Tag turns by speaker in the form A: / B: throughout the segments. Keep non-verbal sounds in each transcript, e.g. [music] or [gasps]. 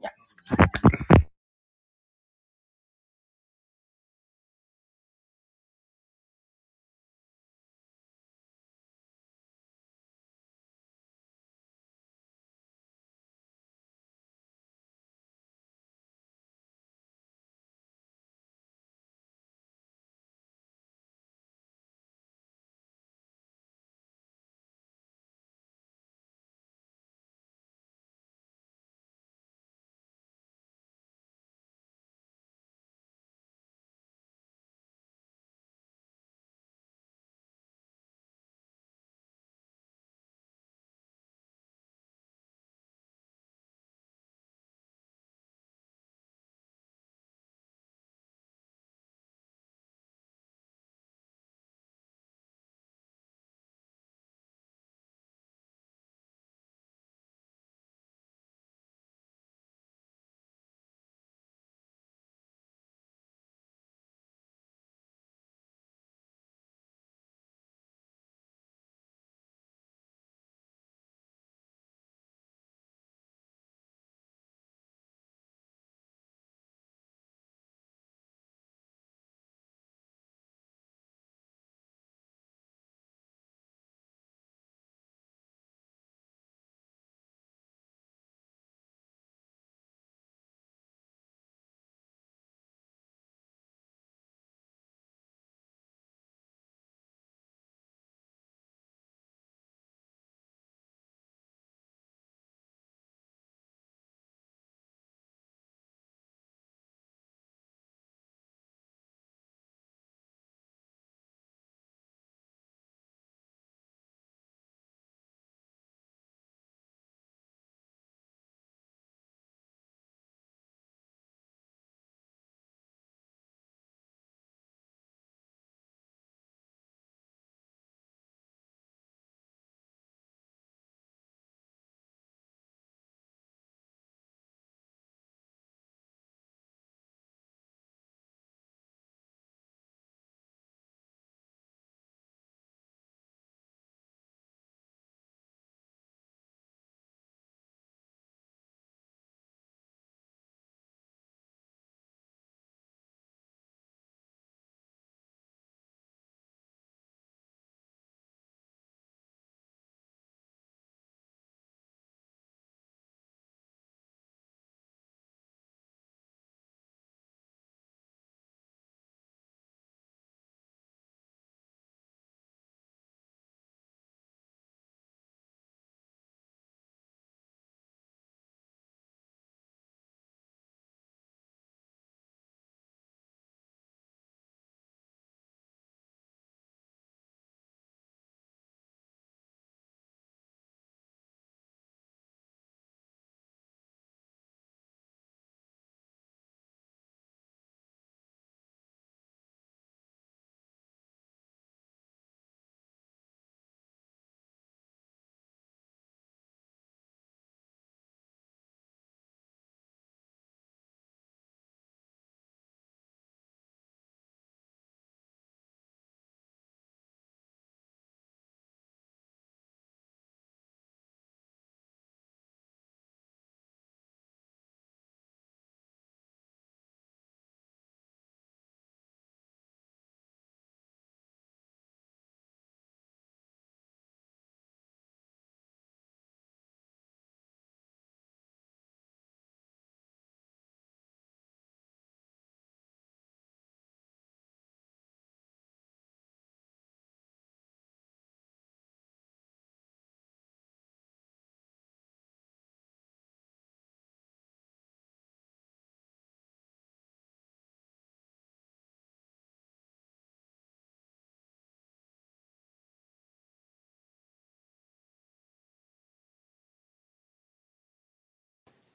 A: Yeah.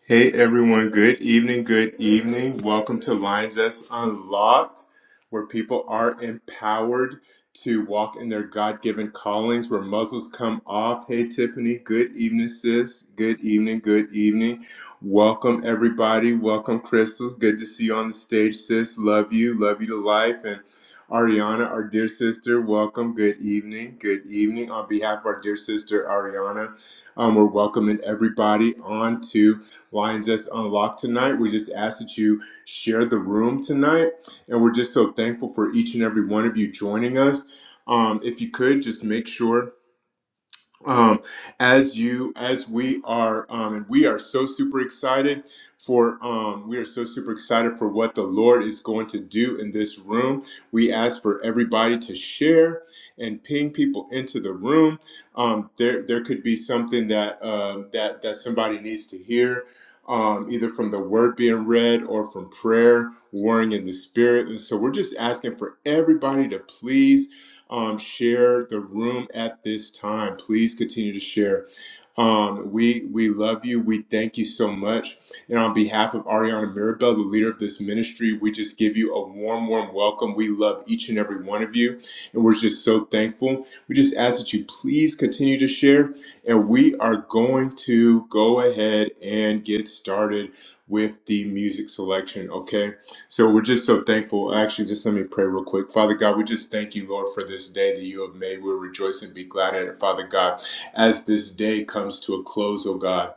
A: Hey everyone, good evening, good evening. Welcome to Lines That's Unlocked, where people are empowered to walk in their God given callings, where muzzles come off. Hey Tiffany, good evening, sis. Good evening, good evening. Welcome everybody. Welcome, Crystals. Good to see you on the stage, sis. Love you, love you to life. And Ariana, our dear sister, welcome. Good evening, good evening. On behalf of our dear sister, Ariana, um, we're welcoming everybody on to. Lions That's Unlocked tonight. We just ask that you share the room tonight. And we're just so thankful for each and every one of you joining us. Um, if you could, just make sure um, as you as we are um, and we are so super excited for um, we are so super excited for what the lord is going to do in this room we ask for everybody to share and ping people into the room um, there there could be something that um that that somebody needs to hear um, either from the word being read or from prayer warring in the spirit and so we're just asking for everybody to please um, share the room at this time. Please continue to share. Um, we we love you. We thank you so much. And on behalf of Ariana Mirabel, the leader of this ministry, we just give you a warm, warm welcome. We love each and every one of you, and we're just so thankful. We just ask that you please continue to share. And we are going to go ahead and get started with the music selection. Okay. So we're just so thankful. Actually, just let me pray real quick. Father God, we just thank you, Lord, for this day that you have made. We'll rejoice and be glad in it, Father God. As this day comes to a close, oh God.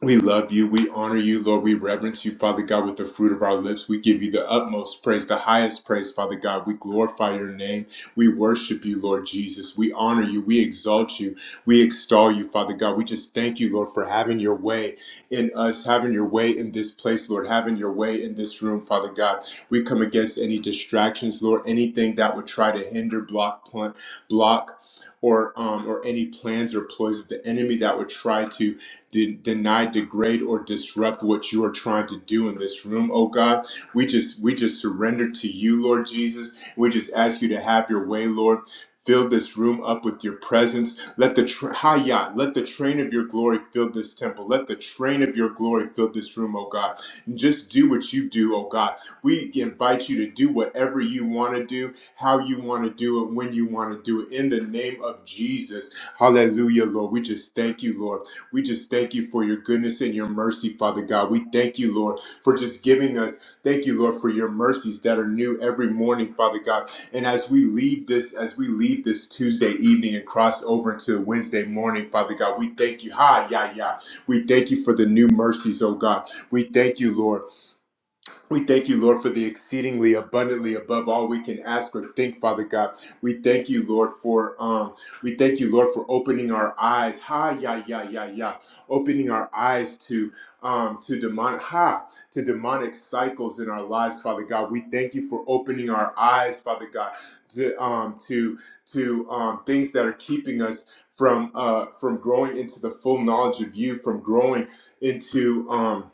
A: We love you. We honor you, Lord. We reverence you, Father God, with the fruit of our lips. We give you the utmost praise, the highest praise, Father God. We glorify your name. We worship you, Lord Jesus. We honor you. We exalt you. We extol you, Father God. We just thank you, Lord, for having your way in us, having your way in this place, Lord, having your way in this room, Father God. We come against any distractions, Lord, anything that would try to hinder, block, pl- block, or um, or any plans or ploys of the enemy that would try to de- deny, degrade, or disrupt what you are trying to do in this room, oh God. We just we just surrender to you, Lord Jesus. We just ask you to have your way, Lord. Fill this room up with your presence. Let the tra- Hayah, let the train of your glory fill this temple. Let the train of your glory fill this room, oh God. And just do what you do, oh God. We invite you to do whatever you want to do, how you want to do it, when you want to do it. In the name of Jesus, Hallelujah, Lord. We just thank you, Lord. We just thank you for your goodness and your mercy, Father God. We thank you, Lord, for just giving us. Thank you, Lord, for your mercies that are new every morning, Father God. And as we leave this, as we leave this Tuesday evening and cross over into Wednesday morning, Father God, we thank you. Hi, yeah, yeah. We thank you for the new mercies, oh God. We thank you, Lord. We thank you, Lord, for the exceedingly abundantly above all we can ask or think, Father God. We thank you, Lord, for um, we thank you, Lord, for opening our eyes. Ha ya ya ya ya. Opening our eyes to um to demonic ha to demonic cycles in our lives, Father God. We thank you for opening our eyes, Father God, to um to to um things that are keeping us from uh from growing into the full knowledge of you, from growing into um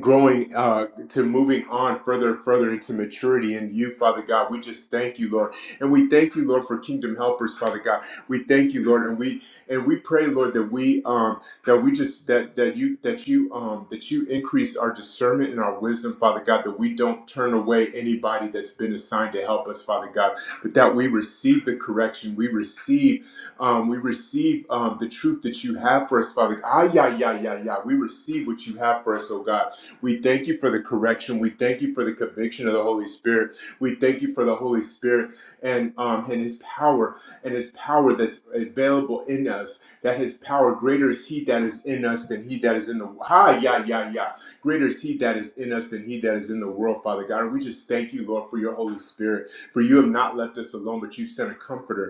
A: growing uh, to moving on further and further into maturity in you, Father God. We just thank you, Lord, and we thank you, Lord, for kingdom helpers, Father God. We thank you, Lord, and we and we pray, Lord, that we um that we just that that you that you um that you increase our discernment and our wisdom, Father God, that we don't turn away anybody that's been assigned to help us, Father God, but that we receive the correction, we receive um we receive um the truth that you have for us, Father. God. Ah, yeah, yeah, yeah, yeah. We receive what you have for us, oh God. We thank you for the correction. We thank you for the conviction of the Holy Spirit. We thank you for the Holy Spirit and um and His power and His power that's available in us. That His power greater is He that is in us than He that is in the ha yeah yeah yeah. Greater is He that is in us than He that is in the world, Father God. And we just thank you, Lord, for Your Holy Spirit. For You have not left us alone, but You sent a comforter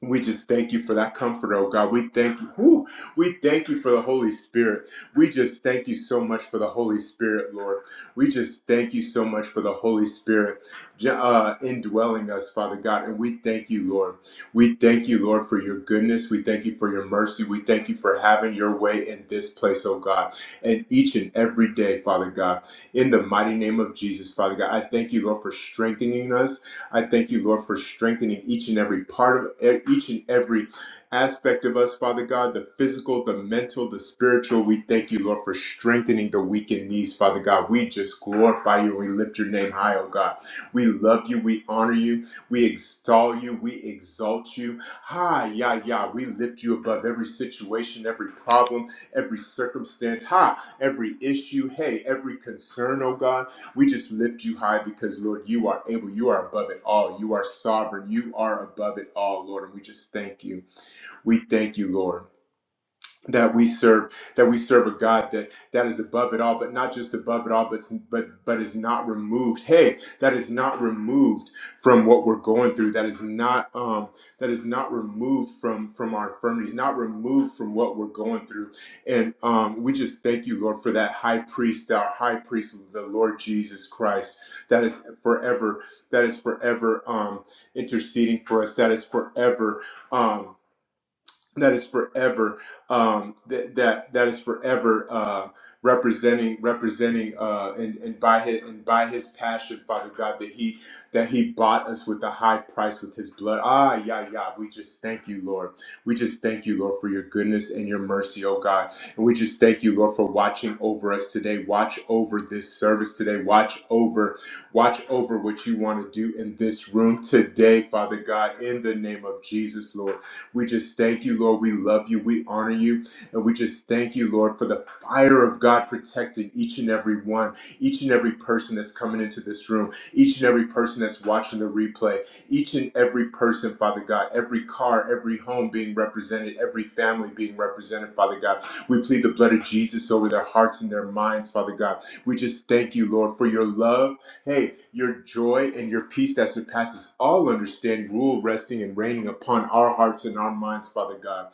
A: we just thank you for that comfort, oh God. We thank you. whew, we thank you for the Holy Spirit. We just thank you so much for the Holy Spirit, Lord. We just thank you so much for the Holy Spirit ja, uh, indwelling us, Father God. And we thank you, Lord. We thank you, Lord, for your goodness. We thank you for your mercy. We thank you for having your way in this place, oh God, and each and every day, Father God. In the mighty name of Jesus, Father God, I thank you, Lord, for strengthening us. I thank you, Lord, for strengthening each and every part of e- each and every aspect of us, Father God, the physical, the mental, the spiritual. We thank you, Lord, for strengthening the weakened knees, Father God. We just glorify you and we lift your name high, oh God. We love you, we honor you, we extol you, we exalt you. Hi, ya, ya. We lift you above every situation, every problem, every circumstance, ha, every issue, hey, every concern, oh God. We just lift you high because, Lord, you are able. You are above it all. You are sovereign. You are above it all, Lord. And we just thank you. We thank you, Lord that we serve that we serve a god that that is above it all but not just above it all but but but is not removed hey that is not removed from what we're going through that is not um that is not removed from from our infirmities not removed from what we're going through and um we just thank you lord for that high priest our high priest the lord jesus christ that is forever that is forever um interceding for us that is forever um that is forever um, that that that is forever uh, representing representing uh, and, and by his and by his passion father god that he that he bought us with a high price with his blood ah yeah yeah we just thank you lord we just thank you lord for your goodness and your mercy oh god and we just thank you lord for watching over us today watch over this service today watch over watch over what you want to do in this room today father god in the name of jesus lord we just thank you, Lord. We love you. We honor you. And we just thank you, Lord, for the fire of God protecting each and every one, each and every person that's coming into this room, each and every person that's watching the replay, each and every person, Father God, every car, every home being represented, every family being represented, Father God. We plead the blood of Jesus over their hearts and their minds, Father God. We just thank you, Lord, for your love Hey, your joy and your peace that surpasses all understanding rule, resting, and reigning upon our hearts and our minds, Father God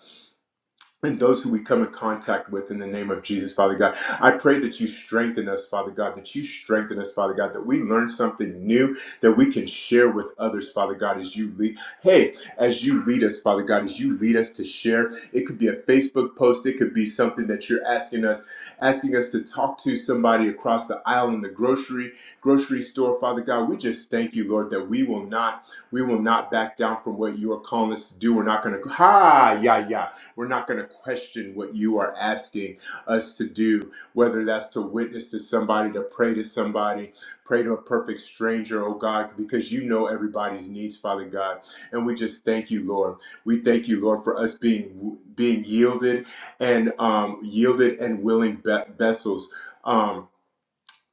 A: and those who we come in contact with in the name of Jesus, Father God. I pray that you strengthen us, Father God, that you strengthen us, Father God, that we learn something new that we can share with others, Father God, as you lead. Hey, as you lead us, Father God, as you lead us to share, it could be a Facebook post, it could be something that you're asking us, asking us to talk to somebody across the aisle in the grocery, grocery store, Father God. We just thank you, Lord, that we will not, we will not back down from what you are calling us to do. We're not gonna ha, yeah, yeah we're not going to question what you are asking us to do, whether that's to witness to somebody, to pray to somebody, pray to a perfect stranger, oh God, because you know everybody's needs, Father God. And we just thank you, Lord. We thank you, Lord, for us being being yielded and um, yielded and willing be- vessels. Um,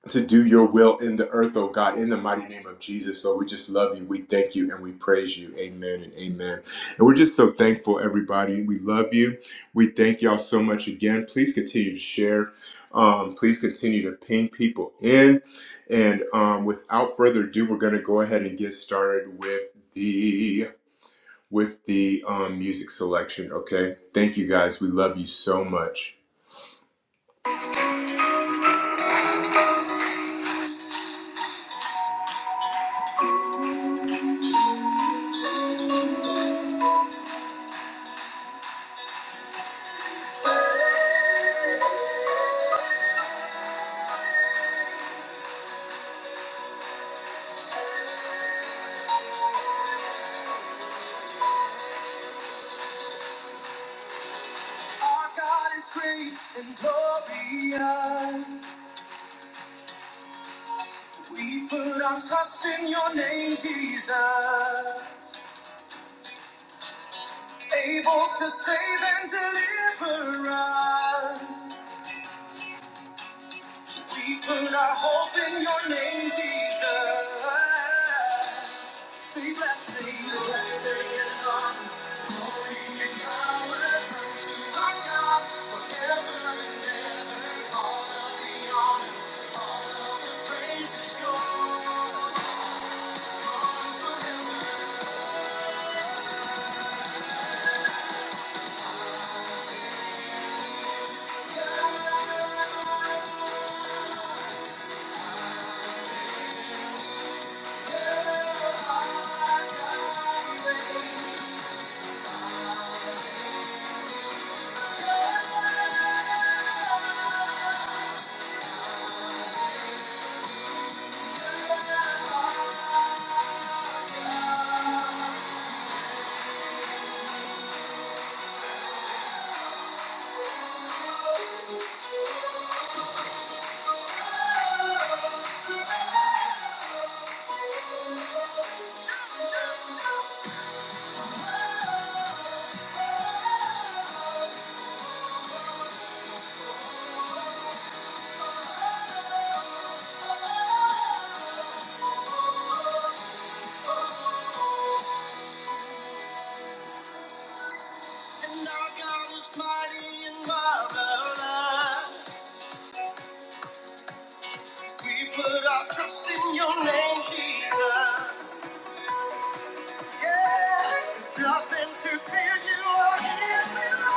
A: to do your will in the earth, oh God, in the mighty name of Jesus. Lord, we just love you. We thank you and we praise you. Amen and amen. And we're just so thankful, everybody. We love you. We thank y'all so much again. Please continue to share. Um, please continue to ping people in. And um, without further ado, we're going to go ahead and get started with the with the um, music selection. Okay. Thank you guys. We love you so much. Our God is great and glorious. We put our trust in your name, Jesus, able to save and deliver us. We put our hope in your name, Jesus. Say blessing, blessing and honor, glory and power, to our God forever and ever. All of the honor, all the praise is yours forever. And our God is mighty and marvelous. We put our trust in your name, Jesus. Yeah, there's nothing to fear. You are here with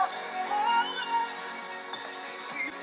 A: us. Our God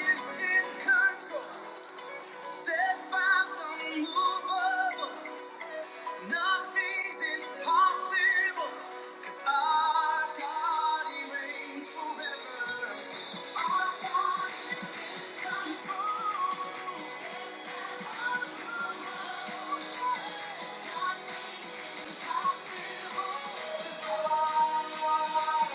A: is in control, steadfast, unmovable. Nothing's impossible, 'cause our God, He reigns forever. Our God is in control. Nothing's impossible, 'cause our God.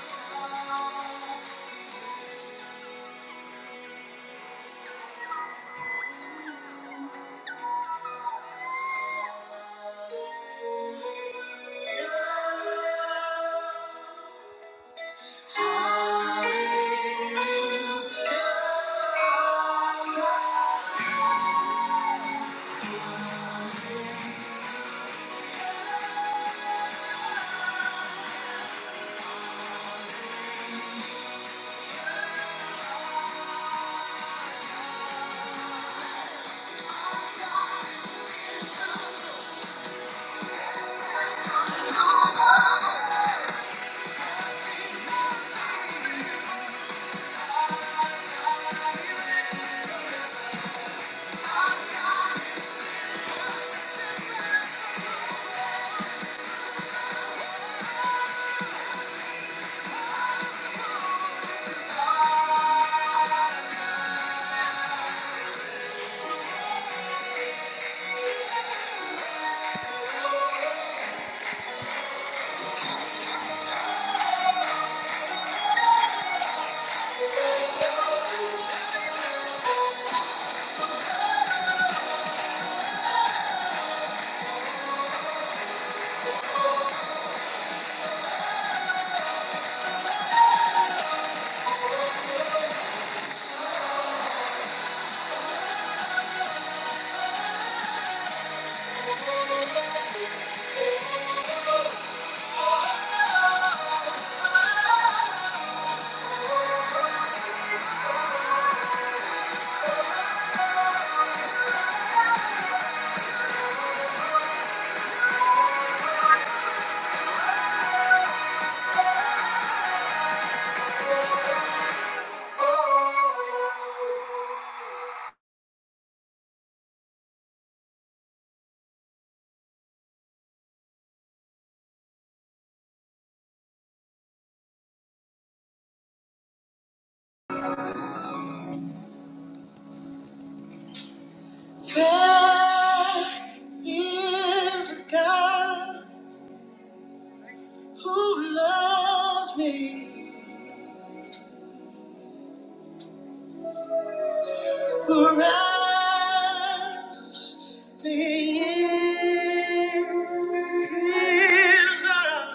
A: Hallelujah. There is a God who loves me, who wraps the years. around?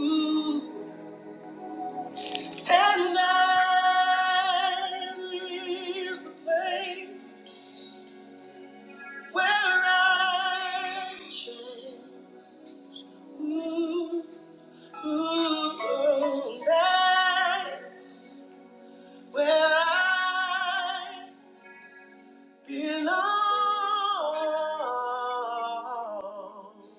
A: Ooh. And that is the place where I shall move. ooh, That's where I belong.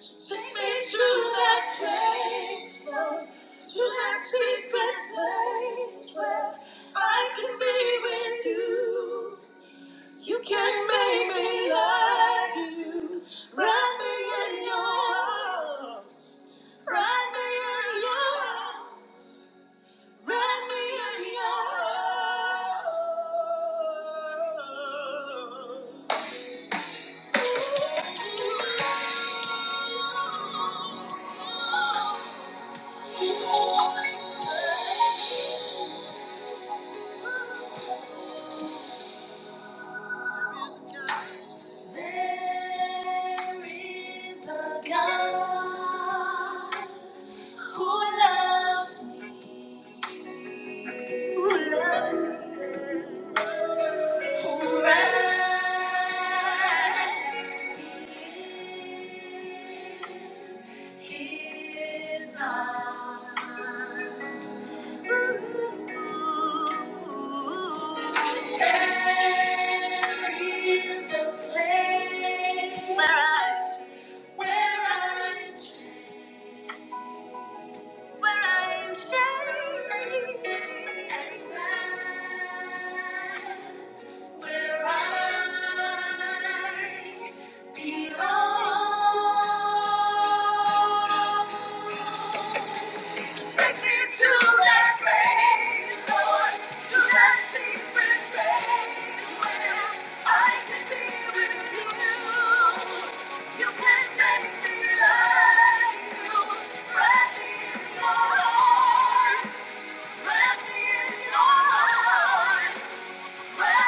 A: So take me to that place, Lord, to that secret place where I can be with you. You can make me like you. Wrap me in your arms. Wrap me in your arms. Wrap me in your arms. There is a God who loves me, who loves me. who rests in his arms. Ooh, There is a place where I where I where I am safe. At last, where I belong. Take me to that place, Lord, to that secret place where I can be with you. You can make me like you. Wrap me in your arms. Wrap me in your arms. Thank you.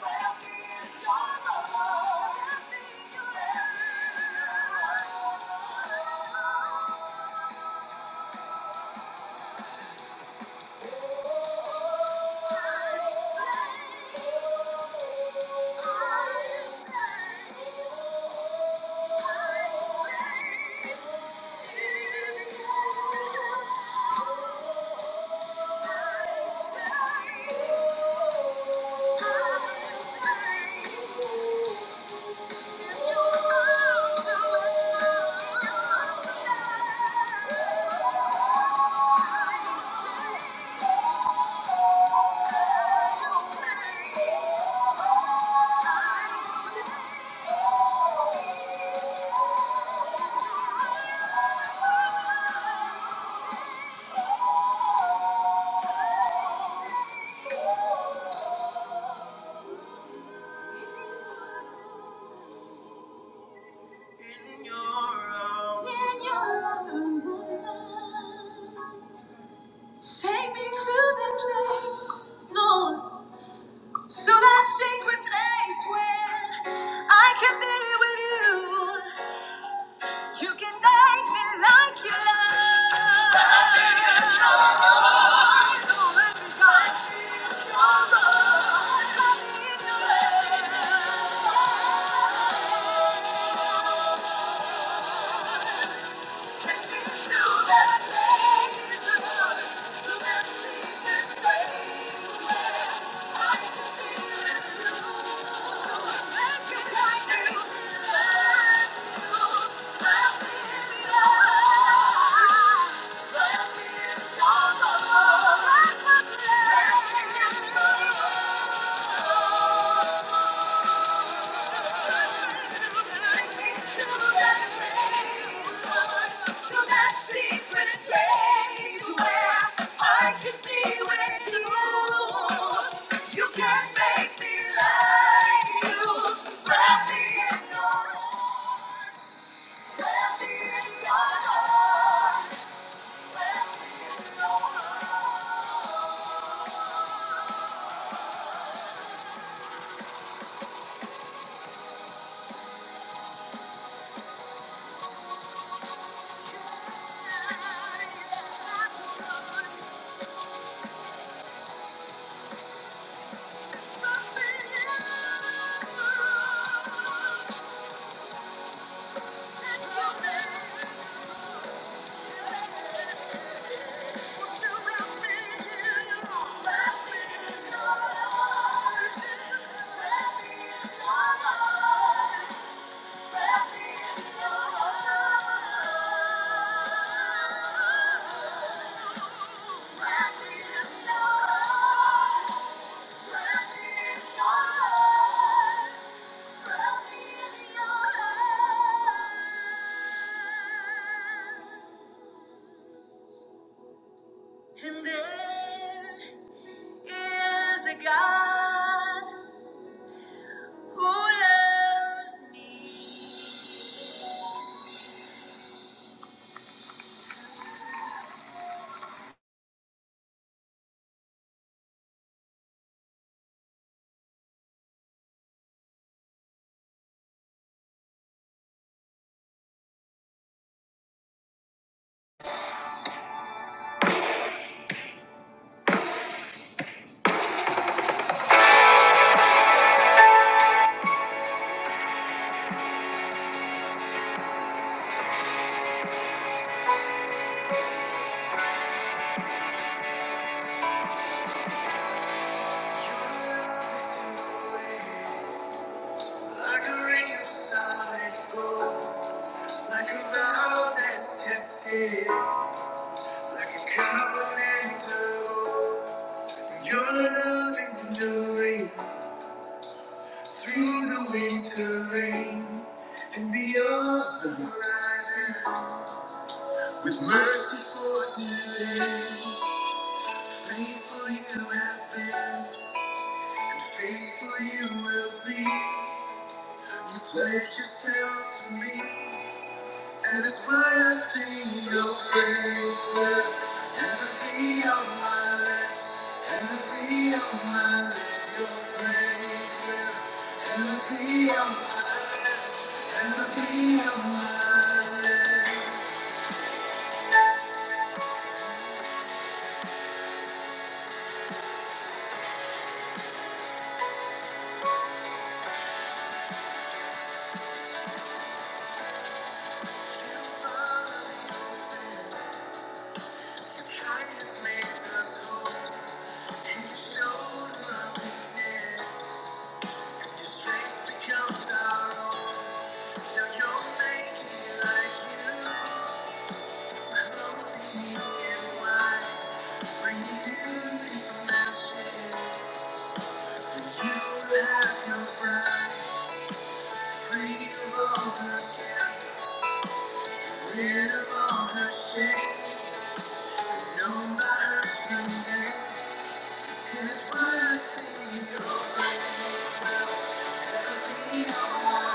A: Thank you. Thank you. In your arms, in your arms, take me to that place, to that secret place where I can be with you. You can make me like you love. Thank you. You can make me like you, wrap me in your arms, let me in your heart, wrap me in your And there is a God who loves me. Your love is doing like a ring of solid gold, like a vow that's tested, like a covenant of old. Your love is enduring through the winter rain and beyond the horizon. With mercy for delay, faithful you have been, faithful you will be. You pledged yourself to me, and it's why I sing your praise. will Ever be on my lips, ever be on my lips, your praise will ever be on my lips, ever be on my lips. Father, your kindness makes us whole. Rid of all her shame, known by her name. And it's why I sing your praise will never be no one.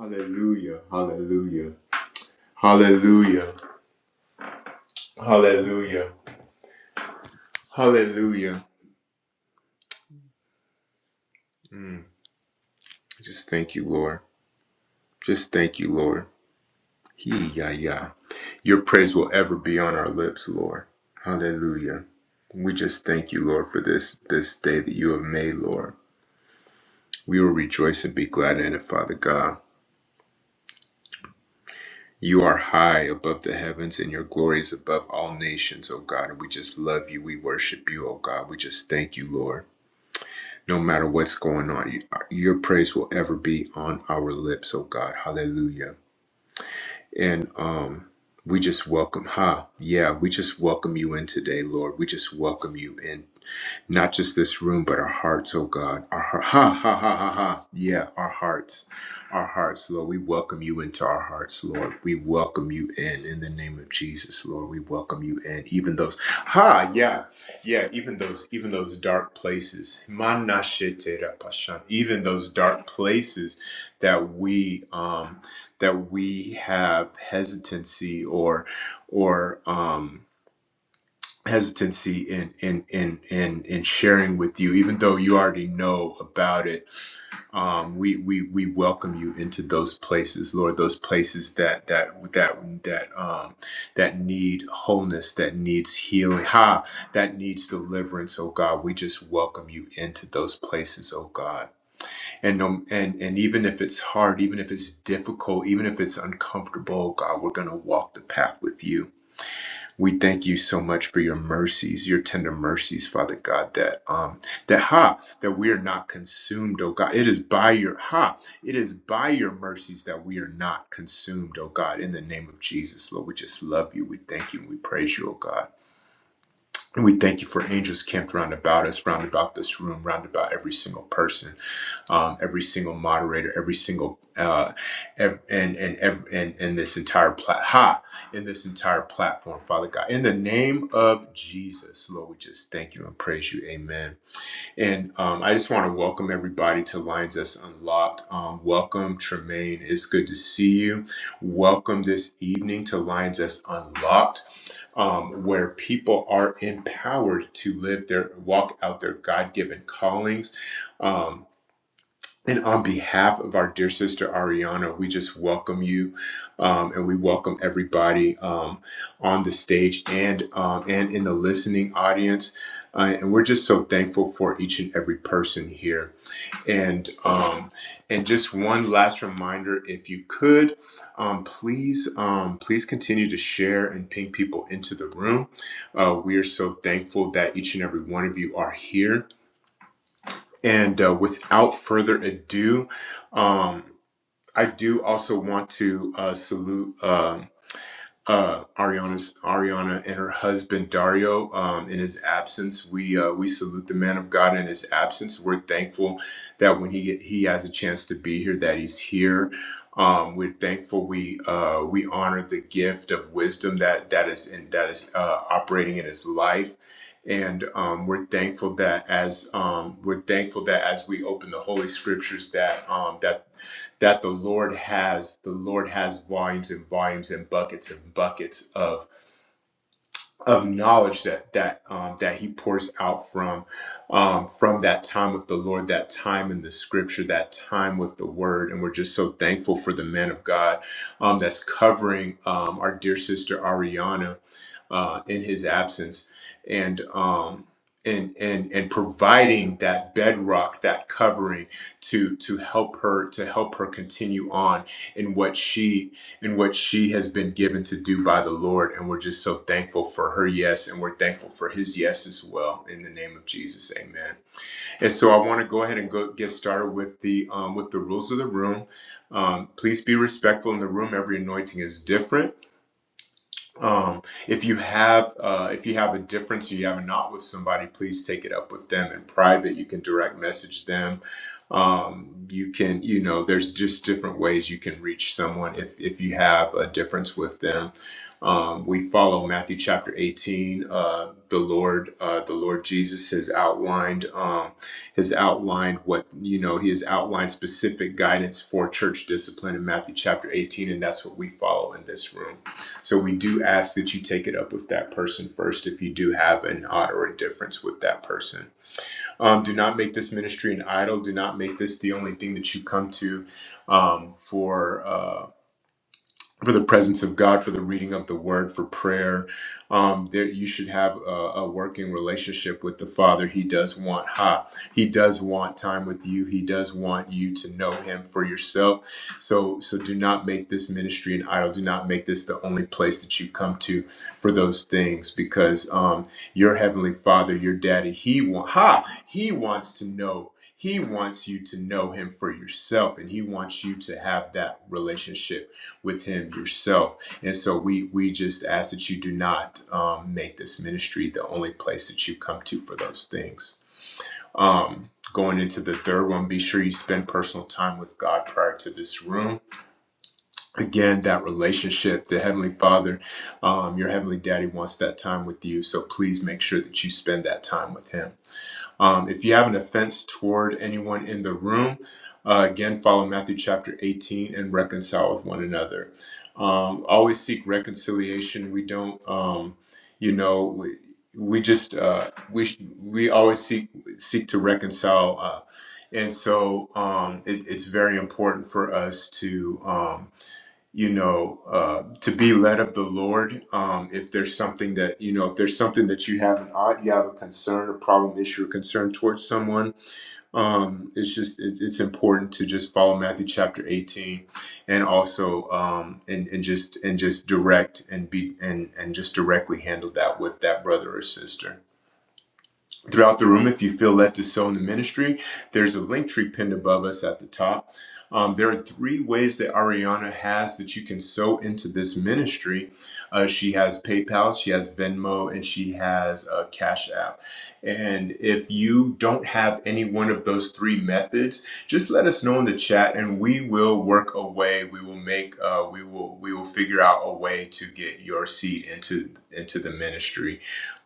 A: Hallelujah, hallelujah, hallelujah, hallelujah, hallelujah. Just thank you, Lord. Just thank you, Lord. He, ya, ya. Your praise will ever be on our lips, Lord. Hallelujah. We just thank you, Lord, for this this day that you have made, Lord. We will rejoice and be glad in it, Father God. You are high above the heavens, and your glory is above all nations, O God. And we just love you. We worship you, O God. We just thank you, Lord. No matter what's going on, you- your praise will ever be on our lips, O God. Hallelujah. And um, we just welcome, ha, yeah, we just welcome you in today, Lord. We just welcome you in, not just this room, but our hearts, oh God. Our heart, ha, ha, ha, ha, ha, yeah, our hearts, our hearts, Lord. We welcome you into our hearts, Lord. We welcome you in, in the name of Jesus, Lord. We welcome you in, even those, ha, yeah, yeah, even those, even those dark places, Manashetera pashan, even those dark places that we, um, that we have hesitancy or or um hesitancy in in in in in sharing with you even though you already know about it um we we we welcome you into those places lord those places that that that that um that need wholeness that needs healing ha that needs deliverance oh god we just welcome you into those places oh god and um and and even if it's hard, even if it's difficult, even if it's uncomfortable, God, we're gonna walk the path with you. We thank you so much for your mercies, your tender mercies, Father God. That um, that ha, that we are not consumed, oh God. It is by your ha, it is by your mercies that we are not consumed, oh God. In the name of Jesus, Lord, we just love you. We thank you and we praise you, oh God. And we thank you for angels camped round about us, round about this room, round about every single person um, every single moderator, every single uh, ev- and and ev- and and this entire plat ha in this entire platform, Father God, in the name of Jesus, Lord, we just thank you and praise you, Amen. And um, I just want to welcome everybody to Lines Us Unlocked. Um, welcome, Tremaine. It's good to see you. Welcome this evening to Lines Us Unlocked. Um, where people are empowered to live their walk out their God given callings. Um, and on behalf of our dear sister Ariana, we just welcome you, um, and we welcome everybody um, on the stage and um, and in the listening audience. Uh, and we're just so thankful for each and every person here. And um, and just one last reminder, if you could, um, please um, please continue to share and ping people into the room. Uh, we are so thankful that each and every one of you are here and uh, without further ado, um, I do also want to uh, salute uh, uh, Ariana's Ariana and her husband Dario um, in his absence. We uh, we salute the man of God in his absence. We're thankful that when he he has a chance to be here, that he's here um, we're thankful we uh, we honor the gift of wisdom that that is in, that is uh, operating in his life, and um, we're thankful that as um, we're thankful that as we open the Holy Scriptures that um, that that the Lord has the Lord has volumes and volumes and buckets and buckets of of knowledge that that um, that he pours out from um, from that time with the Lord, that time in the Scripture, that time with the Word, and we're just so thankful for the man of God um, that's covering um, our dear sister Ariana uh, in his absence, and. Um, and, and and providing that bedrock, that covering to to help her to help her continue on in what she and what she has been given to do by the Lord. And we're just so thankful for her yes, and we're thankful for his yes as well. In the name of Jesus, Amen. And so I want to go ahead and go get started with the um, with the rules of the room. Um, please be respectful in the room. Every anointing is different. Um, if you have uh, if you have a difference or you have a knot with somebody, please take it up with them in private. You can direct message them. Um, you can you know there's just different ways you can reach someone if if you have a difference with them. Um, we follow Matthew chapter 18. Uh, the Lord uh, the Lord Jesus has outlined um, has outlined what you know he has outlined specific guidance for church discipline in Matthew chapter 18, and that's what we follow in this room. So we do ask that you take it up with that person first if you do have an odd or a difference with that person. Um, do not make this ministry an idol. Do not make this the only thing that you come to um, for. Uh, for the presence of God, for the reading of the Word, for prayer. Um, there, you should have a, a working relationship with the Father. He does want ha. He does want time with you. He does want you to know Him for yourself. So, so do not make this ministry an idol. Do not make this the only place that you come to for those things, because um, your heavenly Father, your Daddy, He want ha. He wants to know. He wants you to know him for yourself and he wants you to have that relationship with him yourself. And so we we just ask that you do not um, make this ministry the only place that you come to for those things. Um, going into the third one, be sure you spend personal time with God prior to this room. Again, that relationship, the Heavenly Father, um, your Heavenly Daddy wants that time with you. So please make sure that you spend that time with Him. Um, if you have an offense toward anyone in the room, uh, again, follow Matthew chapter 18 and reconcile with one another. Um, always seek reconciliation. We don't, um, you know, we, we just uh, we we always seek seek to reconcile, uh, and so um, it, it's very important for us to. Um, you know uh, to be led of the lord um, if there's something that you know if there's something that you have an odd you have a concern a problem issue or concern towards someone um, it's just it's, it's important to just follow matthew chapter 18 and also um, and, and just and just direct and be and and just directly handle that with that brother or sister throughout the room if you feel led to sow in the ministry. There's a link tree pinned above us at the top. Um, there are three ways that Ariana has that you can sow into this ministry. Uh, she has PayPal, she has Venmo, and she has uh, Cash App. And if you don't have any one of those three methods, just let us know in the chat, and we will work a way. We will make. Uh, we will. We will figure out a way to get your seed into into the ministry.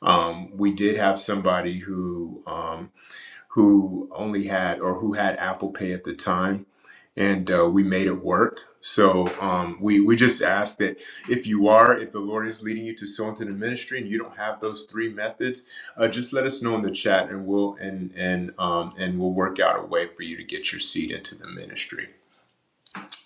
A: Um, we did have somebody who um, who only had or who had Apple Pay at the time, and uh, we made it work. So um, we we just ask that if you are, if the Lord is leading you to sow into the ministry, and you don't have those three methods, uh, just let us know in the chat, and we'll and and um, and we'll work out a way for you to get your seed into the ministry.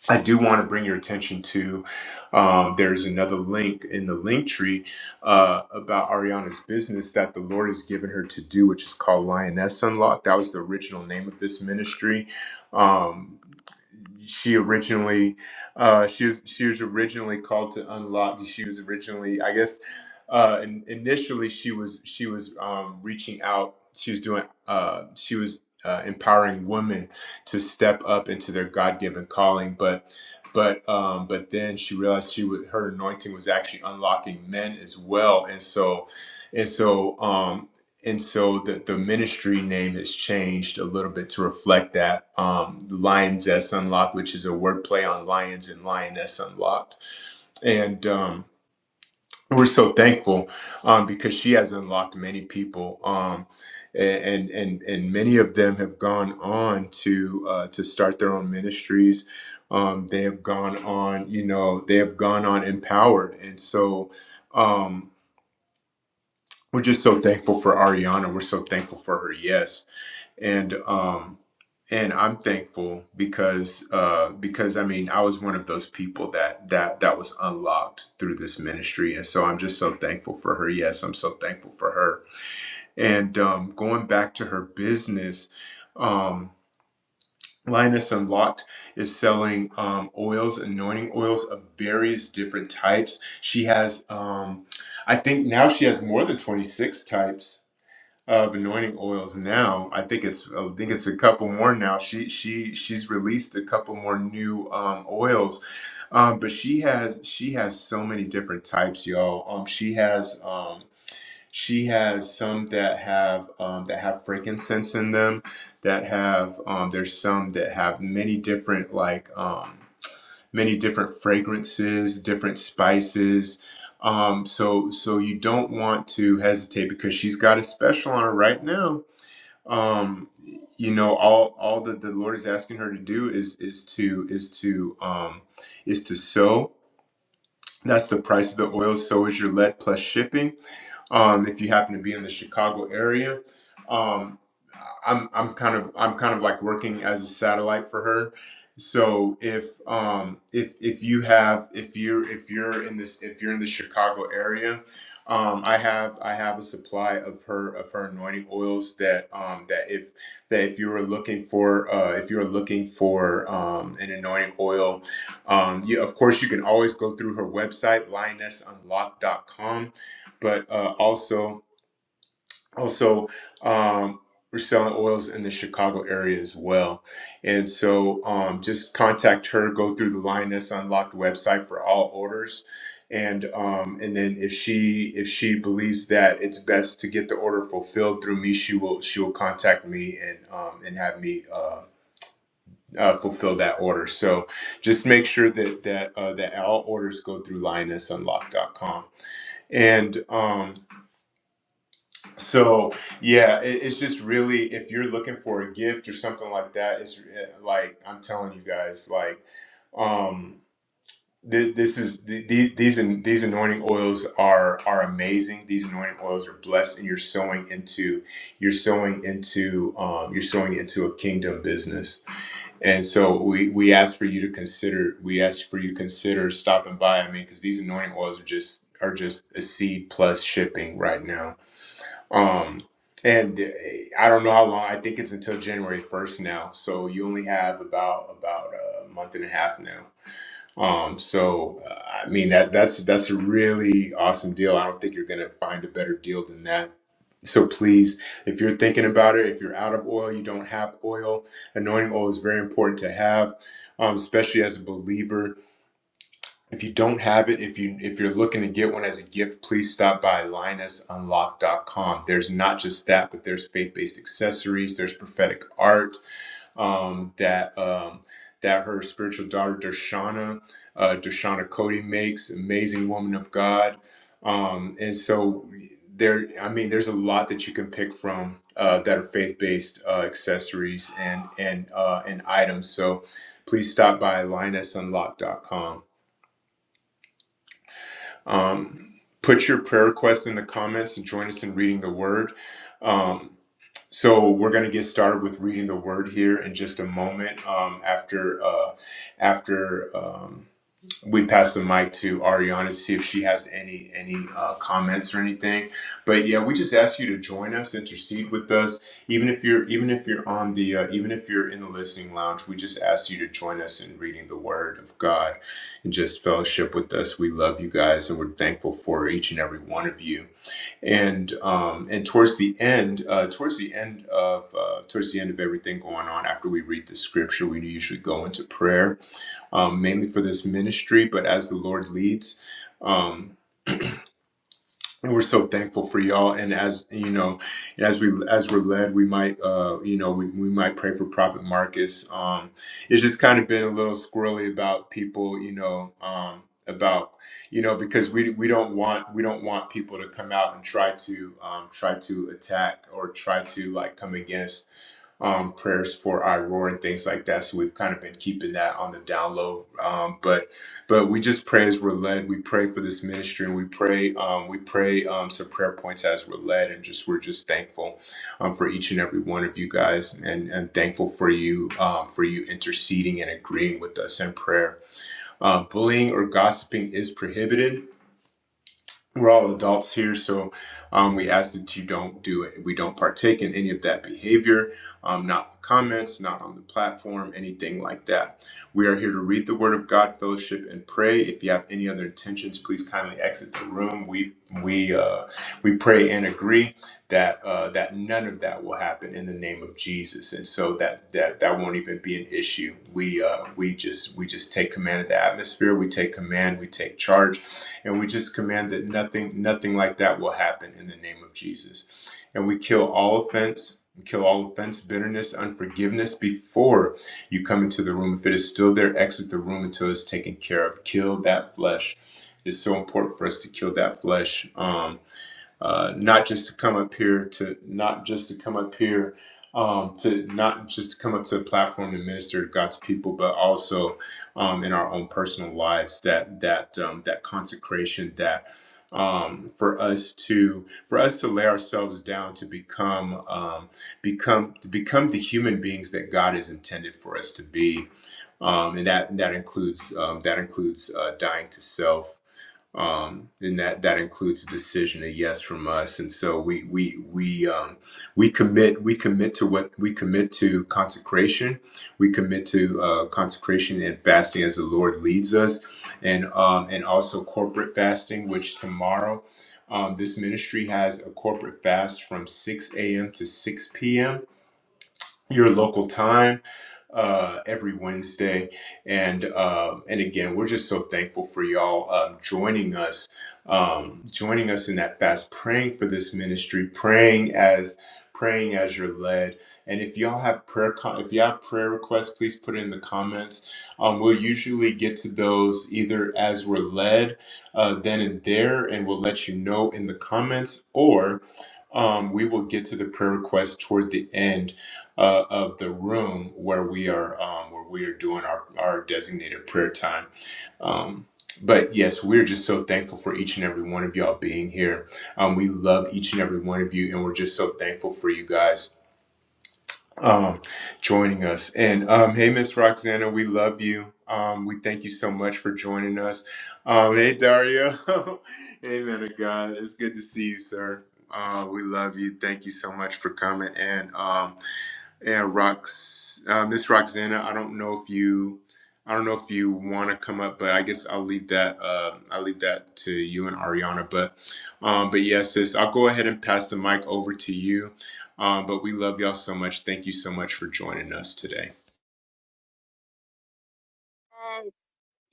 A: I do want to bring your attention to um, there's another link in the link tree uh, about Ariana's business that the Lord has given her to do, which is called Lioness Unlocked. That was the original name of this ministry. Um, she originally uh, she was she was originally called to unlock. She was originally, I guess, uh, in, initially she was she was um, reaching out. She was doing uh, she was uh, empowering women to step up into their God given calling, but. But um, but then she realized she would, her anointing was actually unlocking men as well, and so and so. Um, and so the, the ministry name has changed a little bit to reflect that um, lions s unlocked which is a wordplay on lions and lioness unlocked and um, we're so thankful um, because she has unlocked many people um, and and and many of them have gone on to uh, to start their own ministries um, they have gone on you know they have gone on empowered and so um, we're just so thankful for Ariana. We're so thankful for her yes and um and I'm thankful because uh because I mean I was one of those people that that that was unlocked through this ministry and so I'm just so thankful for her yes I'm so thankful for her and um going back to her business um Linus Unlocked is selling um, oils, anointing oils of various different types. She has, um, I think now she has more than 26 types of anointing oils now. I think it's I think it's a couple more now. She she she's released a couple more new um, oils, um, but she has she has so many different types, y'all. Um, she has um, she has some that have um, that have frankincense in them, that have um, there's some that have many different like. Um, many different fragrances, different spices. Um, so so you don't want to hesitate because she's got a special on her right now. Um, you know, all all that the Lord is asking her to do is is to is to um, is to sow. That's the price of the oil. So is your lead plus shipping um, if you happen to be in the Chicago area. Um, I'm I'm kind of I'm kind of like working as a satellite for her. So if um if if you have if you're if you're in this if you're in the Chicago area, um I have I have a supply of her of her anointing oils that um that if that if you were looking for uh if you're looking for um an anointing oil, um you of course you can always go through her website lionessunlock.com but uh, also also um, we're selling oils in the Chicago area as well. And so um, just contact her, go through the Lioness Unlocked website for all orders. And um, and then if she if she believes that it's best to get the order fulfilled through me, she will she will contact me and um, and have me uh, uh, fulfill that order. So just make sure that that uh, that all orders go through lionessunlocked.com. And um, So yeah, it, it's just really if you're looking for a gift or something like that, it's eh, like I'm telling you guys, like um th- this is th- th- these an- these anointing oils are are amazing. These anointing oils are blessed, and you're sowing into you're sowing into um, you're sowing into a kingdom business. And so we we ask for you to consider we ask for you to consider stopping by. I mean, because these anointing oils are just are just a seed plus shipping right now um, and uh, I don't know how long. I think it's until January first now. So you only have about about a month and a half now. Um, so uh, I mean that that's that's a really awesome deal. I don't think you're gonna find a better deal than that. So please, if you're thinking about it, if you're out of oil, you don't have oil. Anointing oil is very important to have, um, especially as a believer. If you don't have it, if you if you're looking to get one as a gift, please stop by linus unlock dot com. There's not just that, but there's faith-based accessories, there's prophetic art, um, that um, that her spiritual daughter Dershana, uh, Dershana Cody makes, amazing woman of God. Um, and so there, I mean, there's a lot that you can pick from uh, that are faith-based uh, accessories and and uh, and items. So please stop by linus unlock dot com. Um, put your prayer request in the comments and join us in reading the word. Um, so we're going to get started with reading the word here in just a moment um, after uh, after. Um, we pass the mic to Ariana to see if she has any any uh, comments or anything. But yeah, we just ask you to join us, intercede with us, even if you're even if you're on the uh, even if you're in the listening lounge. We just ask you to join us in reading the Word of God and just fellowship with us. We love you guys, and we're thankful for each and every one of you. And um, and towards the end, uh, towards the end of uh, towards the end of everything going on, after we read the scripture, we usually go into prayer um, mainly for this ministry, but as the Lord leads. Um, and we're so thankful for y'all. And as you know, as we as we're led, we might uh, you know we, we might pray for Prophet Marcus. Um, it's just kind of been a little squirrely about people, you know, um, about you know because we we don't want we don't want people to come out and try to um, try to attack or try to like come against um, prayers for Iroar and things like that. So we've kind of been keeping that on the down low. Um, but but we just pray as we're led. We pray for this ministry and we pray um, we pray um, some prayer points as we're led and just we're just thankful um, for each and every one of you guys and, and thankful for you um, for you interceding and agreeing with us in prayer. Uh, bullying or gossiping is prohibited we're all adults here, so um, we ask that you don't do it. We don't partake in any of that behavior, um, not the comments, not on the platform, anything like that. We are here to read the Word of God, fellowship, and pray. If you have any other intentions, please kindly exit the room. We we uh, we pray and agree that uh, that none of that will happen in the name of Jesus, and so that that that won't even be an issue. We uh, we just we just take command of the atmosphere. We take command. We take charge, and we just command that nothing nothing like that will happen in the name of Jesus, and we kill all offense. We kill all offense, bitterness, unforgiveness before you come into the room. If it is still there, exit the room until it's taken care of. Kill that flesh. It's so important for us to kill that flesh. Um, uh, not just to come up here to not just to come up here um, to not just to come up to the platform to minister to God's people, but also um, in our own personal lives that that um, that consecration that um, for us to for us to lay ourselves down to become um, become to become the human beings that God has intended for us to be. Um, and that that includes um, that includes uh, dying to self um, and that that includes a decision, a yes from us. And so we we we um, we commit we commit to what we commit to consecration. We commit to uh, consecration and fasting as the Lord leads us, and um, and also corporate fasting, which tomorrow. Um, this ministry has a corporate fast from 6 a.m. to 6 p.m your local time uh, every Wednesday. And um, and again, we're just so thankful for y'all um, joining us, um, joining us in that fast, praying for this ministry, praying as praying as you're led. And if y'all have prayer, co- if you have prayer requests, please put it in the comments. Um, we'll usually get to those either as we're led, uh, then and there, and we'll let you know in the comments, or um, we will get to the prayer request toward the end uh, of the room where we are um, where we are doing our, our designated prayer time. Um, but yes, we're just so thankful for each and every one of y'all being here. Um, we love each and every one of you, and we're just so thankful for you guys um, joining us. And um, hey, Miss Roxana, we love you. Um, we thank you so much for joining us. Um, hey, Dario. [laughs] hey, man of God. It's good to see you, sir. Uh, we love you. Thank you so much for coming. And um, and Rox, uh, Miss Roxana, I don't know if you, I don't know if you want to come up, but I guess I'll leave that, uh, I'll leave that to you and Ariana. But, um, but yes, sis, I'll go ahead and pass the mic over to you um, but we love y'all so much. Thank you so much for joining us today.
B: Yes.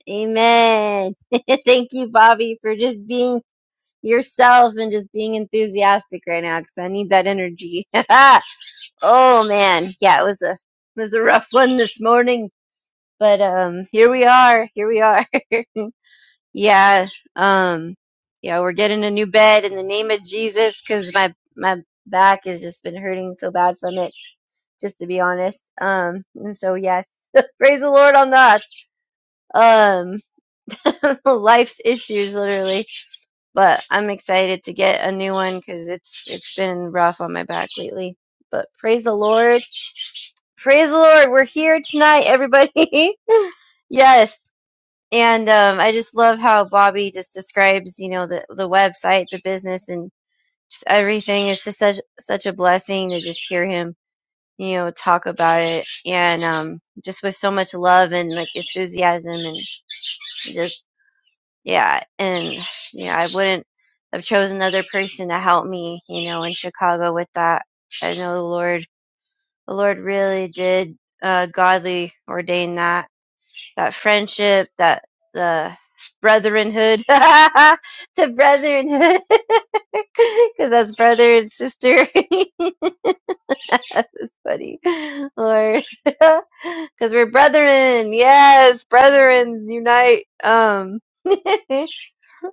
B: Amen. [laughs] Thank you, Bobby, for just being yourself and just being enthusiastic right now because I need that energy. [laughs] oh man, yeah, it was a it was a rough one this morning, but um, here we are. Here we are. [laughs] yeah, um, yeah, we're getting a new bed in the name of Jesus because my my back has just been hurting so bad from it. Just to be honest, um, and so yes, [laughs] praise the Lord on that. Um, [laughs] life's issues literally but i'm excited to get a new one because it's it's been rough on my back lately but praise the lord praise the lord we're here tonight everybody [laughs] yes and um, i just love how bobby just describes you know the, the website the business and just everything it's just such such a blessing to just hear him you know talk about it and um, just with so much love and like enthusiasm and just yeah and yeah i wouldn't have chosen another person to help me you know in chicago with that i know the lord the lord really did uh godly ordain that that friendship that the brotherhood [laughs] the brotherhood [laughs] because that's brother and sister [laughs] that's funny lord [laughs] because we're brethren yes brethren unite um [laughs]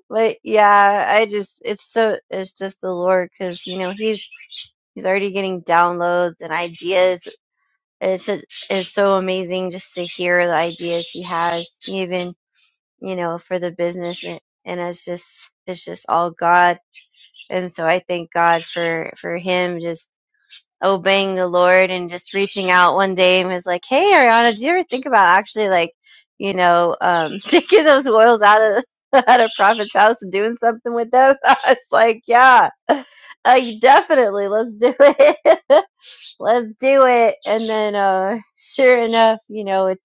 B: But yeah, I just it's so it's just the Lord because you know he's he's already getting downloads and ideas. It's just, it's so amazing just to hear the ideas he has, even you know for the business, and, and it's just it's just all God. And so I thank God for for him just obeying the Lord and just reaching out one day and was like, "Hey, Ariana, do you ever think about actually like, you know, um, [laughs] taking those oils out of [laughs] out of Prophet's house and doing something with them?" [laughs] I was like, "Yeah, uh, definitely, let's do it, [laughs] let's do it." And then, uh, sure enough, you know, it's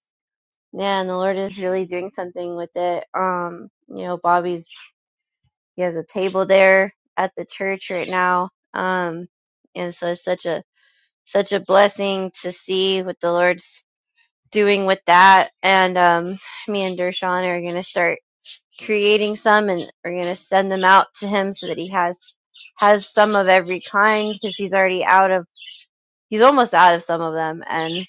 B: man, the Lord is really doing something with it. Um, you know, Bobby's he has a table there at the church right now. Um, and so it's such a such a blessing to see what the Lord's doing with that. And um, me and Dershawn are going to start creating some, and we're going to send them out to him so that he has has some of every kind because he's already out of he's almost out of some of them, and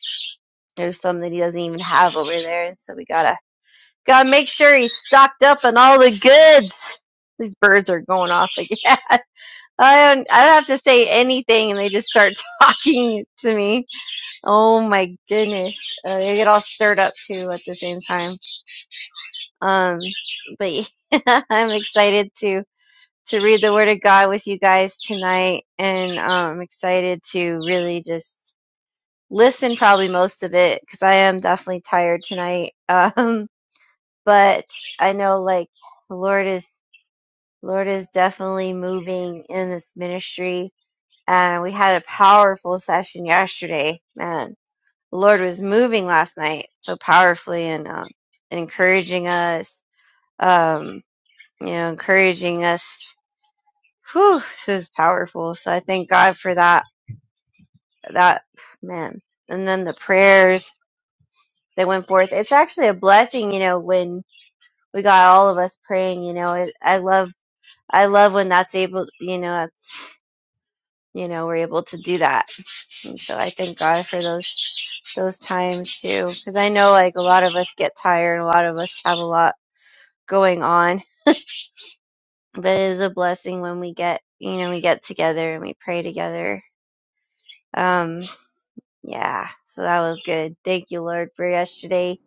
B: there's some that he doesn't even have over there. And so we gotta gotta make sure he's stocked up on all the goods. These birds are going off again. [laughs] I don't, I don't have to say anything, and they just start [laughs] talking to me. Oh my goodness. Uh, I get all stirred up too at the same time. Um, but yeah, [laughs] I'm excited to, to read the word of God with you guys tonight. And, um, I'm excited to really just listen probably most of it because I am definitely tired tonight. [laughs] Um, but I know like the Lord is, Lord is definitely moving in this ministry. And we had a powerful session yesterday, man the Lord was moving last night so powerfully and um, encouraging us, um, you know, encouraging us. Whew, it was powerful. So I thank God for that. That man, and then the prayers that went forth. It's actually a blessing, you know, when we got all of us praying. You know, it, I love, I love when that's able. You know, that's you know we're able to do that. And so I thank God for those those times too because i know like a lot of us get tired and a lot of us have a lot going on but it is a blessing when we get you know we get together and we pray together um yeah so that was good thank you lord for yesterday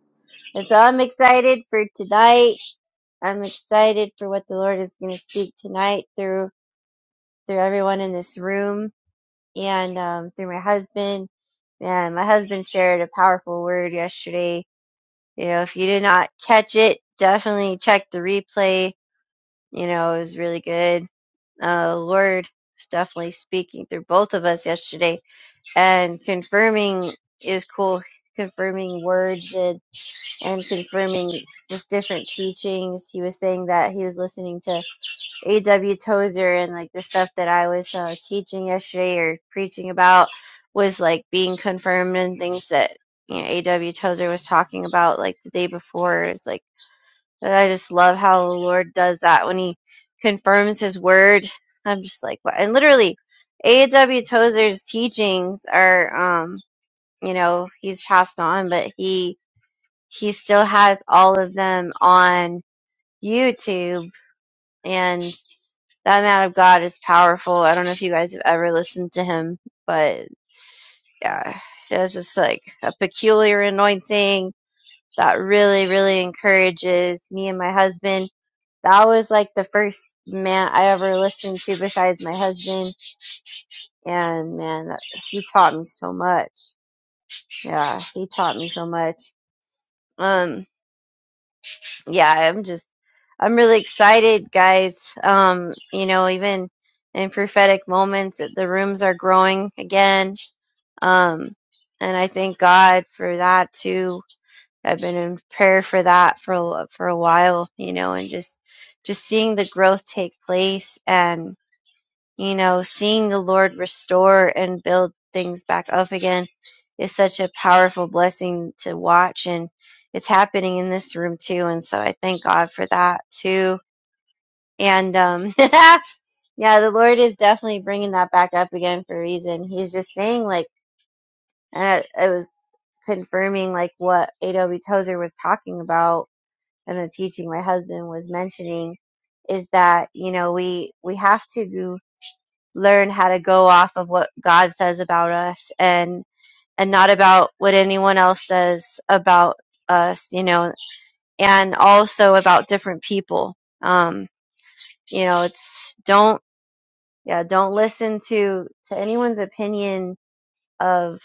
B: and so i'm excited for tonight i'm excited for what the lord is going to speak tonight through through everyone in this room and um through my husband man my husband shared a powerful word yesterday you know if you did not catch it definitely check the replay you know it was really good uh, Lord was definitely speaking through both of us yesterday and confirming is cool. Confirming words and, and confirming just different teachings. He was saying that he was listening to A.W. Tozer and like the stuff that I was uh, teaching yesterday or preaching about was like being confirmed and things that you know A.W. Tozer was talking about like the day before. It's like but I just love how the Lord does that when He confirms His word. I'm just like, what? And literally, A.W. Tozer's teachings are, um, you know, he's passed on, but he he still has all of them on YouTube, and that man of God is powerful. I don't know if you guys have ever listened to him, but yeah, he has this like a peculiar anointing that really, really encourages me and my husband that was like the first man I ever listened to besides my husband. And man, that, he taught me so much. Yeah, he taught me so much. Um, yeah, I'm just, I'm really excited, guys. Um, you know, even in prophetic moments, that the rooms are growing again. Um, and I thank God for that too. I've been in prayer for that for a- for a while, you know, and just just seeing the growth take place and you know, seeing the Lord restore and build things back up again is such a powerful blessing to watch. And it's happening in this room too. And so I thank God for that too. And um, [laughs] yeah, the Lord is definitely bringing that back up again for a reason. He's just saying, like, and I, I was confirming, like, what A.W. Tozer was talking about and the teaching my husband was mentioning is that, you know, we, we have to learn how to go off of what God says about us and and not about what anyone else says about us, you know, and also about different people. Um, you know, it's don't yeah, don't listen to to anyone's opinion of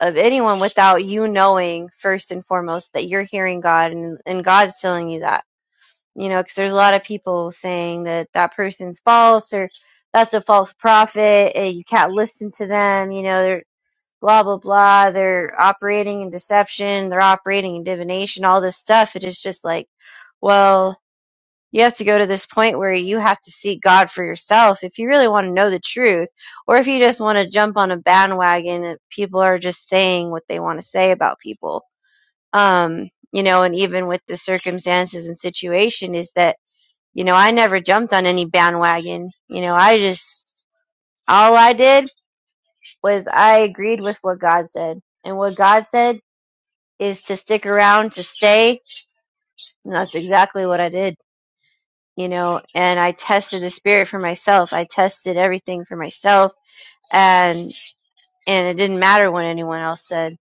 B: of anyone without you knowing first and foremost that you're hearing God and and God's telling you that. You know, because there's a lot of people saying that that person's false or that's a false prophet. eh, You can't listen to them. You know, blah blah blah they're operating in deception they're operating in divination all this stuff it is just like well you have to go to this point where you have to seek god for yourself if you really want to know the truth or if you just want to jump on a bandwagon and people are just saying what they want to say about people um you know and even with the circumstances and situation is that you know i never jumped on any bandwagon you know i just all i did was i agreed with what god said and what god said is to stick around, to stay. And that's exactly what I did, you know. And I tested the spirit for myself. I tested everything for myself, and and it didn't matter what anyone else said.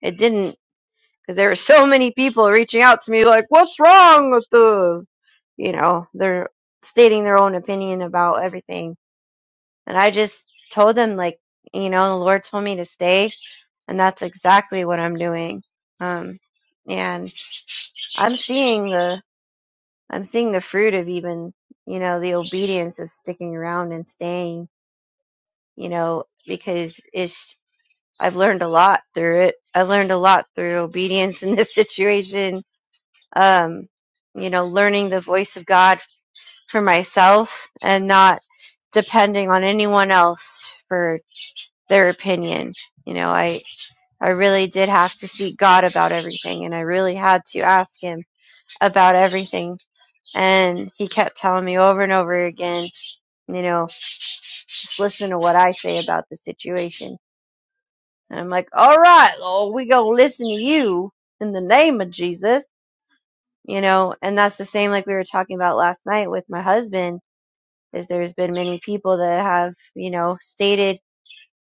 B: It didn't because there were so many people reaching out to me like, "What's wrong with the?" You know, they're stating their own opinion about everything, and I just told them like, you know, the Lord told me to stay, and that's exactly what I'm doing. Um, and I'm seeing the I'm seeing the fruit of even, you know, the obedience of sticking around and staying, you know, because it's, I've learned a lot through it. I've learned a lot through obedience in this [laughs] situation. Um, you know, learning the voice of God for myself and not depending on anyone else for their opinion. You know, I, I really did have to seek God about everything and I really had to ask him about everything And he kept telling me over and over again, you know, just listen to what I say about the situation. And I'm like, all right, Lord, we go listen to you in the name of Jesus, you know. And that's the same like we were talking about last night with my husband. Is there's been many people that have, you know, stated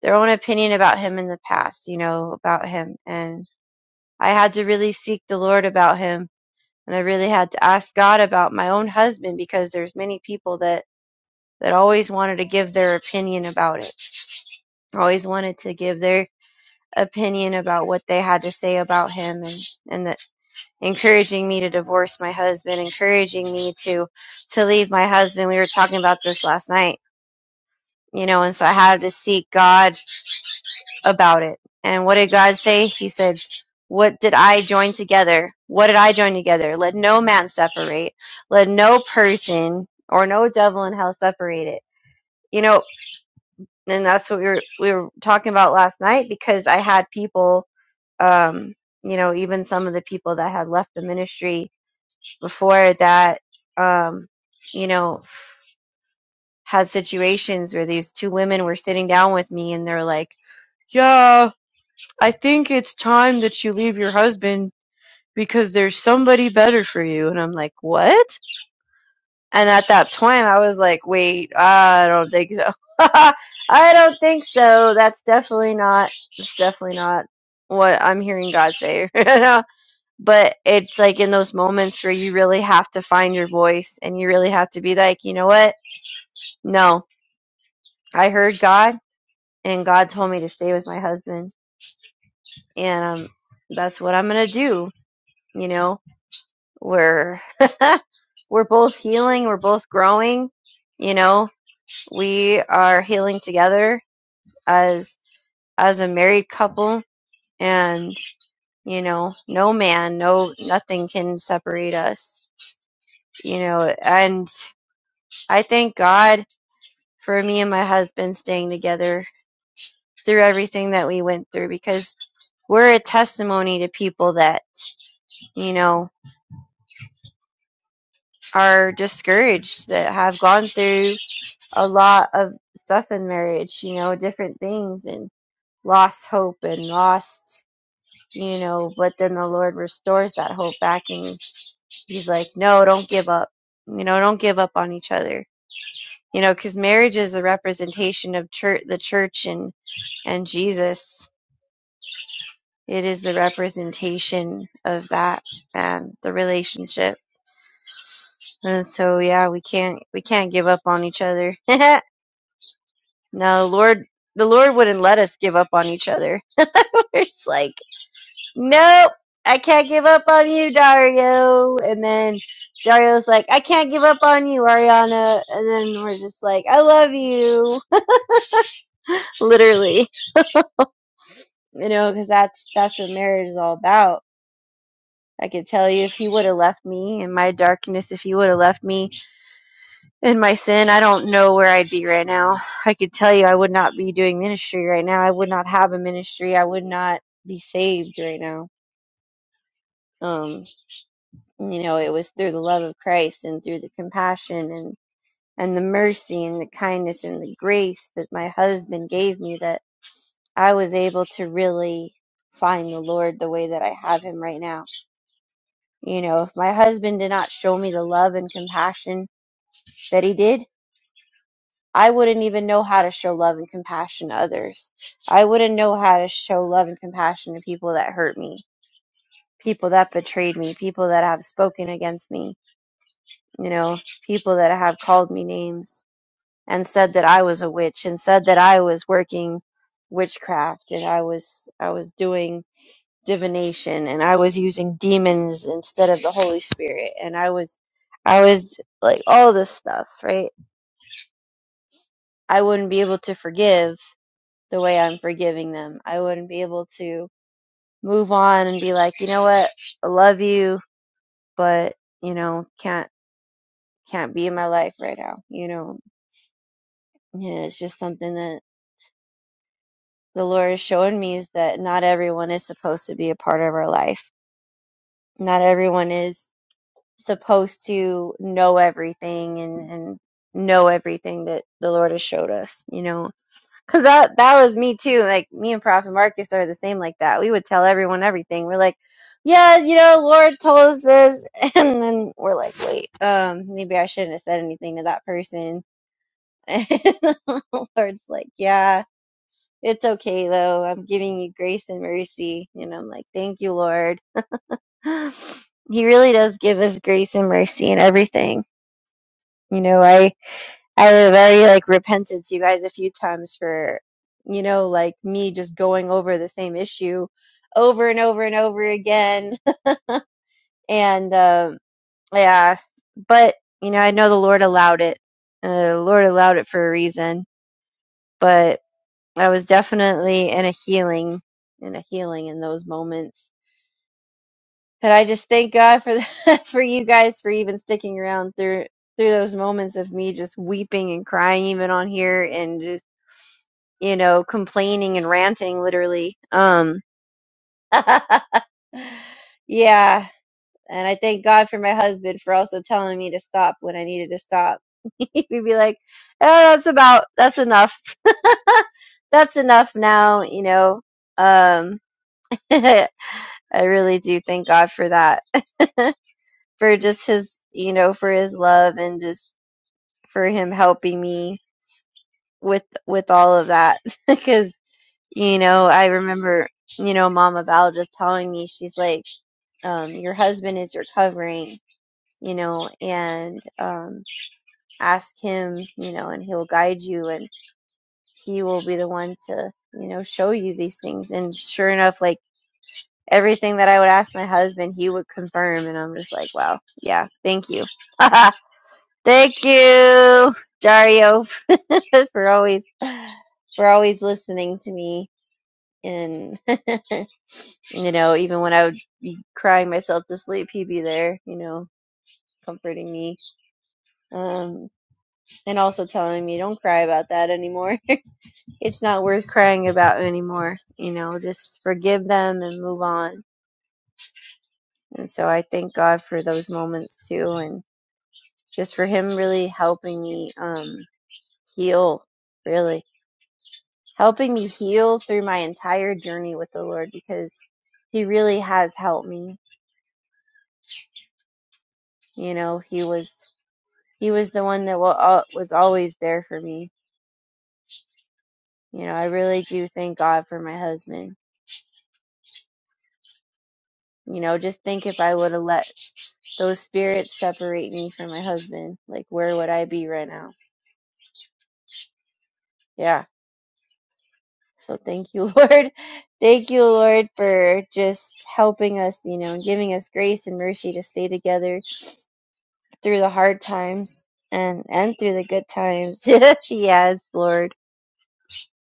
B: their own opinion about him in the past, you know, about him. And I had to really seek the Lord about him, and I really had to ask God about my own husband because there's many people that that always wanted to give their opinion about it, always wanted to give their opinion about what they had to say about him and and that encouraging me to divorce my husband encouraging me to to leave my husband we were talking about this last night you know and so i had to seek god about it and what did god say he said what did i join together what did i join together let no man separate let no person or no devil in hell separate it you know and that's what we were we were talking about last night because I had people, um, you know, even some of the people that had left the ministry before that, um, you know, had situations where these two women were sitting down with me and they're like, "Yeah, I think it's time that you leave your husband because there's somebody better for you," and I'm like, "What?" And at that point, I was like, wait, I don't think so. [laughs] I don't think so. That's definitely not, that's definitely not what I'm hearing God say. [laughs] you know? but it's like in those moments where you really have to find your voice and you really have to be like, you know what? No, I heard God and God told me to stay with my husband. And um, that's what I'm going to do. You know, we're, [laughs] we're both healing. We're both growing, you know, we are healing together as as a married couple and you know no man no nothing can separate us you know and i thank god for me and my husband staying together through everything that we went through because we're a testimony to people that you know are discouraged that have gone through a lot of stuff in marriage you know different things and lost hope and lost you know, but then the Lord restores that hope back and he's like, no, don't give up. You know, don't give up on each other. You know, because marriage is the representation of church, the church and, and Jesus. It is the representation of that and the relationship. And so, yeah, we can't, we can't give up on each other. [laughs] no, Lord, the Lord wouldn't let us give up on each other. [laughs] it's like, nope, I can't give up on you, Dario. And then Dario's like, I can't give up on you, Ariana. And then we're just like, I love you, [laughs] literally, you know, because that's that's what marriage is all about. I could tell you if you would have left me in my darkness, if you would have left me in my sin, I don't know where I'd be right now. I could tell you I would not be doing ministry right now. I would not have a ministry. I would not be saved right now. Um. you know it was through the love of christ and through the compassion and and the mercy and the kindness and the grace that my husband gave me that i was able to really find the lord the way that i have him right now you know if my husband did not show me the love and compassion that he did i wouldn't even know how to show love and compassion to others i wouldn't know how to show love and compassion to people that hurt me people that betrayed me people that have spoken against me you know people that have called me names and said that I was a witch and said that I was working witchcraft and I was I was doing divination and I was using demons instead of the Holy Spirit and I was I was like all this stuff, right? I wouldn't be able to forgive the way I'm forgiving them. I wouldn't be able to move on and be like, you know what? I love you, but you know, can't can't be in my life right now. You know, Yeah, it's just something that the Lord has shown me is that not everyone is supposed to be a part of our life. Not everyone is supposed to know everything and, and know everything that the Lord has showed us, you know. Cause that that was me too. Like me and Prophet Marcus are the same like that. We would tell everyone everything. We're like, yeah, you know, Lord told us this, [laughs] and then we're like, wait, um, maybe I shouldn't have said anything to that person. [laughs] And the Lord's like, yeah, it's okay though. I'm giving you grace and mercy. And I'm like, thank you, Lord. [gasps] [sighs] He really does give us grace and mercy and everything. You know, I I have already like repented to you guys a few times for, you know, like me just going over the same issue over and over and over again. [laughs] And um yeah, but you know, I know the Lord allowed it. Uh, the Lord allowed it for a reason. But I was definitely in a healing, in a healing in those moments And I just thank God for [laughs] for you guys for even sticking around through through those moments of me just weeping and crying even on here and just you know complaining and ranting literally. Um [laughs] yeah, and I thank God for my husband for also telling me to stop when I needed to stop. [laughs] He'd be like, "Oh, that's about that's enough. That's enough now, you know." Um [laughs] I really do thank God for that. [laughs] for just his you know for his love and just for him helping me with with all of that [laughs] because you know i remember you know mama val just telling me she's like um your husband is your covering you know and um ask him you know and he'll guide you and he will be the one to you know show you these things and sure enough like everything that i would ask my husband he would confirm and i'm just like wow yeah thank you [laughs] Thank you, Dario, [laughs] for always for always listening to me. And [laughs] you know, even when I would be crying myself to sleep, he'd be there, you know, comforting me, um, and also telling me, "Don't cry about that anymore. [laughs] it's not worth crying about anymore. You know, just forgive them and move on." And so I thank God for those moments too, and just for him really helping me um, heal, really helping me heal through my entire journey with the Lord because he really has helped me. You know, he was he was the one that was always there for me. You know, I really do thank God for my husband. You know, just think if I would have let those spirits separate me from my husband, like where would I be right now? Yeah. So thank you, [laughs] Lord. Thank you, Lord, for just helping us, you know, and giving us grace and mercy to stay together through the hard times and and through the good times. [laughs] yes, Lord.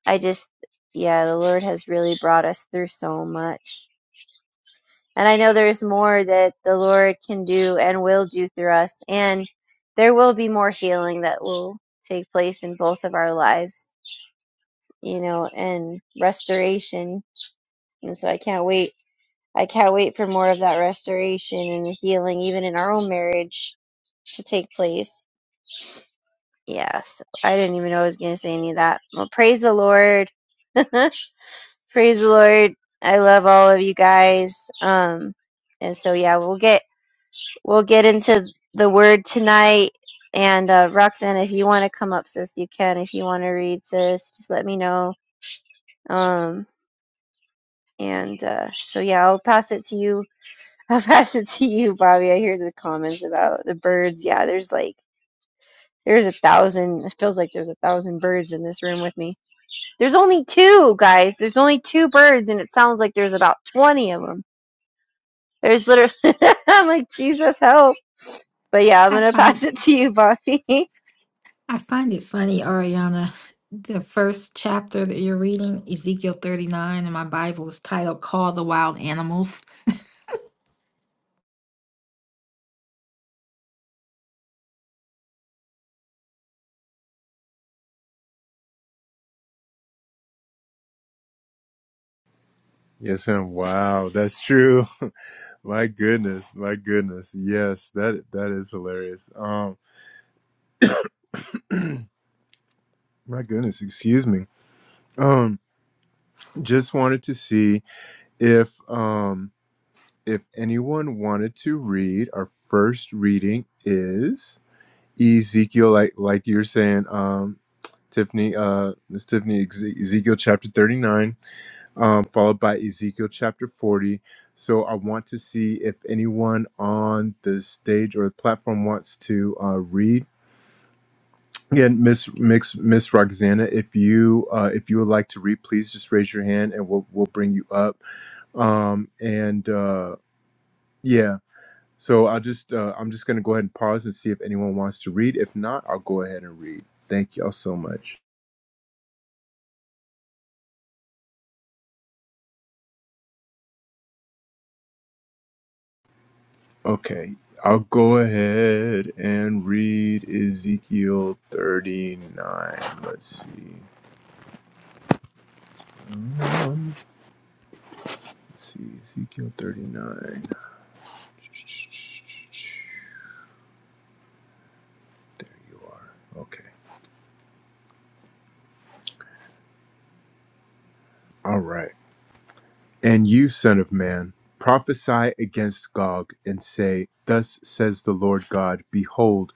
B: I just yeah, the Lord has really brought us through so much. And I know there's more that the Lord can do and will do through us and there will be more healing that will take place in both of our lives, you know, and restoration. And so I can't wait. I can't wait for more of that restoration and the healing even in our own marriage to take place yeah, so I didn't even know I was going to say any of that. Well, praise the Lord. [laughs] praise the Lord. I love all of you guys. Um, and so yeah, we'll get we'll get into the word tonight. And uh, Roxanne, if you want to come up, sis, you can. If you want to read, sis, just let me know. Um, and uh, so yeah, I'll pass it to you. [laughs] I'll pass it to you, Bobby. I hear the comments about the birds. Yeah, there's like there's a thousand. It feels like there's a thousand birds in this room with me There's only two guys. There's only two birds, and it sounds like there's about twenty of them. There's literally. [laughs] I'm like Jesus, help! But yeah, I'm
C: I
B: gonna [laughs] pass
C: find
B: it to you, Buffy. [laughs] yeah,
C: I find it funny, Ariana. The first chapter that you're reading, Ezekiel 39, in my Bible is titled Call the Wild Animals.
A: Yes, and wow, that's true. [laughs] my goodness, my goodness. Yes, that that is hilarious. Um, my goodness, excuse me. Um, just wanted to see if um if anyone wanted to read. Our first reading is Ezekiel, like like you were saying, um, Tiffany, uh, Miss Tiffany, Ezekiel chapter thirty nine. um, followed by Ezekiel chapter 40. So I want to see if anyone on the stage or the platform wants to uh, read. Again, Miss Mix, Miss Roxana, if you uh, if you would like to read, please just raise your hand and we'll we'll bring you up. Um, and uh, yeah, so I'll just uh, I'm just gonna go ahead and pause and see if anyone wants to read. If not, I'll go ahead and read. Thank y'all so much. Okay, I'll go ahead and read Ezekiel 39. Let's see. Um, let's see, Ezekiel 39. There you are. Okay. All right. And you, Son of Man, prophesy against Gog, and say, Thus says the Lord God, Behold,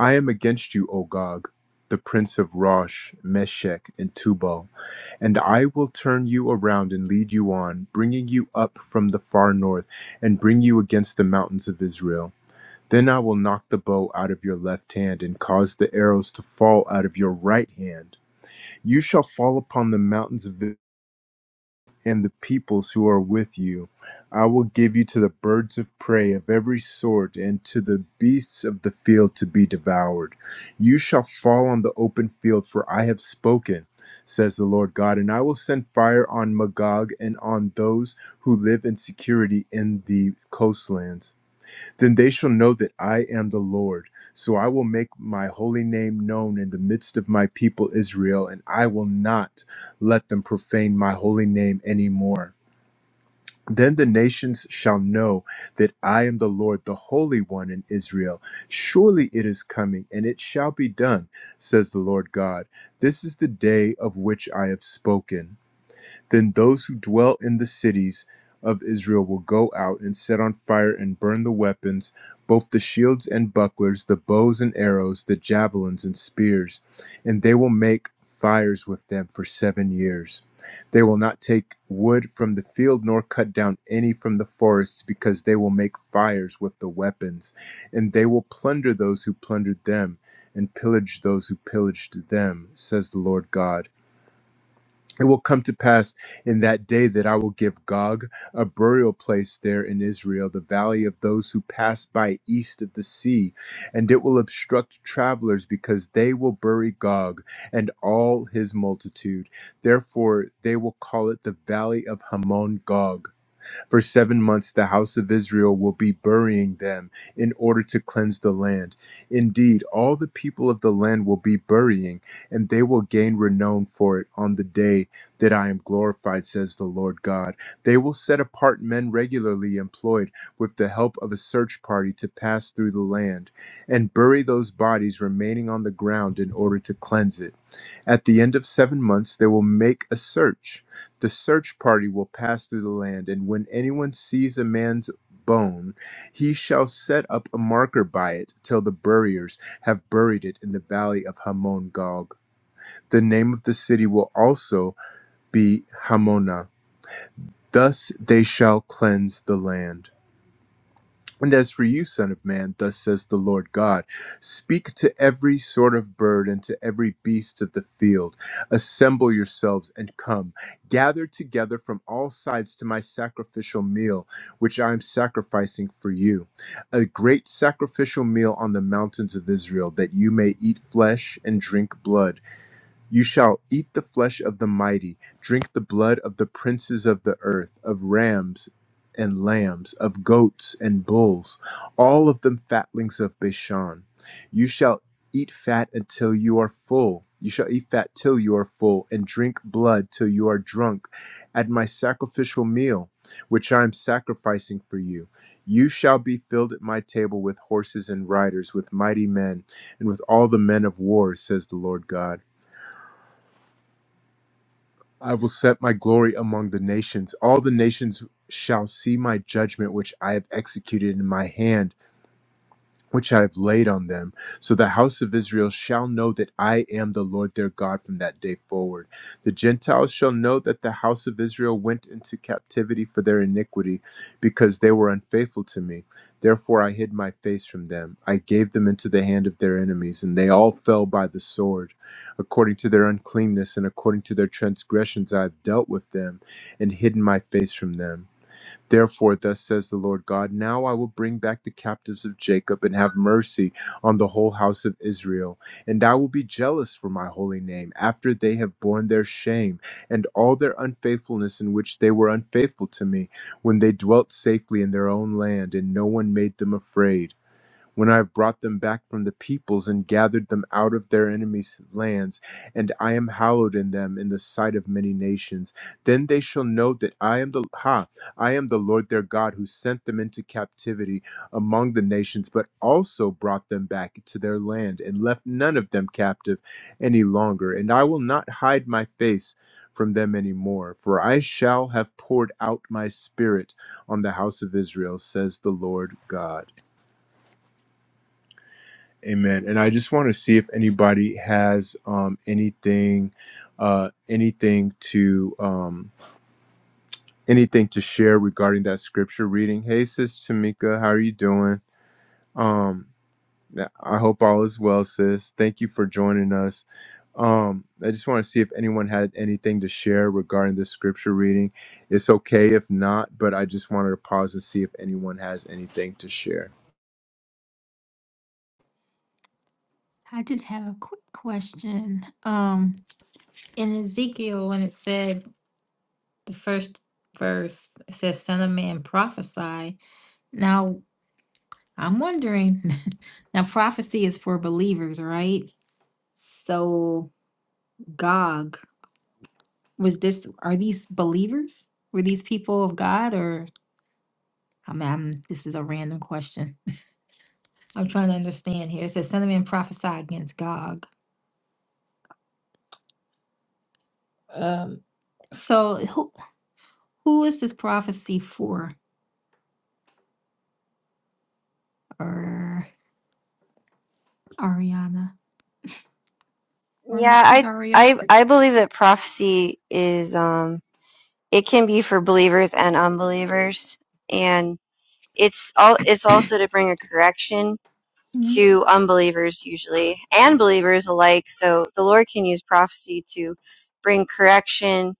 A: I am against you, O Gog, the prince of Rosh, Meshech, and Tubal, and I will turn you around and lead you on, bringing you up from the far north, and bring you against the mountains of Israel. Then I will knock the bow out of your left hand, and cause the arrows to fall out of your right hand. You shall fall upon the mountains of and the peoples who are with you. I will give you to the birds of prey of every sort and to the beasts of the field to be devoured. You shall fall on the open field, for I have spoken, says the Lord God, and I will send fire on Magog and on those who live in security in the coastlands. Then they shall know that I am the Lord. So I will make my holy name known in the midst of my people Israel, and I will not let them profane my holy name anymore. Then the nations shall know that I am the Lord, the Holy One in Israel. Surely it is coming, and it shall be done, says the Lord God. This is the day of which I have spoken. Then those who dwell in the cities of Israel will go out and set on fire and burn the weapons, both the shields and bucklers, the bows and arrows, the javelins and spears, and they will make fires with them for seven years. They will not take wood from the field nor cut down any from the forests, because they will make fires with the weapons, and they will plunder those who plundered them, and pillage those who pillaged them, says the Lord God. It will come to pass in that day that I will give Gog a burial place there in Israel, the valley of those who pass by east of the sea, and it will obstruct travelers because they will bury Gog and all his multitude. Therefore, they will call it the valley of Hamon Gog. For seven months, the house of Israel will be burying them in order to cleanse the land. Indeed, all the people of the land will be burying, and they will gain renown for it on the day that I am glorified, says the Lord God. They will set apart men regularly employed with the help of a search party to pass through the land and bury those bodies remaining on the ground in order to cleanse it. At the end of seven months, they will make a search the search party will pass through the land, and when anyone sees a man's bone, he shall set up a marker by it till the buriers have buried it in the valley of Hamon Gog. The name of the city will also be Hamona. Thus they shall cleanse the land. And as for you, Son of Man, thus says the Lord God Speak to every sort of bird and to every beast of the field. Assemble yourselves and come. Gather together from all sides to my sacrificial meal, which I am sacrificing for you. A great sacrificial meal on the mountains of Israel, that you may eat flesh and drink blood you shall eat the flesh of the mighty, drink the blood of the princes of the earth, of rams and lambs, of goats and bulls, all of them fatlings of Bashan. You shall eat fat until you are full. You shall eat fat till you are full, and drink blood till you are drunk. At my sacrificial meal, which I am sacrificing for you, you shall be filled at my table with horses and riders, with mighty men, and with all the men of war, says the Lord God. I will set my glory among the nations. All the nations shall see my judgment, which I have executed in my hand which I have laid on them. So the house of Israel shall know that I am the Lord their God from that day forward. The Gentiles shall know that the house of Israel went into captivity for their iniquity, because they were unfaithful to me. Therefore I hid my face from them. I gave them into the hand of their enemies, and they all fell by the sword. According to their uncleanness and according to their transgressions, I have dealt with them and hidden my face from them. Therefore, thus says the Lord God Now I will bring back the captives of Jacob and have mercy on the whole house of Israel. And I will be jealous for my holy name after they have borne their shame and all their unfaithfulness in which they were unfaithful to me, when they dwelt safely in their own land and no one made them afraid when I have brought them back from the peoples and gathered them out of their enemies' lands, and I am hallowed in them in the sight of many nations. Then they shall know that I am the ha, I am the Lord their God who sent them into captivity among the nations, but also brought them back to their land and left none of them captive any longer. And I will not hide my face from them any more, for I shall have poured out my spirit on the house of Israel, says the Lord God. Amen. And I just want to see if anybody has um, anything, uh, anything to um, anything to share regarding that scripture reading. Hey, sis Tamika, how are you doing? Um, yeah, I hope all is well, sis. Thank you for joining us. Um, I just want to see if anyone had anything to share regarding this scripture reading. It's okay if not, but I just wanted to pause and see if anyone has anything to share.
C: I just have a quick question. Um in Ezekiel when it said the first verse it says son of man prophesy. Now I'm wondering [laughs] now prophecy is for believers, right? So Gog, was this are these believers? Were these people of God or I mean, I'm, this is a random question. [laughs] I'm trying to understand here. It says, "Son of man, prophesy against Gog." Um, So who who is this prophecy for? Or Ariana or Mr.
B: I
C: Daria?
B: I I believe that prophecy is um it can be for believers and unbelievers, and it's all it's also to bring a correction
C: Mhm.
B: to unbelievers usually and believers alike. So the Lord can use prophecy to bring correction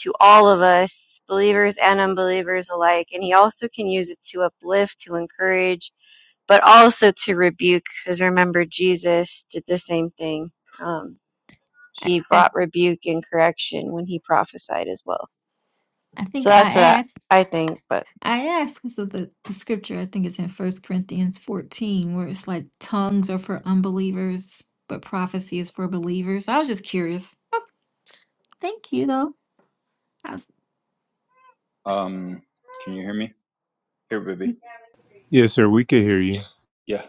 B: to all of us, believers and unbelievers alike. And He also can use it to uplift, to encourage, but also to rebuke. Because remember, Jesus did the same thing. Um,
C: I,
B: he
C: I
B: brought rebuke and correction when He prophesied as well.
C: I
B: So
C: think I
B: that's what I
C: asked
B: I think. But
C: I asked because of the, the scripture. I think it's in First Corinthians 14, where it's like tongues are for unbelievers, but prophecy is for believers. I was just curious. Thank you though. I was
D: Um, can you hear me? Here, baby.
C: Mm.
A: Yes, sir. We can hear you.
D: Yeah.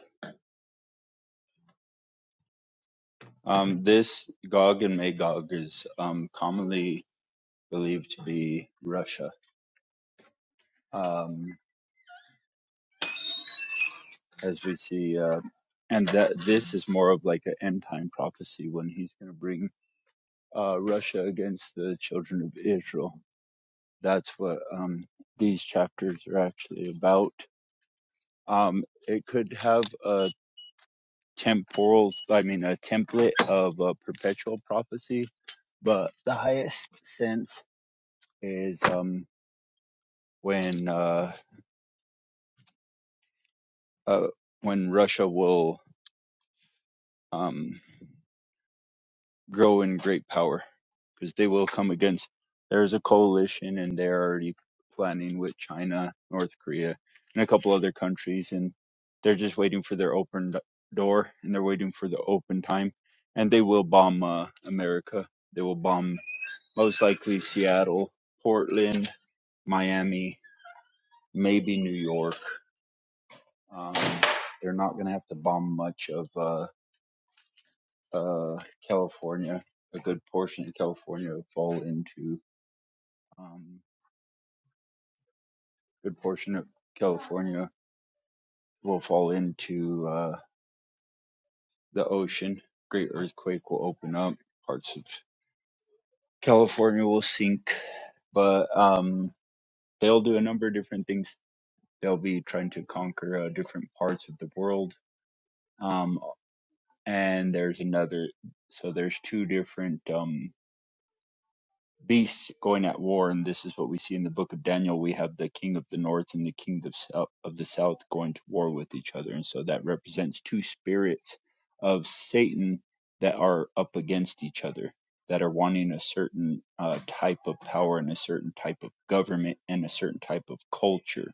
D: Um, this Gog and Magog is um, commonly believed to be Russia, um, as we see, uh, and that this is more of like an end time prophecy when he's going to bring uh, Russia against the children of Israel. That's what um, these chapters are actually about. Um, it could have a temporal, I mean, a template of a perpetual prophecy but the highest sense is um, when uh, uh, when Russia will um, grow in great power because they will come against. There's a coalition, and they're already planning with China, North Korea, and a couple other countries, and they're just waiting for their open d- door, and they're waiting for the open time, and they will bomb uh, America. They will bomb most likely Seattle, Portland, Miami, maybe New York Um, they're not going to have to bomb much of uh, uh, California. A good portion of California will fall into um, good portion of California will fall into uh, the ocean. Great earthquake will open up. Parts of California will sink, but um, they'll do a number of different things. They'll be trying to conquer uh, different parts of the world. Um, and there's another, so there's two different. um, beasts going at war, and this is what we see in the book of Daniel. We have the king of the north and the king of south of the south going to war with each other, and so that represents two spirits of Satan that are up against each other, that are wanting a certain uh, type of power and a certain type of government and a certain type of culture.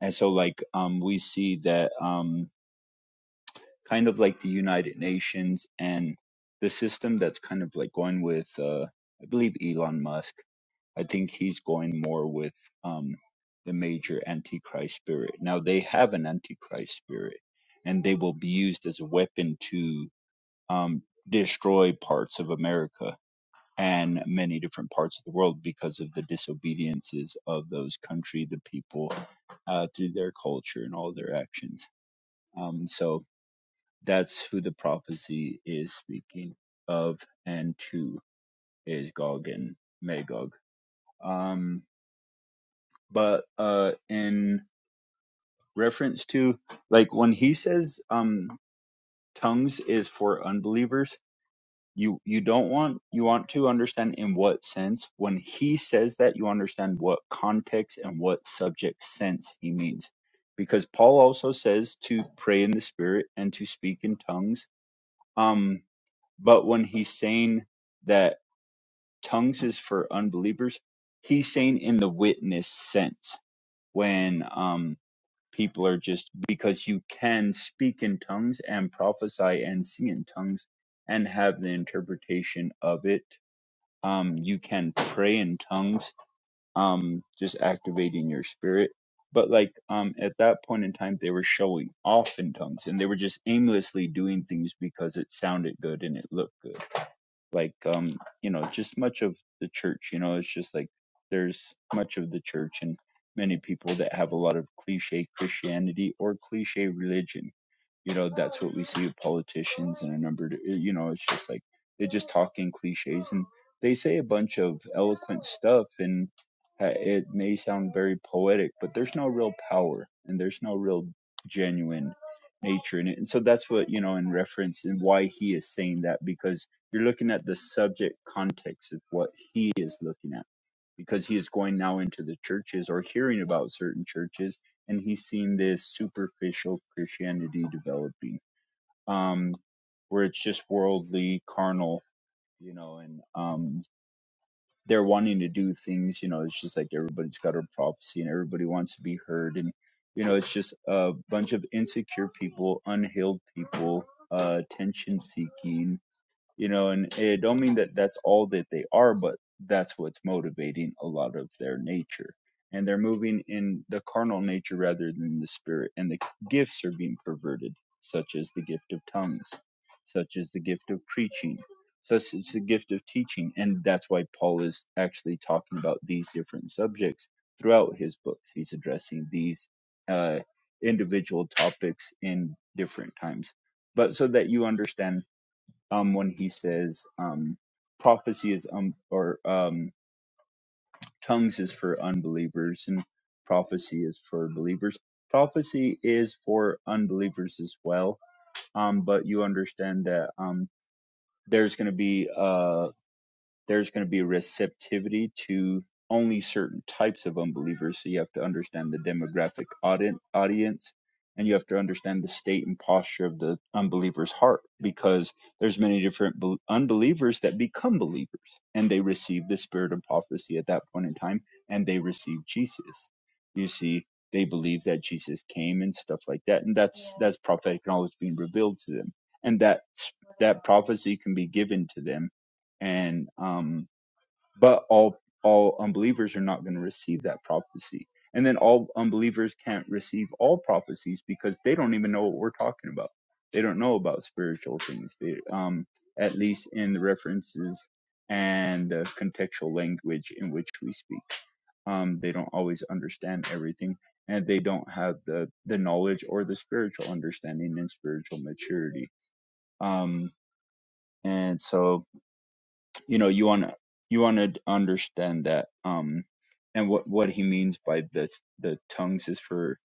D: And so, like um, we see that um, kind of like the United Nations and the system that's kind of like going with, uh, I believe, Elon Musk I think he's going more with um, the major antichrist spirit. Now they have an antichrist spirit, and they will be used as a weapon to um, destroy parts of America and many different parts of the world because of the disobediences of those country, the people, uh, through their culture and all their actions. Um, so that's who the prophecy is speaking of and to is Gog and Magog. Um, but uh in reference to like when he says um tongues is for unbelievers you you don't want you want to understand in what sense when he says that you understand what context and what subject sense he means because paul also says to pray in the spirit and to speak in tongues um but when he's saying that tongues is for unbelievers he's saying in the witness sense when um people are just because you can speak in tongues and prophesy and see in tongues and have the interpretation of it um you can pray in tongues um just activating your spirit but like um at that point in time they were showing off in tongues and they were just aimlessly doing things because it sounded good and it looked good like um you know just much of the church you know it's just like there's much of the church and many people that have a lot of cliche christianity or cliche religion you know that's what we see with politicians and a number of, you know it's just like they're just talking cliches and they say a bunch of eloquent stuff and uh, it may sound very poetic but there's no real power and there's no real genuine nature in it and so that's what you know in reference and why he is saying that because you're looking at the subject context of what he is looking at because he is going now into the churches or hearing about certain churches and he's seen this superficial Christianity developing, um, where it's just worldly, carnal, you know, and um, they're wanting to do things, you know, it's just like everybody's got a prophecy and everybody wants to be heard, and you know, it's just a bunch of insecure people, unhealed people, uh, attention seeking, you know and it don't mean that that's all that they are but that's what's motivating a lot of their nature and they're moving in the carnal nature rather than the spirit and the gifts are being perverted such as the gift of tongues such as the gift of preaching such as the gift of teaching and that's why paul is actually talking about these different subjects throughout his books he's addressing these uh, individual topics in different times but so that you understand um, when he says um, prophecy is um, or um, tongues is for unbelievers and prophecy is for believers. Prophecy is for unbelievers as well, um, but you understand that um, there's going to be uh, there's going to be receptivity to only certain types of unbelievers. So you have to understand the demographic audien- audience and you have to understand the state and posture of the unbeliever's heart because there's many different unbelievers that become believers and they receive the spirit of prophecy at that point in time and they receive Jesus. You see, they believe that Jesus came and stuff like that. And that's that's prophetic knowledge being revealed to them. And that that prophecy can be given to them and um but all all unbelievers are not going to receive that prophecy and then all unbelievers can't receive all prophecies because they don't even know what we're talking about they don't know about spiritual things they um at least in the references and the contextual language in which we speak um they don't always understand everything and they don't have the the knowledge or the spiritual understanding and spiritual maturity um and so you know you want to you want to understand that um and what what he means by this the tongues is for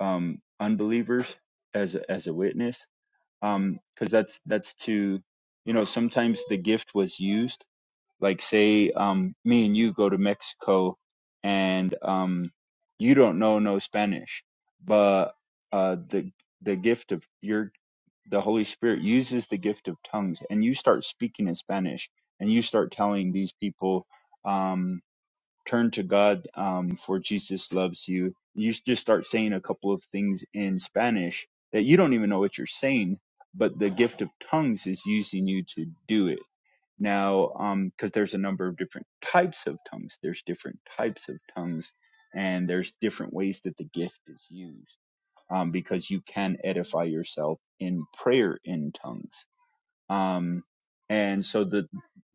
D: um unbelievers as a, as a witness um because that's that's to you know sometimes the gift was used like say um me and you go to mexico and um you don't know no spanish but uh the the gift of your the Holy Spirit uses the gift of tongues, and you start speaking in Spanish, and you start telling these people, um, "Turn to God, um, for Jesus loves you." You s- just start saying a couple of things in Spanish that you don't even know what you're saying, but the gift of tongues is using you to do it. Now, um, because there's a number of different types of tongues, there's different types of tongues, and there's different ways that the gift is used um, because you can edify yourself in prayer in tongues um, and so the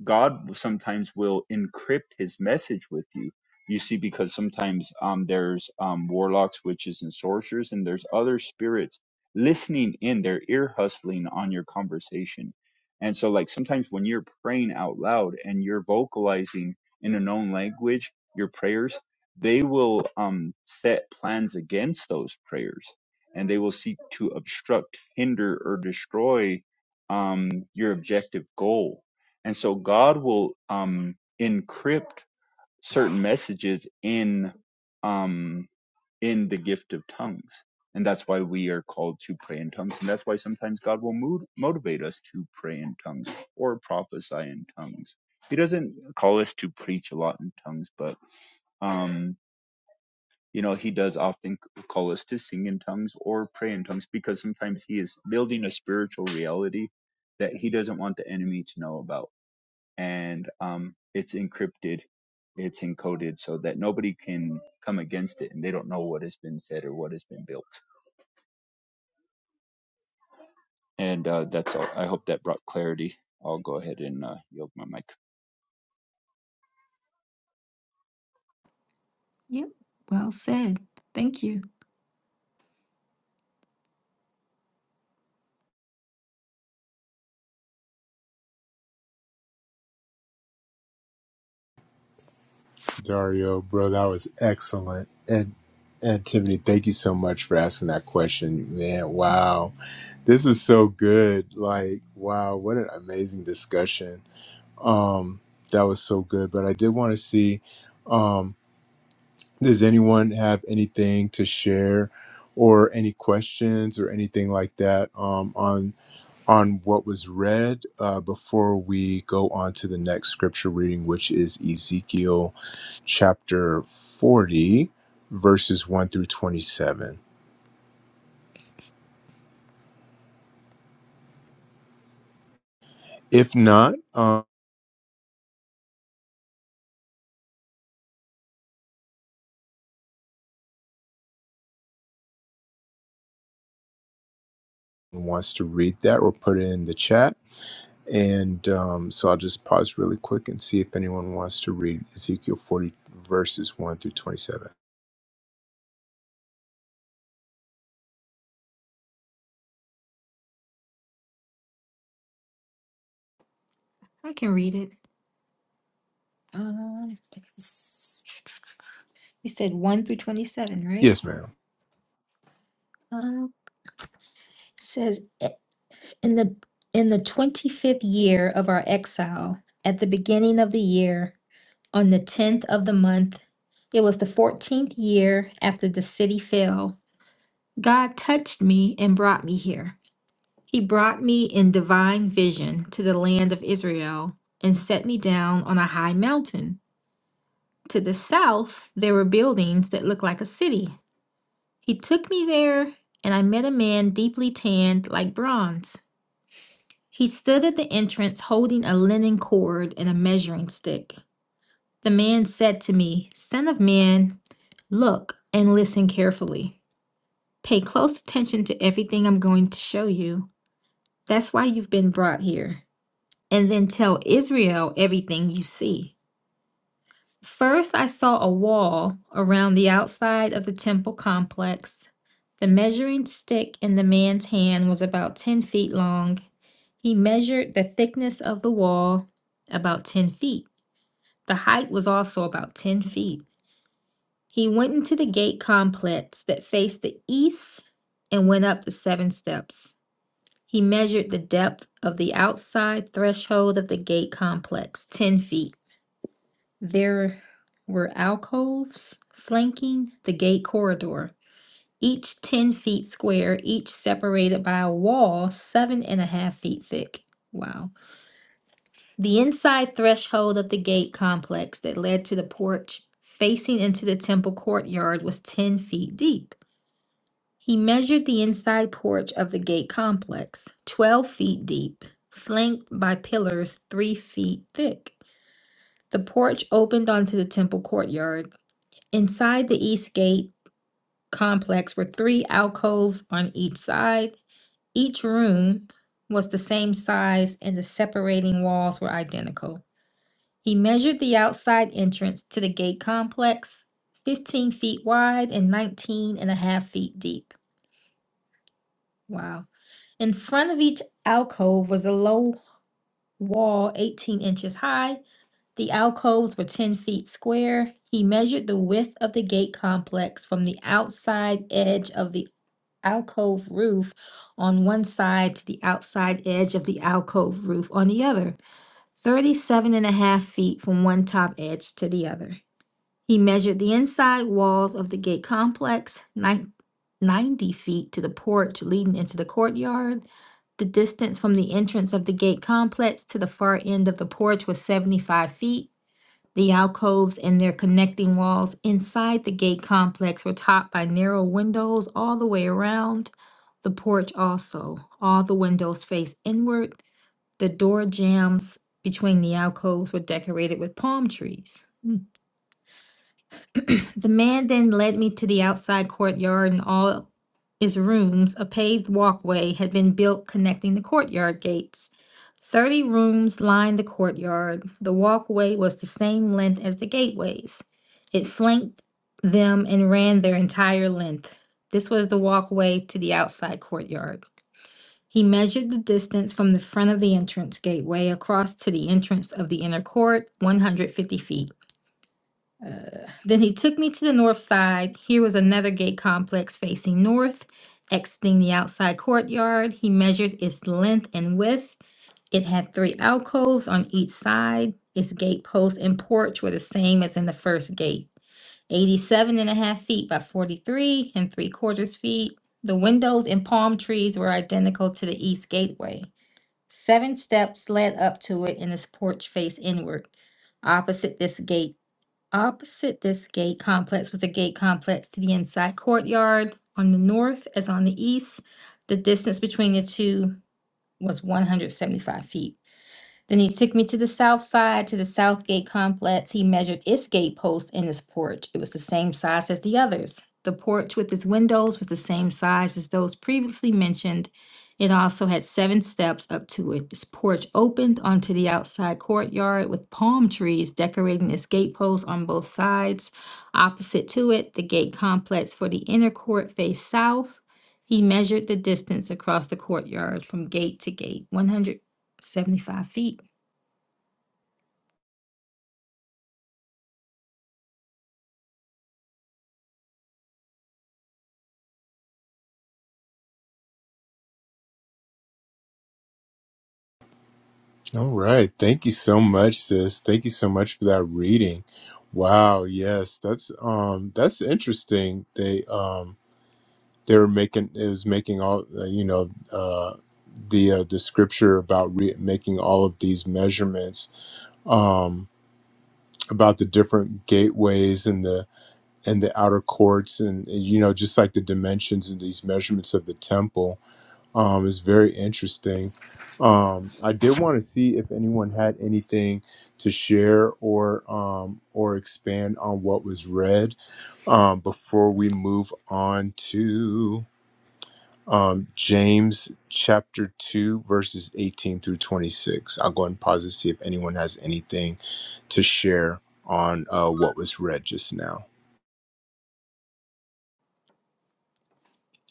D: god sometimes will encrypt his message with you you see because sometimes um, there's um, warlocks witches and sorcerers and there's other spirits listening in they're ear hustling on your conversation and so like sometimes when you're praying out loud and you're vocalizing in a known language your prayers they will um, set plans against those prayers and they will seek to obstruct hinder or destroy um, your objective goal. And so God will um, encrypt certain messages in um, in the gift of tongues. And that's why we are called to pray in tongues. And that's why sometimes God will mo- motivate us to pray in tongues or prophesy in tongues. He doesn't call us to preach a lot in tongues, but um, you know he does often call us to sing in tongues or pray in tongues because sometimes he is building a spiritual reality that he doesn't want the enemy to know about and um it's encrypted it's encoded so that nobody can come against it and they don't know what has been said or what has been built and uh that's all i hope that brought clarity i'll go ahead and uh, yield my mic
C: Yep, well said. Thank you.
A: Dario, bro, that was excellent. And and Tiffany, thank you so much for asking that question, man.
C: Mm.
A: Wow, this is so good. Like, wow, what an amazing discussion. Um, that was so good. But I did want to see, um, does anyone have anything to share, or any questions or anything like that, um, on on what was read, uh, before we go on to the next scripture reading, which is Ezekiel chapter 40, verses 1 through 27. If not, um, wants to read that or put it in the chat. And um, so I'll just pause really quick and see if anyone wants to read Ezekiel 40, verses 1 through 27.
C: I can read it. Um, it's- you said 1 through 27,
A: Yes,
C: right?
A: ma'am.
C: says "E- in the in the 25th year of our exile at the beginning of the year on the 10th of the month it was the 14th year after the city fell god touched me and brought me here he brought me in divine vision to the land of israel and set me down on a high mountain to the south there were buildings that looked like a city he took me there and i met a man deeply tanned like bronze He stood at the entrance holding a linen cord and a measuring stick. The man said to me, Son of man, look and listen carefully. Pay close attention to everything I'm going to show you. That's why you've been brought here. And then tell Israel everything you see. First, I saw a wall around the outside of the temple complex. The measuring stick in the man's hand was about 10 feet long He measured the thickness of the wall about 10 feet. The height was also about 10 feet. He went into the gate complex that faced the east and went up the seven steps. He measured the depth of the outside threshold of the gate complex 10 feet. There were alcoves flanking the gate corridor, each 10 feet square, each separated by a wall seven and a half feet thick. Wow. The inside threshold of the gate complex that led to the porch facing into the temple courtyard was 10 feet deep. He measured the inside porch of the gate complex, 12 feet deep, flanked by pillars 3 feet thick. The porch opened onto the temple courtyard. Inside the east gate complex were three alcoves on each side. Each room was the same size and the separating walls were identical. He measured the outside entrance to the gate complex, 15 feet wide and 19 and a half feet deep. Wow. In front of each alcove was a low wall 18 inches high. The alcoves were 10 feet square. He measured the width of the gate complex from the outside edge of the alcove roof on one side to the outside edge of the alcove roof on the other, 37 and a half feet from one top edge to the other. He measured the inside walls of the gate complex, 90 feet to the porch leading into the courtyard. The distance from the entrance of the gate complex to the far end of the porch was 75 feet. The alcoves and their connecting walls inside the gate complex were topped by narrow windows all the way around. The porch also, all the windows faced inward. The door jambs between the alcoves were decorated with palm trees. Hmm. [clears throat] The man then led me to the outside courtyard and all its rooms. A paved walkway had been built connecting the courtyard gates. Thirty rooms lined the courtyard. The walkway was the same length as the gateways. It flanked them and ran their entire length. This was the walkway to the outside courtyard. He measured the distance from the front of the entrance gateway across to the entrance of the inner court, 150 feet. Uh, Then he took me to the north side. Here was another gate complex facing north. Exiting the outside courtyard, he measured its length and width. It had three alcoves on each side. Its gate post and porch were the same as in the first gate. 87 and a half feet by 43 and 3 quarters feet. The windows and palm trees were identical to the east gateway. Seven steps led up to it and its porch faced inward. Opposite this gate Opposite this gate complex was a gate complex to the inside courtyard on the north as on the east. The distance between the two was one hundred seventy-five feet. Then he took me to the south side, to the south gate complex. He measured its gatepost and its porch. It was the same size as the others. The porch with its windows was the same size as those previously mentioned. It also had seven steps up to it. Its porch opened onto the outside courtyard with palm trees decorating its gatepost on both sides. Opposite to it, the gate complex for the inner court faced south. He measured the distance across the courtyard from gate to gate, 175 feet.
A: All right. Thank you so much, sis. Thank you so much for that reading. Wow. Yes, that's um, that's interesting. They um, they were making it was making all uh, you know. uh. the uh, the scripture about re- making all of these measurements um, about the different gateways and the and the outer courts and, and, you know just like the dimensions and these measurements of the temple um, is very interesting. Um, I did want to see if anyone had anything to share or um, or expand on what was read um, before we move on to. Um, James chapter 2, verses 18 through 26. I'll go ahead and pause to see if anyone has anything to share on uh, what was read just now.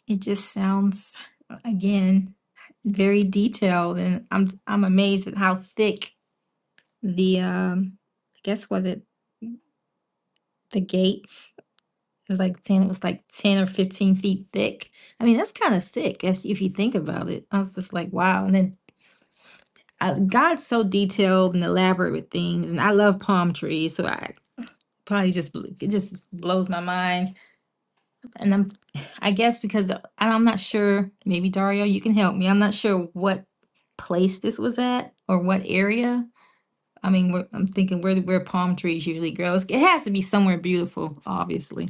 C: It just sounds, again, very detailed, and I'm I'm amazed at how thick the um, I guess was it the gates. It was like ten. It was like ten or fifteen feet thick. I mean, that's kind of thick if if you think about it. I was just like, wow. And then I, God's so detailed and elaborate with things, and I love palm trees, so I probably just it just blows my mind. And I'm, I guess because I- am not sure. Maybe Dario, you can help me. I'm not sure what place this was at or what area. I mean, we're, I'm thinking where where palm trees usually grow. It has to be somewhere beautiful, obviously.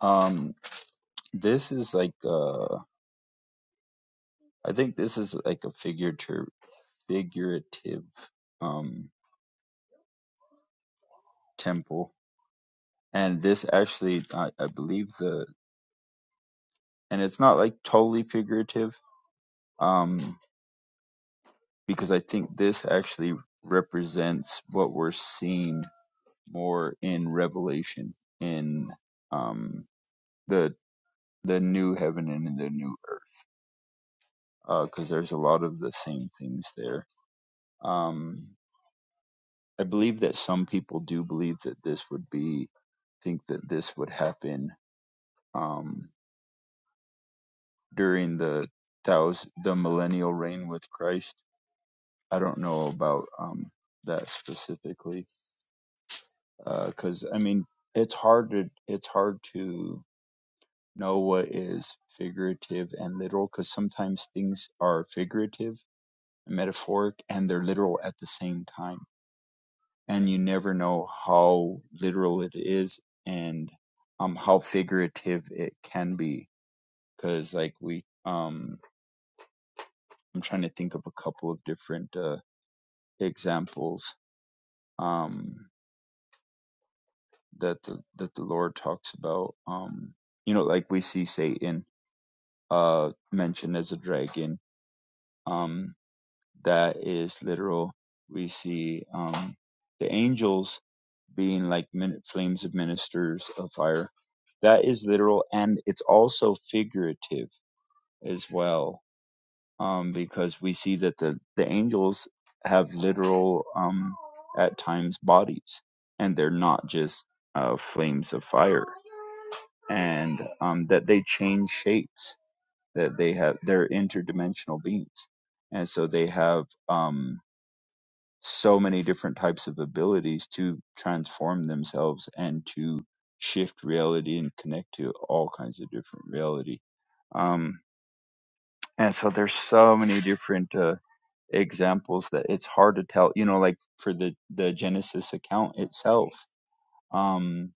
D: um this is like uh i think this is like a figurative figurative um temple and this actually I, I believe the and it's not like totally figurative um because i think this actually represents what we're seeing more in revelation in um the the new heaven and the new earth because uh, there's a lot of the same things there um i believe that some people do believe that this would be think that this would happen um during the thousand the millennial reign with christ I don't know about um, that specifically because uh, I mean it's hard to it's hard to know what is figurative and literal because sometimes things are figurative and metaphoric and they're literal at the same time and you never know how literal it is and um how figurative it can be because like we um I'm trying to think of a couple of different uh examples Um, that the, that the Lord talks about. Um, you know, like we see Satan uh, mentioned as a dragon. Um, that is literal. We see um, the angels being like min- flames of ministers of fire. That is literal, and it's also figurative as well, um, because we see that the the angels have literal um, at times bodies, and they're not just uh, flames of fire and um, that they change shapes that they have they're interdimensional beings and so they have um, so many different types of abilities to transform themselves and to shift reality and connect to all kinds of different reality um, and so there's so many different uh, examples that it's hard to tell you know like for the the genesis account itself um,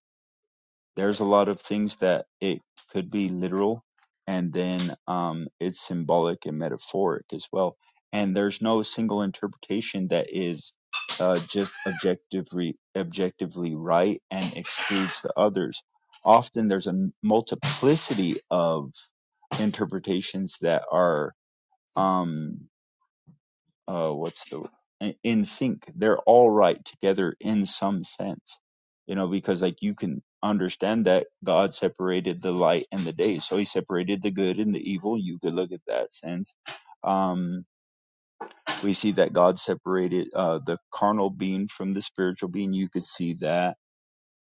D: there's a lot of things that it could be literal and then um, it's symbolic and metaphoric as well and there's no single interpretation that is uh, just objectively objectively right and excludes the others often there's a multiplicity of interpretations that are um, uh, what's the in sync. They're all right together in some sense, you know, because like you can understand that God separated the light and the day, so He separated the good and the evil. You could look at that sense. Um, we see that God separated uh, the carnal being from the spiritual being. You could see that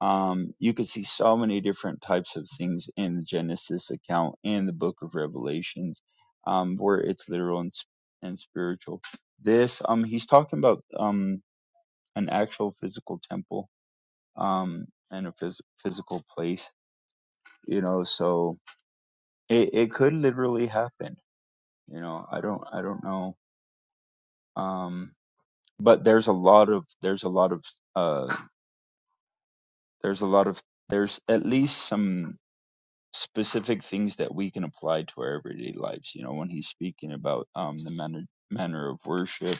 D: um, you can see so many different types of things in the Genesis account and the book of Revelations, um, where it's literal and, sp- and spiritual. This, um, he's talking about um, an actual physical temple um, and a phys- physical place, you know, so it, it could literally happen, you know, I don't, I don't know. Um, but there's a lot of, there's a lot of, uh, there's a lot of, there's at least some specific things that we can apply to our everyday lives. You know, when he's speaking about um, the manner manner of worship,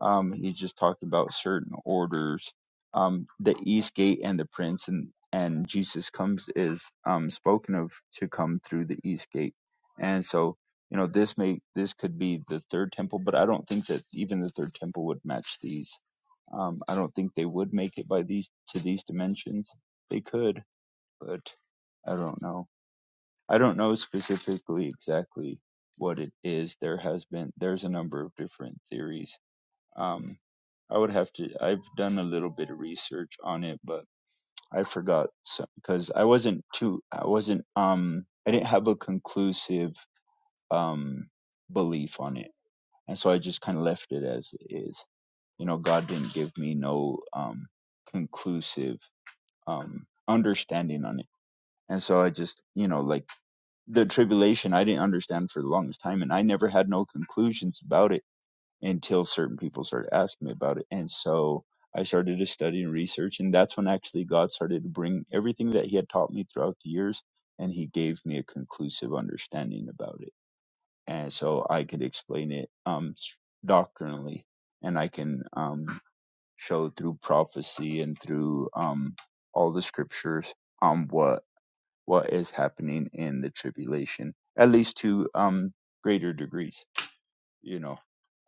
D: um, he's just talking about certain orders, um, the east gate and the prince, and and Jesus comes is um, spoken of to come through the east gate, and so you know this may this could be the third temple, but I don't think that even the third temple would match these. Um, I don't think they would make it by these to these dimensions. They could, but I don't know. I don't know specifically exactly what it is. There has been there's a number of different theories. Um, I would have to. I've done a little bit of research on it, but I forgot some because I wasn't too. I wasn't. Um, I didn't have a conclusive um belief on it, and so I just kind of left it as it is. You know, God didn't give me no um conclusive um understanding on it, and so I just you know like the tribulation I didn't understand for the longest time, and I never had no conclusions about it until certain people started asking me about it. And so I started to study and research, and that's when actually God started to bring everything that He had taught me throughout the years, and He gave me a conclusive understanding about it, and so I could explain it um, doctrinally, and I can um, show through prophecy and through um, all the scriptures um, what what is happening in the tribulation, at least to um greater degrees, you know.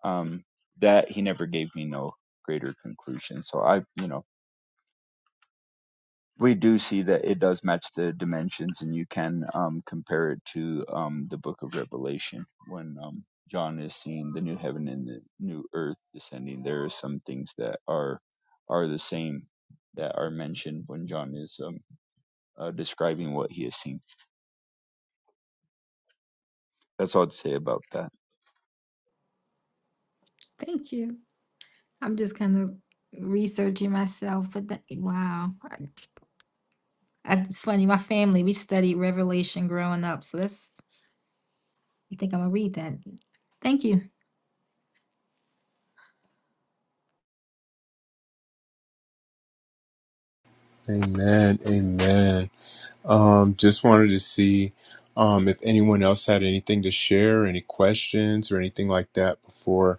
D: Um that he never gave me no greater conclusion. So I you know, we do see that it does match the dimensions and you can um compare it to um the book of Revelation when um John is seeing the new heaven and the new earth descending. There are some things that are are the same that are mentioned when John is um, uh, describing what he has seen. That's all I'd say about that.
C: Thank you. I'm just kind of researching myself, but that, wow, I- I- it's funny. My family we studied Revelation growing up, so that's I think I'm gonna read that. Thank you.
A: Amen. Amen. Um, just wanted to see um, if anyone else had anything to share, any questions or anything like that before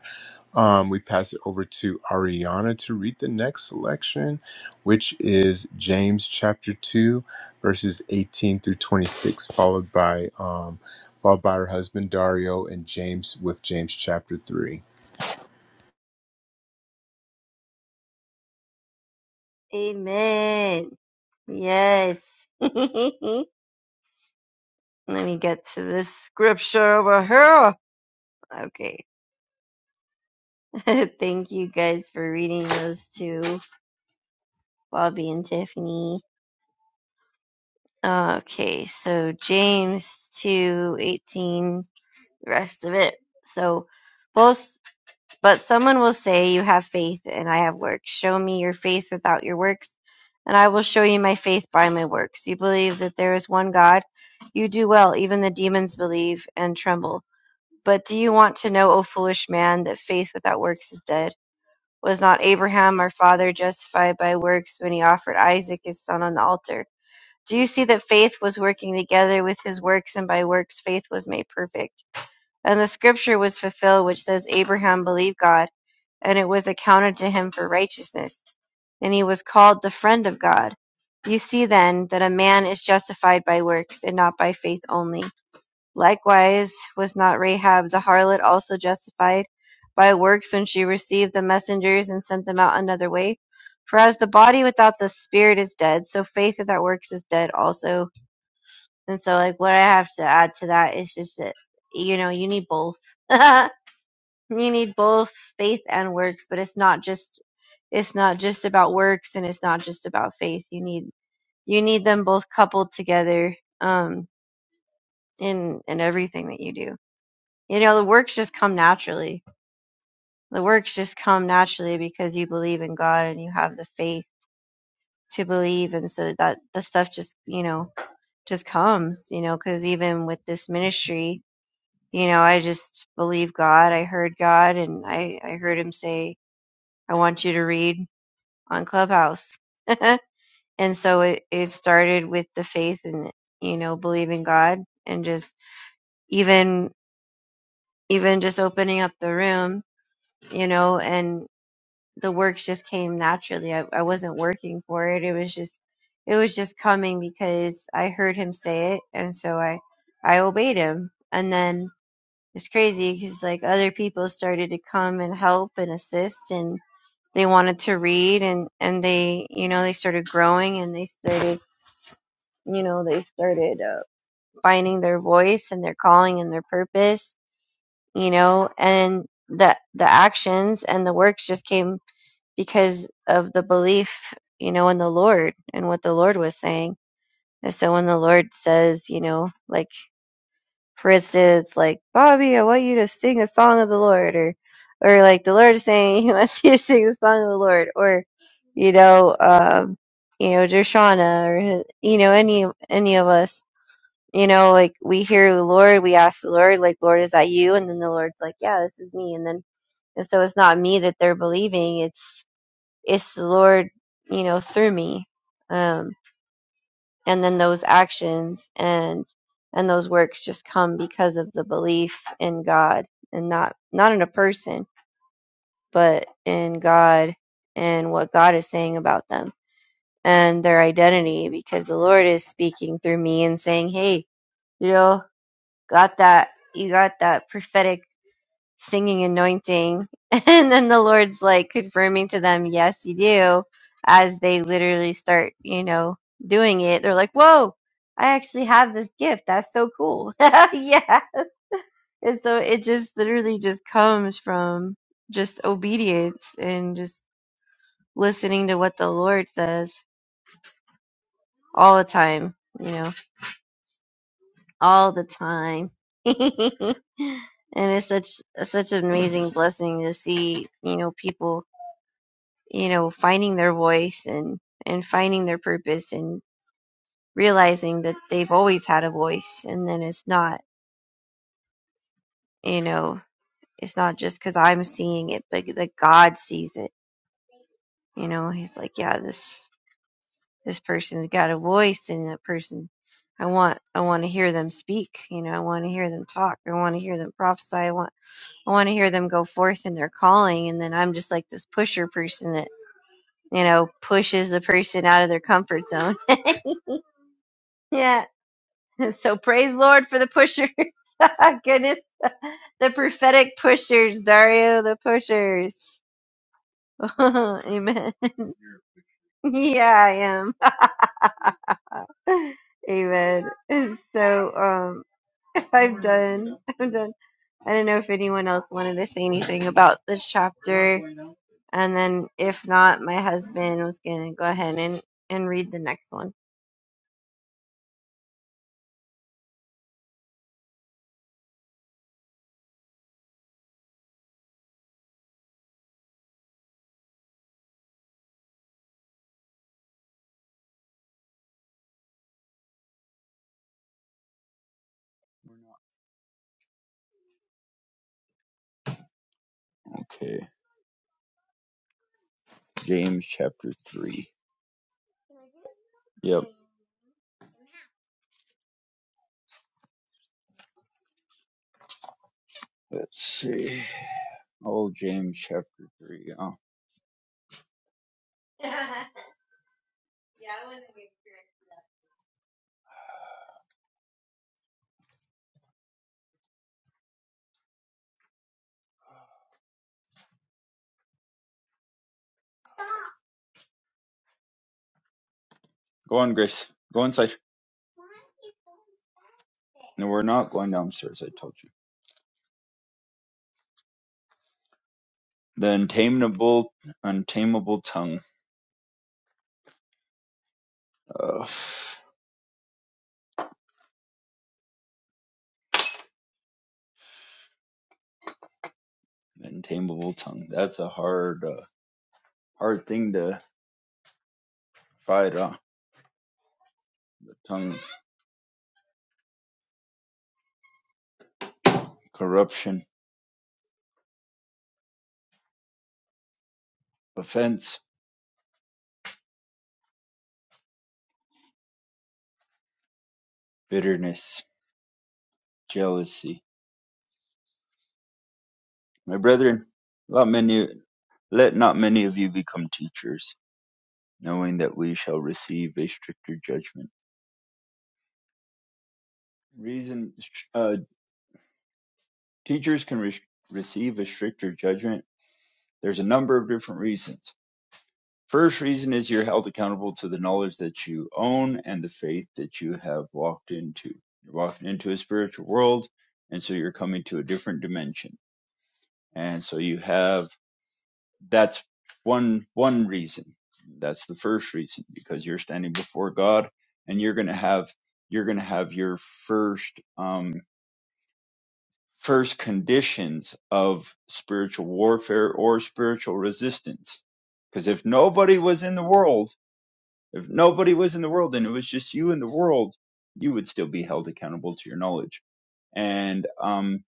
A: Um, we pass it over to Ariana to read the next selection, which is James chapter 2, verses 18 through 26, followed by um, followed by her husband Dario and James with James chapter 3.
B: Amen. Yes. [laughs] Let me get to this scripture over here. Okay. [laughs] Thank you guys for reading those two, Bobby and Tiffany. Okay, so James 2 18, the rest of it. So both, but someone will say, You have faith and I have works. Show me your faith without your works, and I will show you my faith by my works. You believe that there is one God. You do well. Even the demons believe and tremble. But do you want to know, O foolish man, that faith without works is dead? Was not Abraham our father justified by works when he offered Isaac his son on the altar? Do you see that faith was working together with his works, and by works faith was made perfect? And the scripture was fulfilled, which says, Abraham believed God, and it was accounted to him for righteousness, and he was called the friend of God. You see then that a man is justified by works, and not by faith only. Likewise was not Rahab the harlot also justified by works when she received the messengers and sent them out another way? For as the body without the spirit is dead, so faith without works is dead also. And so, like, what I have to add to that is just that, you know, you need both. [laughs] you need both faith and works, but it's not just, it's not just about works and it's not just about faith. You need, you need them both coupled together, um, in, in everything that you do. You know, the works just come naturally. The works just come naturally because you believe in God and you have the faith to believe. And so that the stuff just, you know, just comes, you know, because even with this ministry, you know, I just believe God. I heard God and I, I heard him say, I want you to read on Clubhouse. [laughs] and so it, it started with the faith and, you know, believing God and just even, even just opening up the room, you know, and the works just came naturally. I, I wasn't working for it. It was just it was just coming because I heard him say it, and so I I obeyed him. And then it's crazy because like other people started to come and help and assist, and they wanted to read, and and they you know they started growing, and they started you know they started uh, finding their voice and their calling and their purpose, you know, and the the actions and the works just came because of the belief, you know, in the Lord and what the Lord was saying. And so when the Lord says, you know, like for instance, like Bobby, I want you to sing a song of the Lord, or, or like the Lord is saying [laughs] he wants you to sing the song of the Lord, or, you know, um, you know, Dershana, or his- you know, any any of us, you know, like we hear the Lord, we ask the Lord, like Lord, is that you? And then the Lord's like, yeah, this is me. And then and so it's not me that they're believing; it's it's the Lord, you know, through me. Um, and then those actions and and those works just come because of the belief in God and not not in a person, but in God and what God is saying about them and their identity because the Lord is speaking through me and saying, "Hey, you know, got that you got that prophetic singing anointing. [laughs] And then the Lord's like confirming to them, yes, you do, as they literally start, you know, doing it. They're like, whoa, I actually have this gift. That's so cool. [laughs] yeah. And so it just literally just comes from just obedience and just listening to what the Lord says all the time, you know, all the time. [laughs] and it's such such an amazing blessing to see, you know, people you know, finding their voice and and finding their purpose and realizing that they've always had a voice and then it's not, you know, it's not just cuz I'm seeing it, but that God sees it. You know, he's like, yeah, this this person's got a voice and that person I want I want to hear them speak, you know, I want to hear them talk. I want to hear them prophesy. I want I want to hear them go forth in their calling and then I'm just like this pusher person that, you know, pushes the person out of their comfort zone. [laughs] Yeah. [laughs] So praise Lord for the pushers. [laughs] Goodness, the prophetic pushers, Dario, the pushers. [laughs] Amen. [laughs] Yeah, I am. [laughs] Amen. [laughs] So um, [laughs] I'm done. I'm done. I don't know if anyone else wanted to say anything about this chapter, and then if not, my husband was gonna go ahead and and read the next one.
D: Okay. James chapter 3. Yep. Let's see. Oh, James chapter 3. Oh. Go on, Grace. Go inside. No, we're not going downstairs, I told you. The untamable, untamable tongue. Ugh. The untamable tongue. That's a hard, uh, hard thing to fight off. Tongue. Corruption. Offense. Bitterness. Jealousy. My brethren, let many, let not many of you become teachers knowing that we shall receive a stricter judgment. Reason uh, teachers can re- receive a stricter judgment. There's a number of different reasons. First reason is you're held accountable to the knowledge that you own and the faith that you have walked into. You're walking into a spiritual world, and so you're coming to a different dimension. And so you have that's one one reason that's the first reason because you're standing before god and you're going to have you're going to have your first um first conditions of spiritual warfare or spiritual resistance because if nobody was in the world if nobody was in the world and it was just you in the world you would still be held accountable to your knowledge and um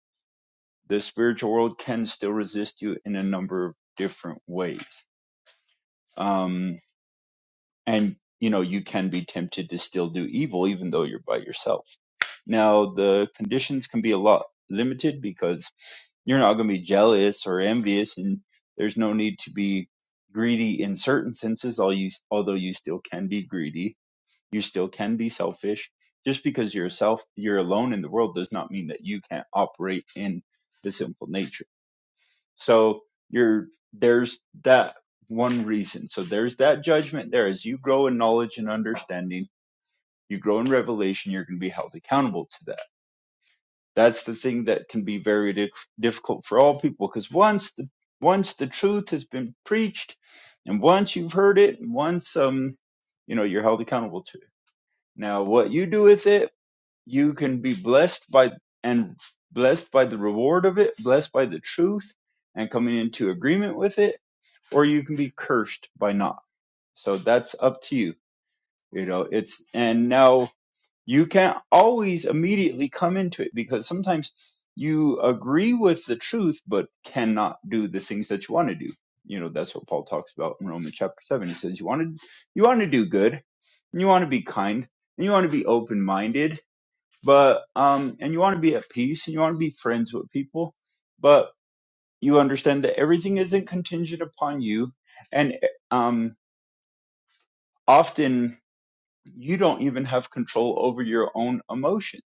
D: the spiritual world can still resist you in a number of different ways Um, and you know you can be tempted to still do evil even though you're by yourself now the conditions can be a lot limited because you're not going to be jealous or envious and there's no need to be greedy in certain senses all you although you still can be greedy you still can be selfish just because you're self you're alone in the world does not mean that you can't operate in the sinful nature so you're there's that one reason. So there's that judgment there. As you grow in knowledge and understanding, you grow in revelation, you're going to be held accountable to that. That's the thing that can be very di- difficult for all people because once the once the truth has been preached, and once you've heard it, and once um you know you're held accountable to it. Now what you do with it you can be blessed by and blessed by the reward of it, blessed by the truth and coming into agreement with it, or you can be cursed by not. So that's up to you. You know, it's and now you can't always immediately come into it because sometimes you agree with the truth but cannot do the things that you want to do. You know, that's what Paul talks about in Romans chapter seven. He says you want to you want to do good, and you want to be kind, and you want to be open minded but um and you want to be at peace and you want to be friends with people but you understand that everything isn't contingent upon you and um often you don't even have control over your own emotions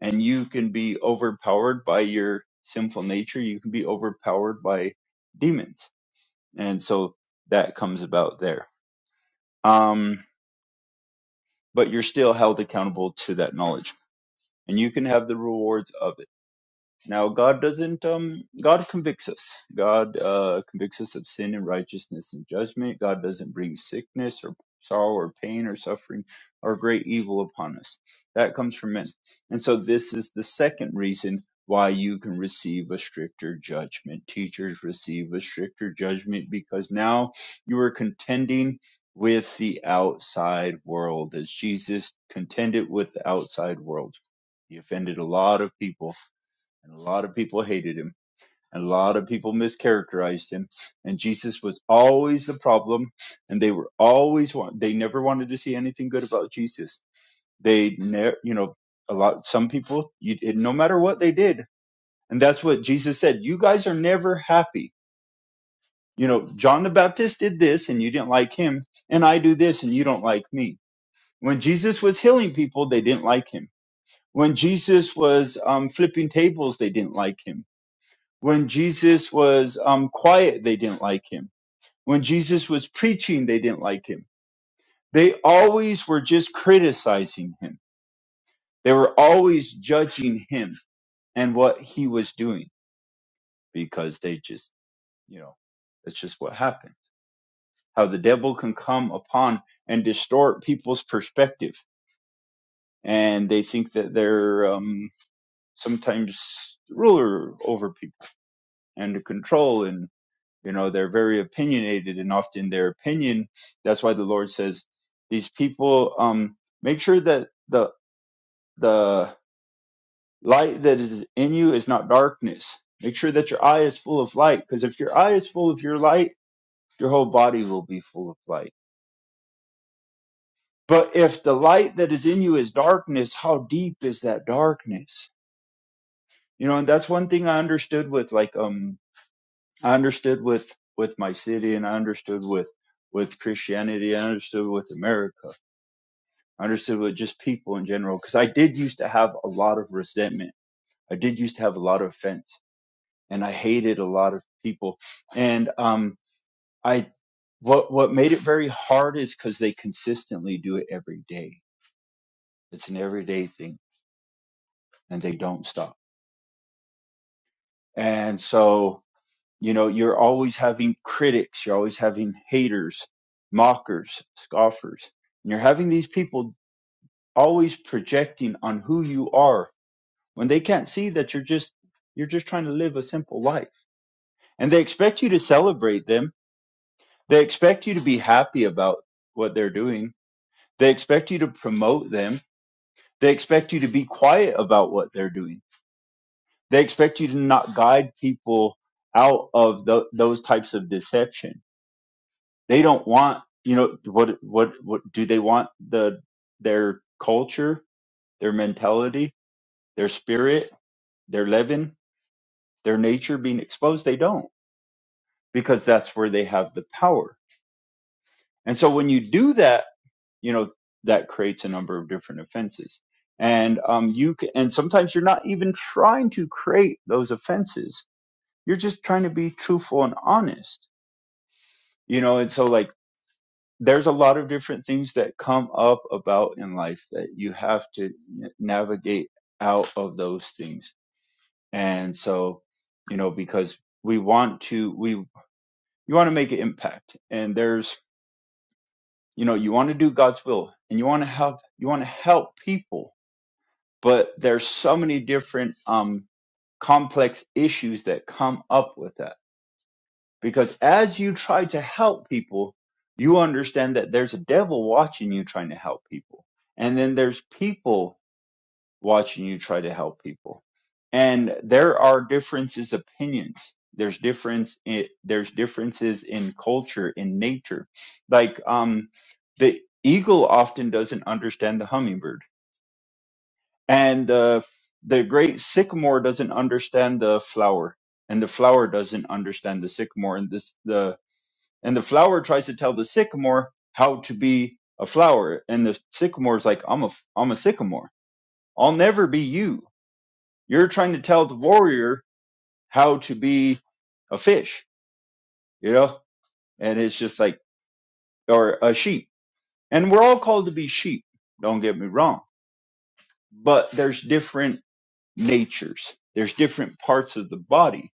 D: and you can be overpowered by your sinful nature you can be overpowered by demons and so that comes about there um but you're still held accountable to that knowledge and you can have the rewards of it Now, God doesn't, um, God convicts us. God uh, convicts us of sin and righteousness and judgment. God doesn't bring sickness or sorrow or pain or suffering or great evil upon us. That comes from men. And so, this is the second reason why you can receive a stricter judgment. Teachers receive a stricter judgment because now you are contending with the outside world as Jesus contended with the outside world. He offended a lot of people and a lot of people hated him and a lot of people mischaracterized him and jesus was always the problem and they were always want they never wanted to see anything good about jesus they ne- you know a lot some people you it, no matter what they did and that's what jesus said you guys are never happy you know john the baptist did this and you didn't like him and i do this and you don't like me when jesus was healing people they didn't like him when jesus was um, flipping tables they didn't like him When Jesus was um, quiet, they didn't like him. When Jesus was preaching, they didn't like him. They always were just criticizing him. They were always judging him and what he was doing because they just, you know, that's just what happened. How the devil can come upon and distort people's perspective, and they think that they're um, sometimes ruler over people and to control. and you know they're very opinionated and often their opinion that's why the lord says these people um make sure that the the light that is in you is not darkness make sure that your eye is full of light because if your eye is full of your light your whole body will be full of light but if the light that is in you is darkness how deep is that darkness you know and that's one thing i understood with like um i understood with with my city and i understood with with christianity i understood with america I understood with just people in general because I did used to have a lot of resentment. I did used to have a lot of offense, and I hated a lot of people. And um, I what what made it very hard is because they consistently do it every day. It's an everyday thing, and they don't stop. And so you know, you're always having critics, you're always having haters, mockers, scoffers, and you're having these people always projecting on who you are when they can't see that you're just you're just trying to live a simple life and they expect you to celebrate them they expect you to be happy about what they're doing they expect you to promote them they expect you to be quiet about what they're doing they expect you to not guide people out of tho- those types of deception they don't want you know what what what do they want the their culture their mentality their spirit their leaven their nature being exposed they don't because that's where they have the power. And so when you do that, you know, that creates a number of different offenses. And um, you c- and sometimes you're not even trying to create those offenses. You're just trying to be truthful and honest, you know. And so like there's a lot of different things that come up about in life that you have to n- navigate out of those things. And so, you know, because we want to we you want to make an impact and there's you know you want to do god's will and you want to help you want to help people but there's so many different um complex issues that come up with that because as you try to help people you understand that there's a devil watching you trying to help people and then there's people watching you try to help people. And there are differences in opinions. There's difference in, there's differences in culture, in nature. Like um the eagle often doesn't understand the hummingbird. And the the great sycamore doesn't understand the flower. And the flower doesn't understand the sycamore. And this the and the flower tries to tell the sycamore how to be a flower. And the sycamore's like, I'm a I'm a sycamore. I'll never be you you're trying to tell the warrior how to be a fish, you know? And it's just like, or a sheep. And we're all called to be sheep. Don't get me wrong. But there's different natures, there's different parts of the body.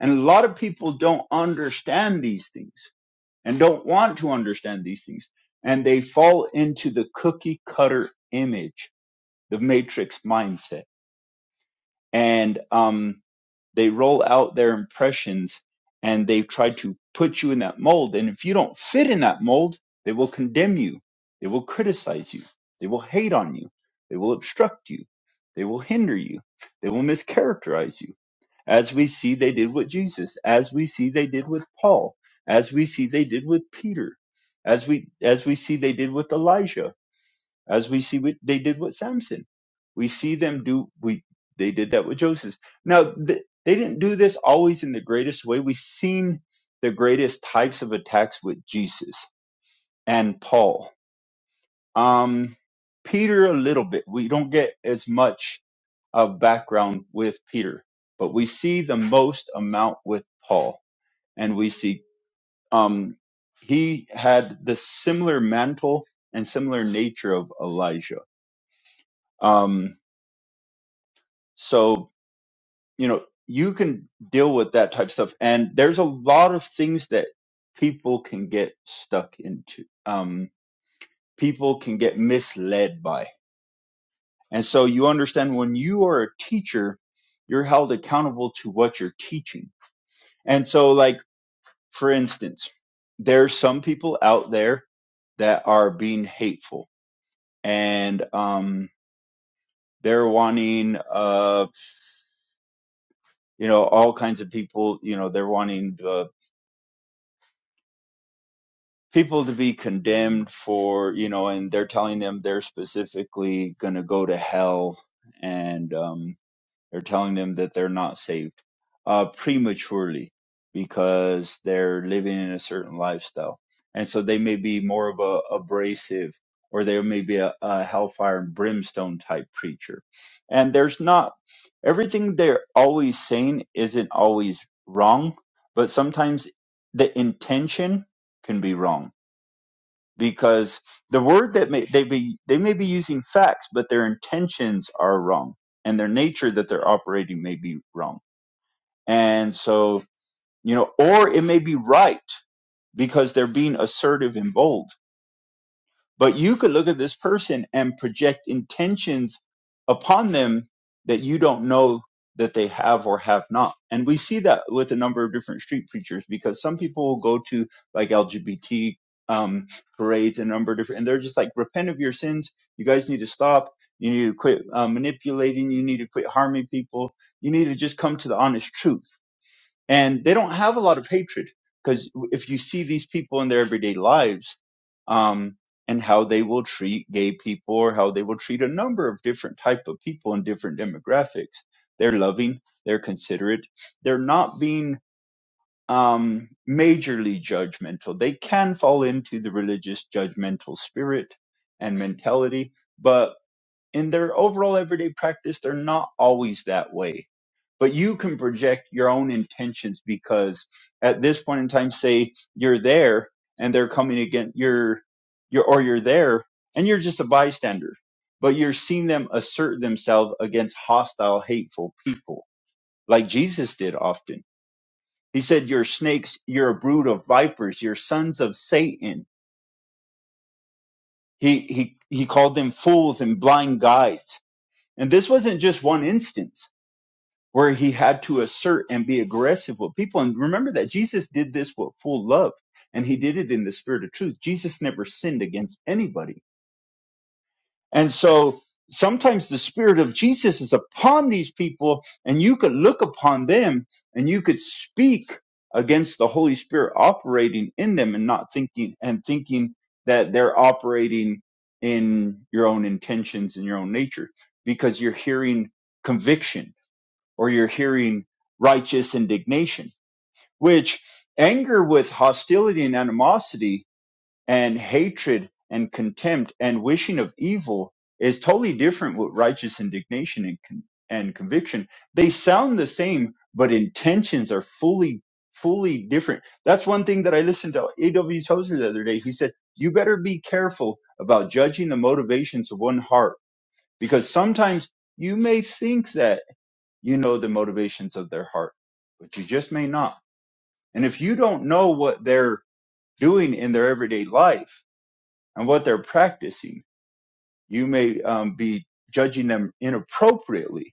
D: And a lot of people don't understand these things and don't want to understand these things. And they fall into the cookie cutter image, the matrix mindset. And, um, they roll out their impressions and they try to put you in that mold. And if you don't fit in that mold, they will condemn you. They will criticize you. They will hate on you. They will obstruct you. They will hinder you. They will mischaracterize you. As we see they did with Jesus, as we see they did with Paul, as we see they did with Peter, as we as we see they did with Elijah as we see what they did with Samson. We see them do we they did that with Joseph. Now th- they didn't do this always in the greatest way. We've seen the greatest types of attacks with Jesus and Paul. Um, Peter a little bit. We don't get as much of background with Peter, but we see the most amount with Paul, and we see um, he had the similar mantle and similar nature of Elijah. Um, so you know you can deal with that type of stuff and there's a lot of things that people can get stuck into um people can get misled by and so you understand when you are a teacher you're held accountable to what you're teaching and so like for instance there's some people out there that are being hateful and um they're wanting uh you know all kinds of people you know they're wanting uh, people to be condemned for you know and they're telling them they're specifically going to go to hell and um, they're telling them that they're not saved uh, prematurely because they're living in a certain lifestyle and so they may be more of a abrasive or they may be a, a hellfire and brimstone type preacher and there's not everything they're always saying isn't always wrong but sometimes the intention can be wrong because the word that may they be they may be using facts but their intentions are wrong and their nature that they're operating may be wrong and so you know or it may be right because they're being assertive and bold but you could look at this person and project intentions upon them that you don't know that they have or have not. And we see that with a number of different street preachers because some people will go to like LGBT um, parades a number of different, and they're just like, repent of your sins. You guys need to stop. You need to quit uh, manipulating. You need to quit harming people. You need to just come to the honest truth and they don't have a lot of hatred because if you see these people in their everyday lives um, and how they will treat gay people or how they will treat a number of different type of people in different demographics they're loving they're considerate they're not being um, majorly judgmental they can fall into the religious judgmental spirit and mentality but in their overall everyday practice, they're not always that way. But you can project your own intentions because at this point in time, say you're there and they're coming again, you're, you're, or you're there and you're just a bystander, but you're seeing them assert themselves against hostile, hateful people like Jesus did often. He said, you're snakes, you're a brood of vipers, you're sons of Satan. He, he, he called them fools and blind guides. And this wasn't just one instance where he had to assert and be aggressive with people. And remember that Jesus did this with full love and he did it in the spirit of truth. Jesus never sinned against anybody. And so sometimes the spirit of Jesus is upon these people and you could look upon them and you could speak against the Holy Spirit operating in them and not thinking and thinking that they're operating in your own intentions and your own nature because you're hearing conviction or you're hearing righteous indignation, which anger with hostility and animosity and hatred and contempt and wishing of evil is totally different with righteous indignation and, con- and conviction. They sound the same, but intentions are fully, fully different. That's one thing that I listened to A.W. Tozer the other day. He said, You better be careful about judging the motivations of one heart because sometimes you may think that you know the motivations of their heart, but you just may not. And if you don't know what they're doing in their everyday life and what they're practicing, you may um, be judging them inappropriately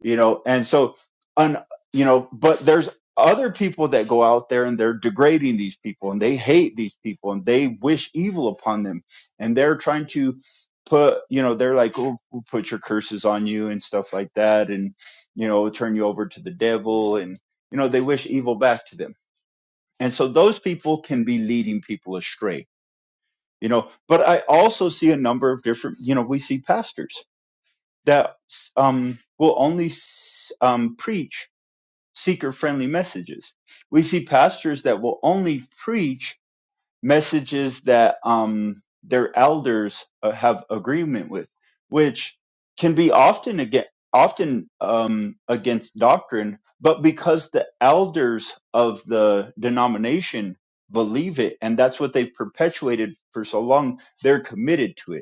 D: you know and so un, you know but there's other people that go out there and they're degrading these people and they hate these people and they wish evil upon them and they're trying to put you know they're like oh, we'll put your curses on you and stuff like that and you know turn you over to the devil and you know they wish evil back to them and so those people can be leading people astray you know but i also see a number of different you know we see pastors that um will only s- um preach seeker friendly messages. We see pastors that will only preach messages that um, their elders uh, have agreement with, which can be often again often um, against doctrine, but because the elders of the denomination believe it and that's what they've perpetuated for so long, they're committed to it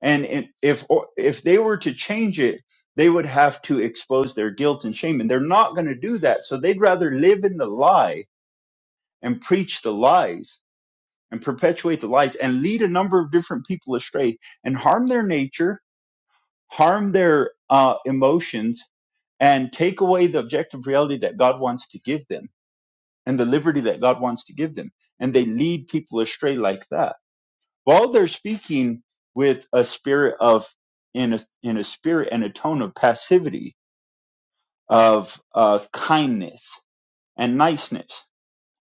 D: and it- if if they were to change it, they would have to expose their guilt and shame, and they're not going to do that. So they'd rather live in the lie and preach the lies and perpetuate the lies and lead a number of different people astray and harm their nature, harm their uh, emotions, and take away the objective reality that God wants to give them and the liberty that God wants to give them. And they lead people astray like that while they're speaking with a spirit of in a in a spirit and a tone of passivity of uh, kindness and niceness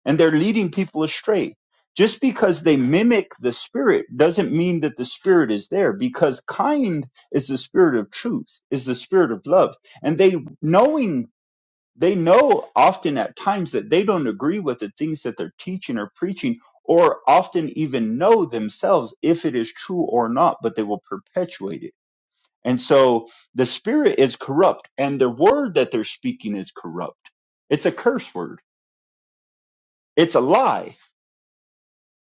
D: and they're leading people astray just because they mimic the spirit doesn't mean that the spirit is there because kind is the spirit of truth is the spirit of love and they knowing they know often at times that they don't agree with the things that they're teaching or preaching, or often even know themselves if it is true or not, but they will perpetuate it. And so the spirit is corrupt, and the word that they're speaking is corrupt. It's a curse word, it's a lie.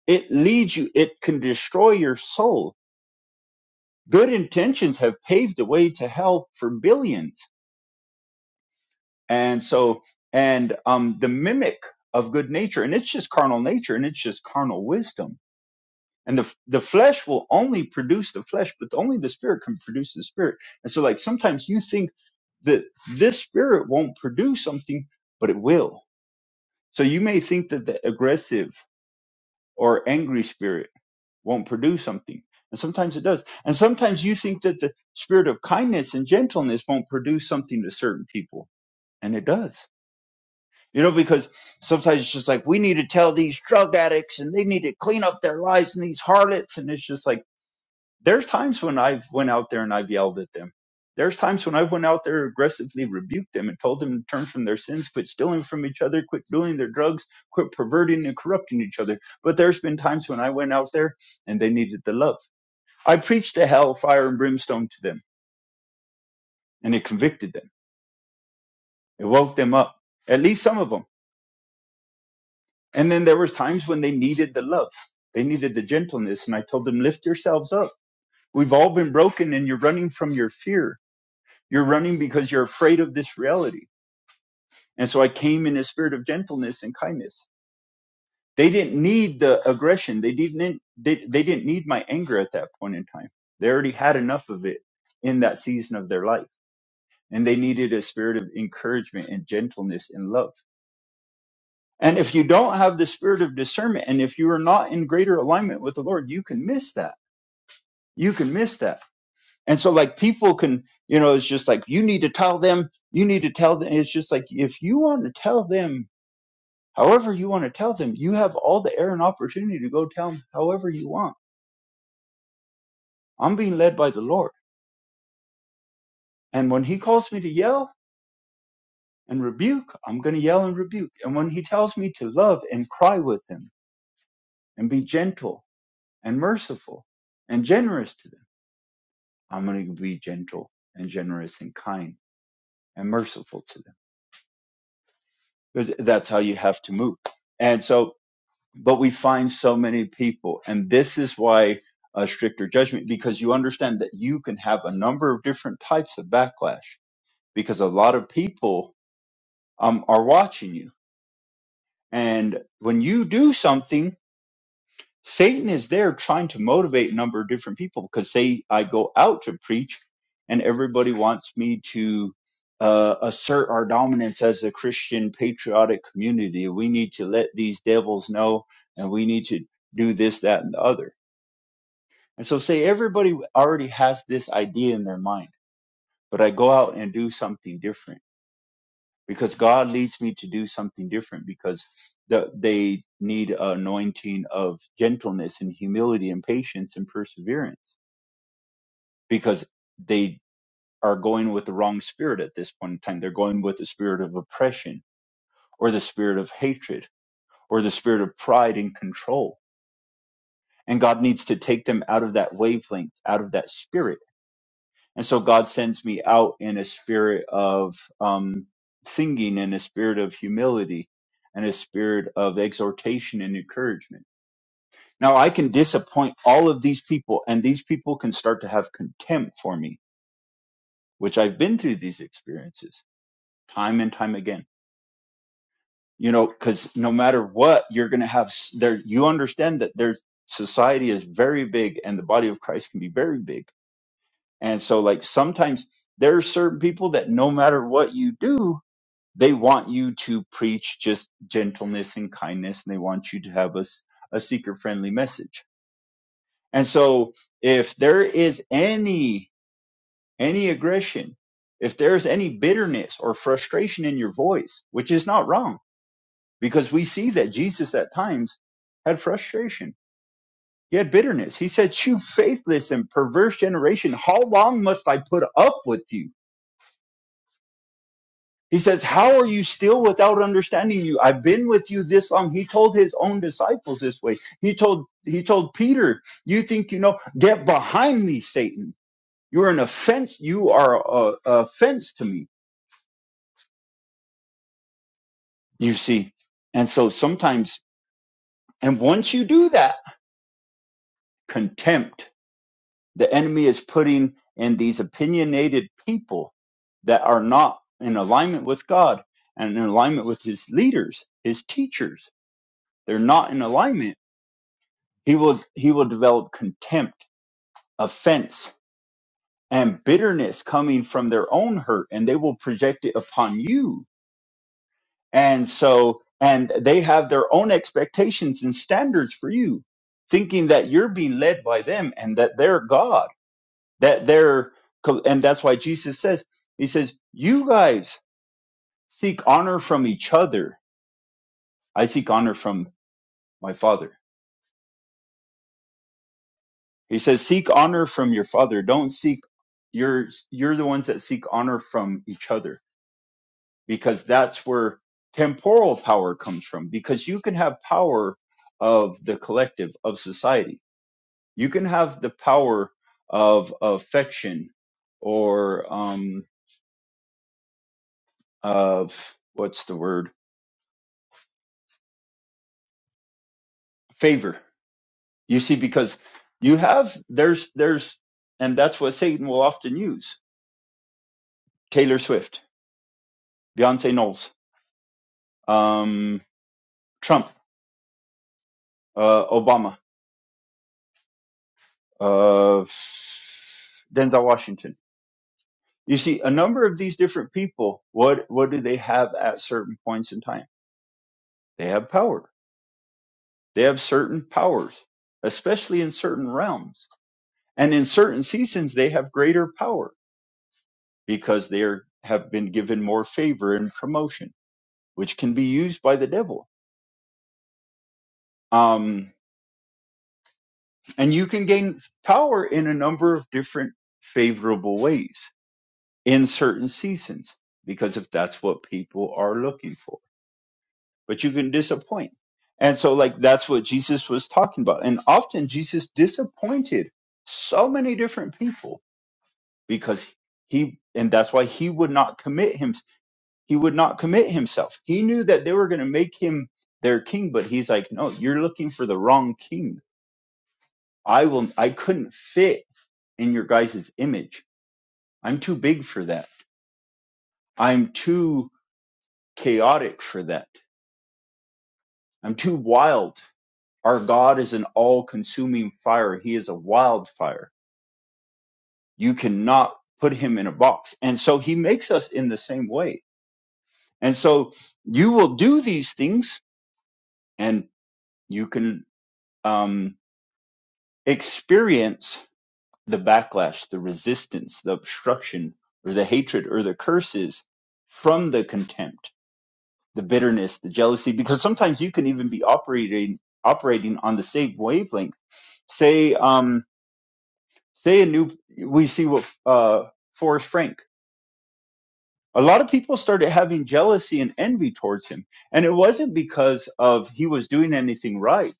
D: It leads you, it can destroy your soul. Good intentions have paved the way to hell for billions And so, and um, the mimic of good nature, and it's just carnal nature, and it's just carnal wisdom. And the the flesh will only produce the flesh, but only the spirit can produce the spirit. And so, like sometimes you think that this spirit won't produce something, but it will. So you may think that the aggressive or angry spirit won't produce something, and sometimes it does. And sometimes you think that the spirit of kindness and gentleness won't produce something to certain people, and it does You know, because sometimes it's just like we need to tell these drug addicts and they need to clean up their lives and these harlots and it's just like there's times when I've went out there and I've yelled at them. There's times when I went out there aggressively rebuked them and told them to turn from their sins, quit stealing from each other, quit doing their drugs, quit perverting and corrupting each other. But there's been times when I went out there and they needed the love. I preached the hell, fire, and brimstone to them, and it convicted them. It woke them up. At least some of them And then there was times when they needed the love. They needed the gentleness. And I told them, lift yourselves up. We've all been broken and you're running from your fear. You're running because you're afraid of this reality. And so I came in a spirit of gentleness and kindness. They didn't need the aggression. They didn't, they, they didn't need my anger at that point in time. They already had enough of it in that season of their life. And they needed a spirit of encouragement and gentleness and love And if you don't have the spirit of discernment and if you are not in greater alignment with the Lord, you can miss that. You can miss that. And so, like, people can, you know, it's just like, you need to tell them, you need to tell them. It's just like, if you want to tell them however you want to tell them, you have all the air and opportunity to go tell them however you want. I'm being led by the Lord. And when He calls me to yell and rebuke, I'm going to yell and rebuke. And when He tells me to love and cry with them and be gentle and merciful and generous to them, I'm going to be gentle and generous and kind and merciful to them. Because that's how you have to move. And so, but we find so many people, and this is why a stricter judgment, because you understand that you can have a number of different types of backlash because a lot of people um, are watching you. And when you do something, Satan is there trying to motivate a number of different people because say I go out to preach and everybody wants me to uh, assert our dominance as a Christian patriotic community. We need to let these devils know and we need to do this, that, and the other. And so say everybody already has this idea in their mind, but I go out and do something different because God leads me to do something different because the, they need an anointing of gentleness and humility and patience and perseverance because they are going with the wrong spirit at this point in time. They're going with the spirit of oppression or the spirit of hatred or the spirit of pride and control. And God needs to take them out of that wavelength, out of that spirit And so God sends me out in a spirit of um, singing, in a spirit of humility, and a spirit of exhortation and encouragement. Now, I can disappoint all of these people, and these people can start to have contempt for me, which I've been through these experiences time and time again. You know, because no matter what, you're going to have s- there. You understand that there's society is very big, and the body of Christ can be very big. And so, like sometimes there are certain people that no matter what you do they want you to preach just gentleness and kindness and they want you to have a seeker friendly message and so if there is any any aggression if there's any bitterness or frustration in your voice which is not wrong because we see that jesus at times had frustration he had bitterness he said you faithless and perverse generation how long must i put up with you He says, How are you still without understanding you? I've been with you this long. He told his own disciples this way. He told he told Peter, You think you know, get behind me, Satan. You're an offense, you are a, a offense to me, you see. And so sometimes and once you do that, contempt the enemy is putting in these opinionated people that are not in alignment with God and in alignment with his leaders, his teachers. They're not in alignment He will he will develop contempt, offense, and bitterness coming from their own hurt, and they will project it upon you. And so and they have their own expectations and standards for you, thinking that you're being led by them and that they're God, that they're and that's why Jesus says, He says, You guys seek honor from each other. I seek honor from my father He says, "Seek honor from your father. Don't seek you're you're the ones that seek honor from each other because that's where temporal power comes from. Because you can have power of the collective of society. You can have the power of affection or um, of what's the word favor. You see, because you have there's there's and that's what Satan will often use. Taylor Swift, Beyonce Knowles, um, Trump uh, Obama, uh, Denzel Washington. You see, a number of these different people, what what do they have at certain points in time? They have power. They have certain powers, especially in certain realms, and in certain seasons, they have greater power because they are, have been given more favor and promotion, which can be used by the devil. Um, and you can gain power in a number of different favorable ways in certain seasons because if that's what people are looking for. But you can disappoint. And so, like, that's what Jesus was talking about. And often Jesus disappointed so many different people because he, and that's why he would not commit him. He would not commit himself. He knew that they were going to make him their king, but he's like, no, you're looking for the wrong king. I will, I couldn't fit in your guys' image. I'm too big for that. I'm too chaotic for that. I'm too wild. Our God is an all consuming fire. He is a wildfire. You cannot put him in a box. And so he makes us in the same way. And so you will do these things and you can um, experience the backlash, the resistance, the obstruction, or the hatred, or the curses from the contempt, the bitterness, the jealousy, because sometimes you can even be operating operating on the same wavelength. Say, um, Say a new we see what uh Forrest Frank. A lot of people started having jealousy and envy towards him. And it wasn't because of he was doing anything right,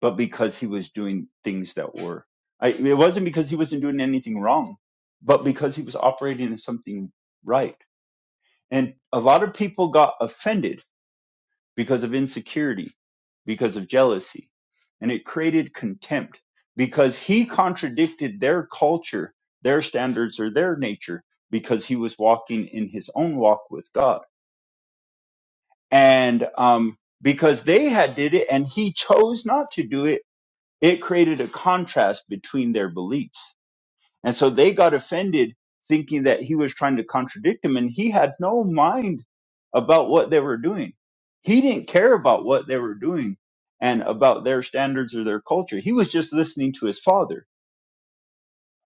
D: but because he was doing things that were I, it wasn't because he wasn't doing anything wrong, but because he was operating in something right. And a lot of people got offended because of insecurity, because of jealousy. And it created contempt because he contradicted their culture, their standards, or their nature because he was walking in his own walk with God. And um, because they had did it and he chose not to do it, it created a contrast between their beliefs. And so they got offended thinking that he was trying to contradict him and he had no mind about what they were doing. He didn't care about what they were doing and about their standards or their culture. He was just listening to his father.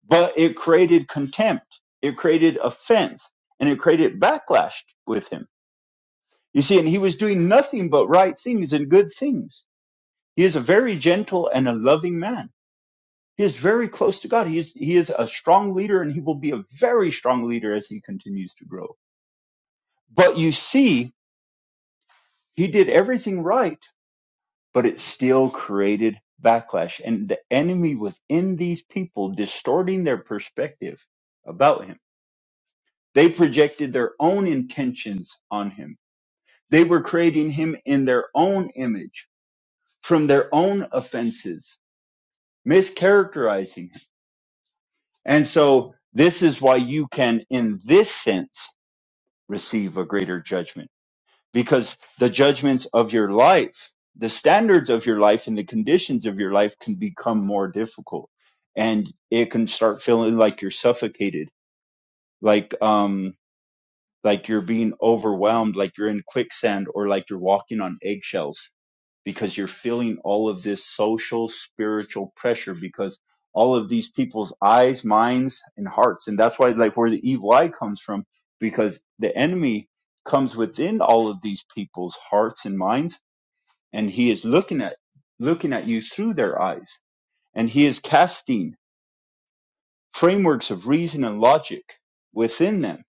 D: But it created contempt. It created offense and it created backlash with him. You see, and he was doing nothing but right things and good things. He is a very gentle and a loving man He is very close to God. He is, he is a strong leader and he will be a very strong leader as he continues to grow. But you see, he did everything right, but it still created backlash. And the enemy was in these people, distorting their perspective about him. They projected their own intentions on him. They were creating him in their own image from their own offenses, mischaracterizing him. And so this is why you can, in this sense, receive a greater judgment because the judgments of your life, the standards of your life, and the conditions of your life can become more difficult, and it can start feeling like you're suffocated, like um, like you're being overwhelmed, like you're in quicksand, or like you're walking on eggshells because you're feeling all of this social, spiritual pressure because all of these people's eyes, minds, and hearts. And that's why, like, where the evil eye comes from, because the enemy comes within all of these people's hearts and minds, and he is looking at looking at you through their eyes, and he is casting frameworks of reason and logic within them,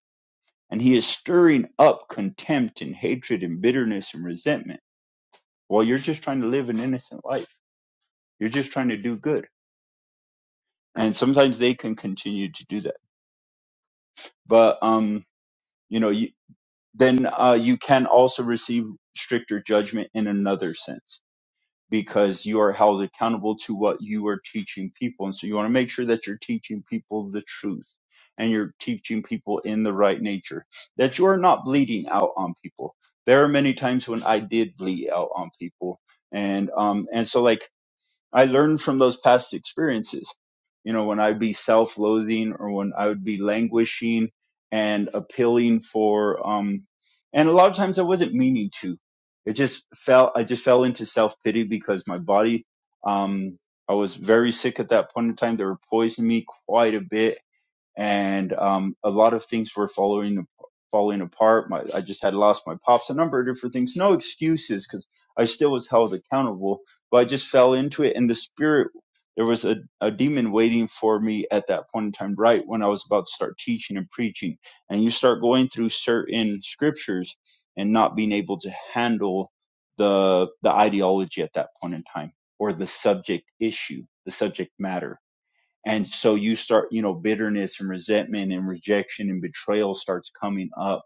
D: and he is stirring up contempt and hatred and bitterness and resentment while you're just trying to live an innocent life. You're just trying to do good and sometimes they can continue to do that but um you know you, then uh, you can also receive stricter judgment in another sense because you are held accountable to what you are teaching people and so you want to make sure that you're teaching people the truth and you're teaching people in the right nature that you are not bleeding out on people there are many times when i did bleed out on people and um and so like I learned from those past experiences. You know, when I'd be self loathing or when I would be languishing and appealing for, um, and a lot of times I wasn't meaning to. It just fell, I just fell into self pity because my body, um, I was very sick at that point in time. They were poisoning me quite a bit and um, a lot of things were following falling apart. My, I just had lost my pops, a number of different things. No excuses because I still was held accountable, but I just fell into it. And the spirit, there was a, a demon waiting for me at that point in time, right when I was about to start teaching and preaching. And you start going through certain scriptures and not being able to handle the the ideology at that point in time or the subject issue, the subject matter and so you start you know bitterness and resentment and rejection and betrayal starts coming up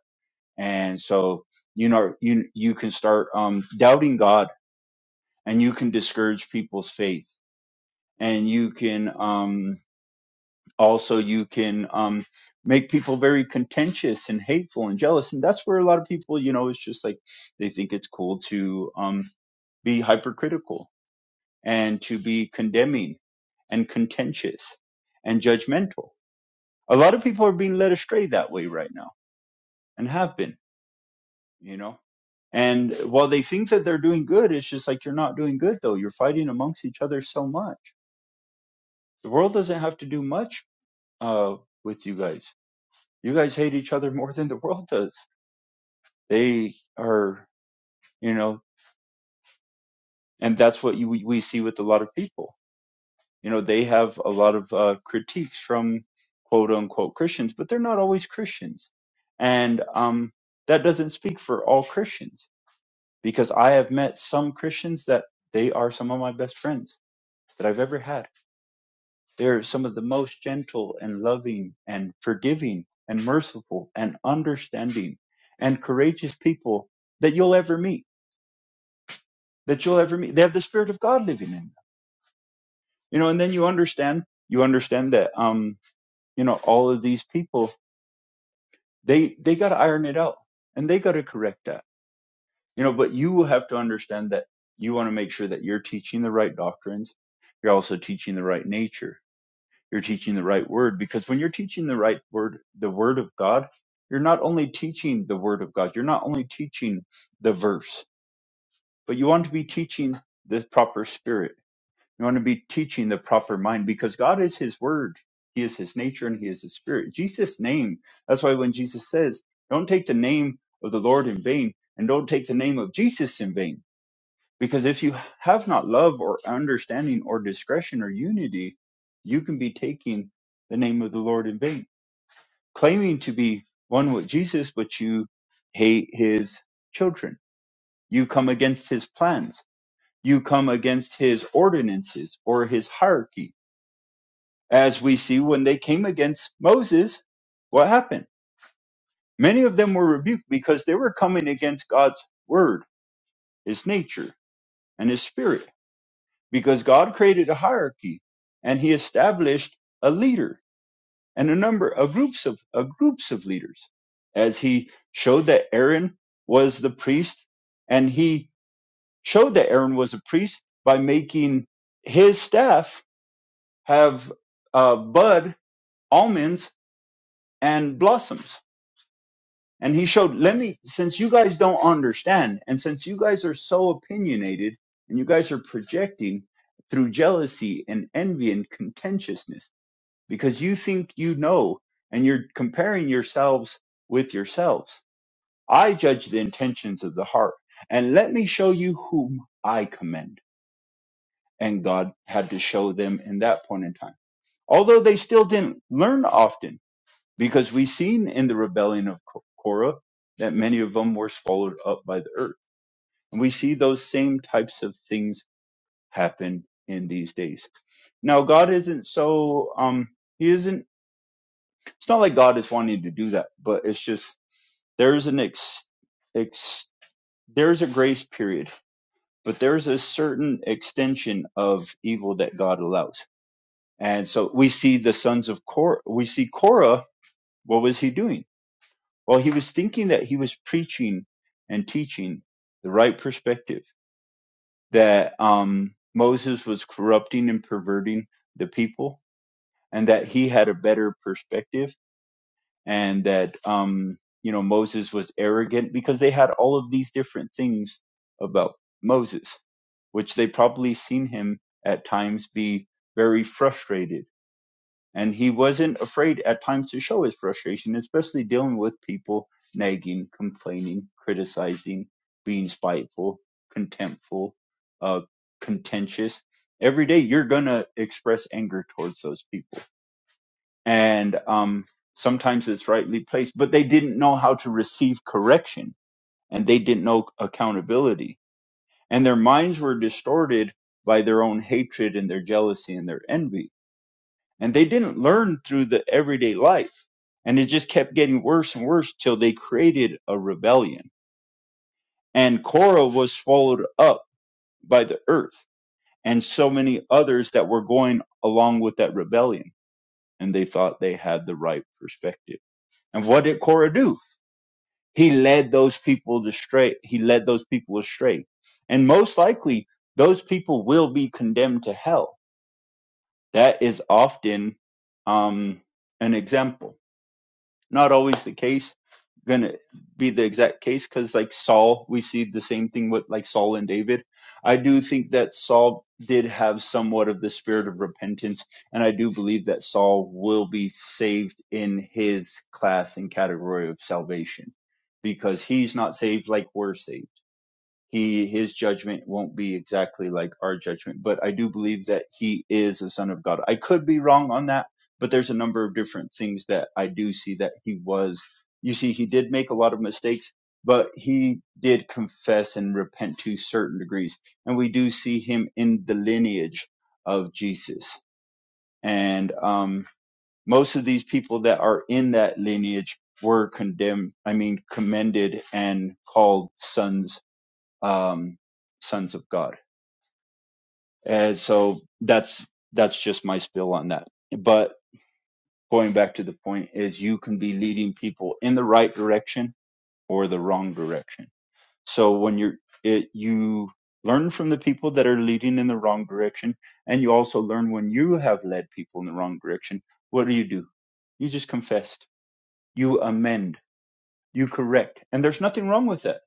D: and so you know you you can start um doubting god and you can discourage people's faith and you can um also you can um make people very contentious and hateful and jealous and that's where a lot of people you know it's just like they think it's cool to um be hypercritical and to be condemning and contentious and judgmental a lot of people are being led astray that way right now and have been, you know. And while they think that they're doing good, it's just like you're not doing good though. You're fighting amongst each other so much. The world doesn't have to do much uh, with you guys. You guys hate each other more than the world does. They are, you know, and that's what you, we see with a lot of people. You know, they have a lot of uh, critiques from quote unquote Christians, but they're not always Christians. And um, that doesn't speak for all Christians because I have met some Christians that they are some of my best friends that I've ever had. They're some of the most gentle and loving and forgiving and merciful and understanding and courageous people that you'll ever meet, that you'll ever meet. They have the Spirit of God living in them, you know, and then you understand, you understand that, um, you know, all of these people, they, they got to iron it out and they got to correct that you know but you have to understand that you want to make sure that you're teaching the right doctrines you're also teaching the right nature you're teaching the right word because when you're teaching the right word the word of god you're not only teaching the word of god you're not only teaching the verse but you want to be teaching the proper spirit you want to be teaching the proper mind because god is his word he is his nature and he is his spirit jesus name that's why when jesus says don't take the name of the lord in vain and don't take the name of jesus in vain because if you have not love or understanding or discretion or unity, you can be taking the name of the Lord in vain, claiming to be one with Jesus, but you hate his children. You come against his plans. You come against his ordinances or his hierarchy. As we see when they came against Moses, what happened? Many of them were rebuked because they were coming against God's word, his nature, and his spirit because God created a hierarchy and he established a leader and a number of groups of, of groups of leaders as he showed that Aaron was the priest and he showed that Aaron was a priest by making his staff have uh, bud almonds and blossoms and he showed let me since you guys don't understand and since you guys are so opinionated and you guys are projecting through jealousy and envy and contentiousness because you think you know and you're comparing yourselves with yourselves. I judge the intentions of the heart, and let me show you whom I commend. And God had to show them in that point in time. Although they still didn't learn often, because we seen in the rebellion of Ko- Korah that many of them were swallowed up by the earth. And we see those same types of things happen in these days. Now, God isn't so, um, He isn't It's not like God is wanting to do that, but it's just there's an ex, ex there's a grace period, but there's a certain extension of evil that God allows. And so we see the sons of Korah, we see Korah, what was he doing? Well, he was thinking that he was preaching and teaching the right perspective that um, Moses was corrupting and perverting the people and that he had a better perspective and that um, you know Moses was arrogant because they had all of these different things about Moses, which they probably seen him at times be very frustrated, and he wasn't afraid at times to show his frustration, especially dealing with people nagging, complaining, criticizing, being spiteful, contemptful, uh, contentious. Every day you're gonna express anger towards those people and um, sometimes it's rightly placed, but they didn't know how to receive correction and they didn't know accountability. And their minds were distorted by their own hatred and their jealousy and their envy. And they didn't learn through the everyday life. And it just kept getting worse and worse till they created a rebellion. And Korah was swallowed up by the earth and so many others that were going along with that rebellion. And they thought they had the right perspective. And what did Korah do? he led those people to straight he led those people astray and most likely those people will be condemned to hell that is often um an example not always the case. Gonna be the exact case because like Saul, we see the same thing with like Saul and David. I do think that Saul did have somewhat of the spirit of repentance, and I do believe that Saul will be saved in his class and category of salvation because he's not saved like we're saved he his judgment won't be exactly like our judgment but i do believe that he is a son of god i could be wrong on that but there's a number of different things that i do see that he was you see he did make a lot of mistakes but he did confess and repent to certain degrees and we do see him in the lineage of jesus and um most of these people that are in that lineage were condemned i mean commended and called sons um, sons of God. And so that's that's just my spill on that. But going back to the point is you can be leading people in the right direction or the wrong direction. So when you're it you learn from the people that are leading in the wrong direction and you also learn when you have led people in the wrong direction, what do you do? You just confess, You amend. You correct. And there's nothing wrong with that.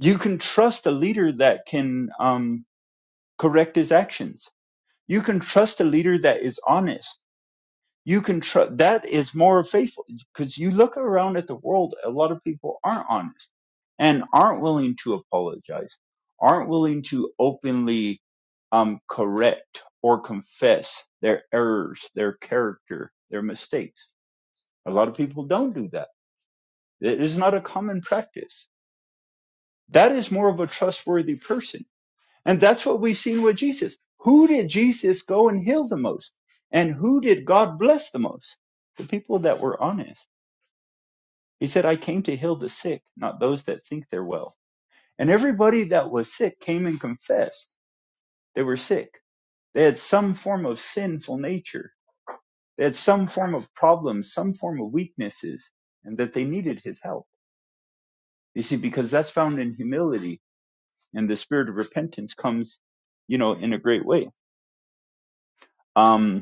D: You can trust a leader that can um correct his actions You can trust a leader that is honest. You can trust that is more faithful because you look around at the world, a lot of people aren't honest and aren't willing to apologize, aren't willing to openly um, correct or confess their errors, their character, their mistakes. A lot of people don't do that. It is not a common practice. That is more of a trustworthy person And that's what we've seen with Jesus. Who did Jesus go and heal the most? And who did God bless the most? The people that were honest. He said, I came to heal the sick, not those that think they're well. And everybody that was sick came and confessed they were sick. They had some form of sinful nature. They had some form of problems, some form of weaknesses, and that they needed his help. You see, because that's found in humility and the spirit of repentance comes, you know, in a great way. Um,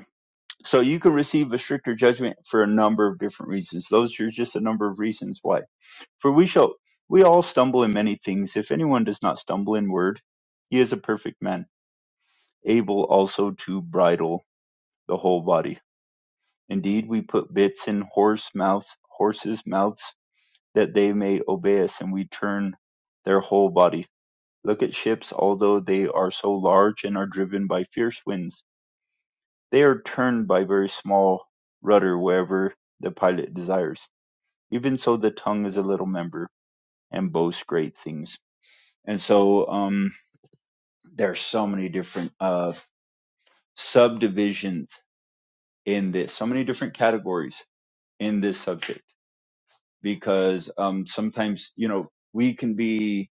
D: so you can receive a stricter judgment for a number of different reasons. Those are just a number of reasons why. For we shall we all stumble in many things. If anyone does not stumble in word, he is a perfect man, able also to bridle the whole body. Indeed, we put bits in horse mouths, horses' mouths, that they may obey us, and we turn their whole body. Look at ships, although they are so large and are driven by fierce winds They are turned by a very small rudder wherever the pilot desires. Even so, the tongue is a little member and boasts great things. And so um, there are so many different uh, subdivisions in this, so many different categories in this subject, because um, sometimes, you know, we can be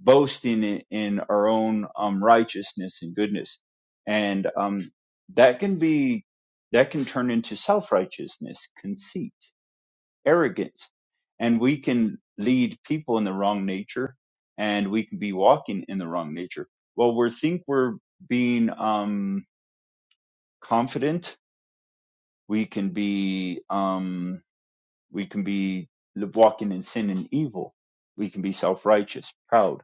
D: boasting in, in our own um, righteousness and goodness. And um, that can be, that can turn into self righteousness, conceit arrogance and we can lead people in the wrong nature and we can be walking in the wrong nature well we think we're being um confident we can be um we can be walking in sin and evil we can be self-righteous proud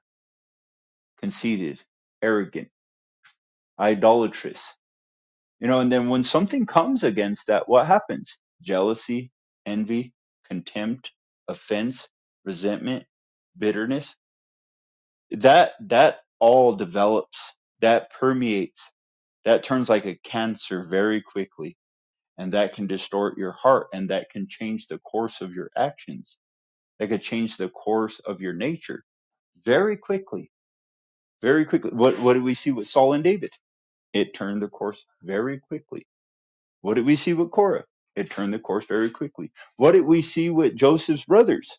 D: conceited arrogant idolatrous you know and then when something comes against that what happens jealousy envy contempt offense resentment bitterness that that all develops that permeates that turns like a cancer very quickly and that can distort your heart and that can change the course of your actions that could change the course of your nature very quickly very quickly what what did we see with Saul and David it turned the course very quickly what did we see with Korah it turned the course very quickly what did we see with Joseph's brothers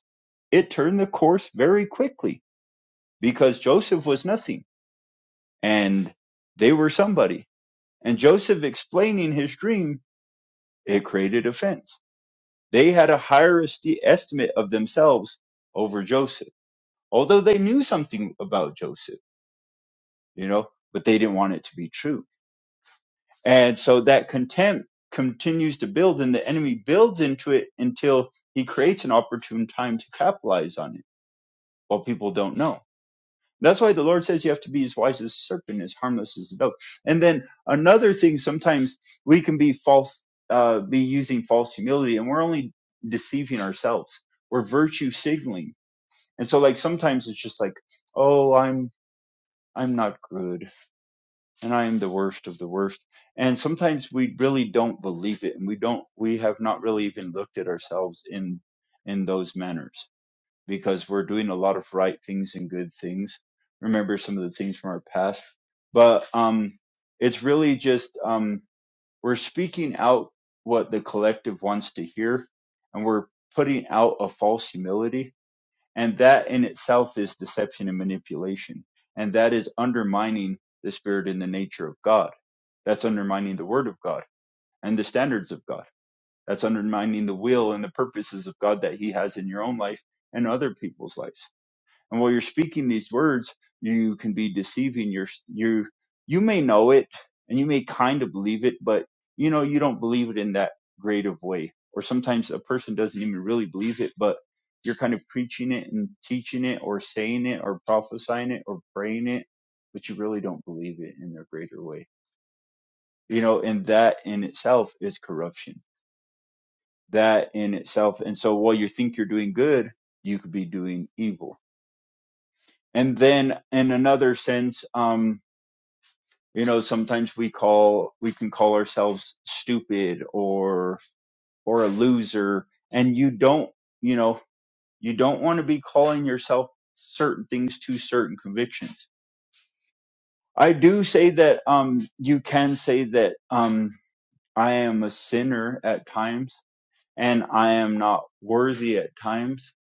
D: it turned the course very quickly because Joseph was nothing and they were somebody. And Joseph explaining his dream, it created offense. They had a higher esti- estimate of themselves over Joseph, although they knew something about Joseph, you know, but they didn't want it to be true. And so that contempt continues to build, and the enemy builds into it until he creates an opportune time to capitalize on it while people don't know. That's why the Lord says you have to be as wise as a serpent, as harmless as a dove. And then another thing, sometimes we can be false, uh, be using false humility, and we're only deceiving ourselves. We're virtue signaling, and so like sometimes it's just like, oh, I'm I'm not good, and I am the worst of the worst. And sometimes we really don't believe it, and we don't we have not really even looked at ourselves in in those manners because we're doing a lot of right things and good things. Remember some of the things from our past, but um, it's really just um, we're speaking out what the collective wants to hear, and we're putting out a false humility, and that in itself is deception and manipulation, and that is undermining the spirit and the nature of God. That's undermining the Word of God and the standards of God. That's undermining the will and the purposes of God that He has in your own life and other people's lives. And while you're speaking these words, you can be deceiving your you you may know it and you may kind of believe it, but you know you don't believe it in that great of way. Or sometimes a person doesn't even really believe it, but you're kind of preaching it and teaching it or saying it or prophesying it or praying it, but you really don't believe it in their greater way. You know, and that in itself is corruption. That in itself. And so while you think you're doing good, you could be doing evil and then in another sense um you know sometimes we call we can call ourselves stupid or or a loser and you don't you know you don't want to be calling yourself certain things to certain convictions i do say that um you can say that um i am a sinner at times and i am not worthy at times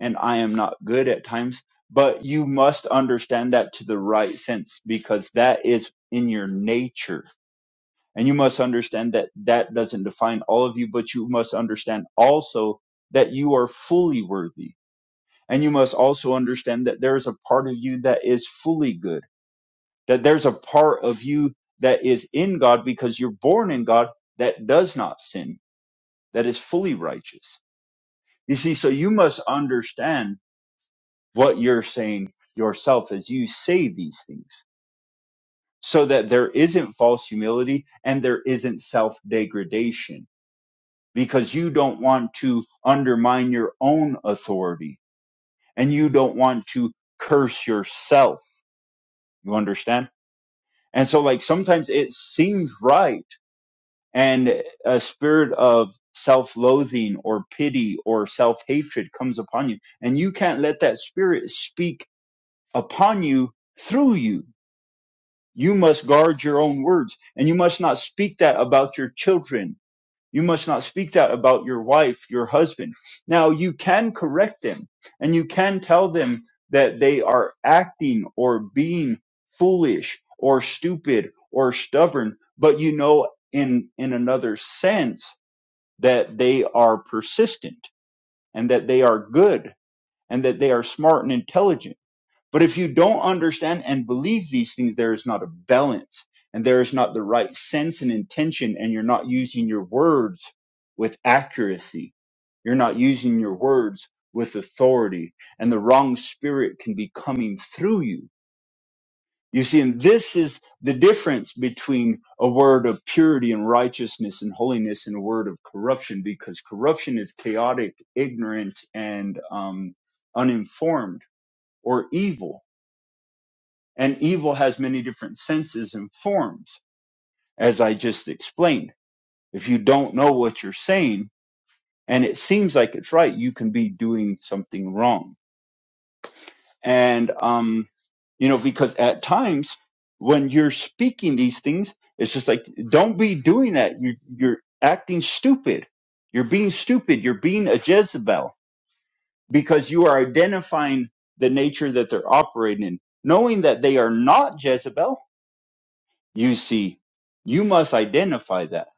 D: and I am not good at times, but you must understand that to the right sense because that is in your nature. And you must understand that that doesn't define all of you, but you must understand also that you are fully worthy. And you must also understand that there is a part of you that is fully good, that there's a part of you that is in God because you're born in God that does not sin, that is fully righteous. You see, so you must understand what you're saying yourself as you say these things so that there isn't false humility and there isn't self degradation because you don't want to undermine your own authority and you don't want to curse yourself. You understand? And so, like, sometimes it seems right and a spirit of self loathing or pity or self hatred comes upon you, and you can't let that spirit speak upon you through you You must guard your own words and you must not speak that about your children. You must not speak that about your wife, your husband. Now you can correct them and you can tell them that they are acting or being foolish or stupid or stubborn, but you know in, in another sense that they are persistent and that they are good and that they are smart and intelligent but if you don't understand and believe these things, there is not a balance and there is not the right sense and intention, and you're not using your words with accuracy. You're not using your words with authority, and the wrong spirit can be coming through you. You see, and this is the difference between a word of purity and righteousness and holiness and a word of corruption, because corruption is chaotic, ignorant, and um, uninformed or evil and evil has many different senses and forms, as I just explained. If you don't know what you're saying and it seems like it's right, you can be doing something wrong. And, um, you know, because at times when you're speaking these things, it's just like, don't be doing that. You, you're acting stupid. You're being stupid. You're being a Jezebel because you are they're are identifying the nature that that they operating in, knowing that they are not Jezebel. You see, you must identify that,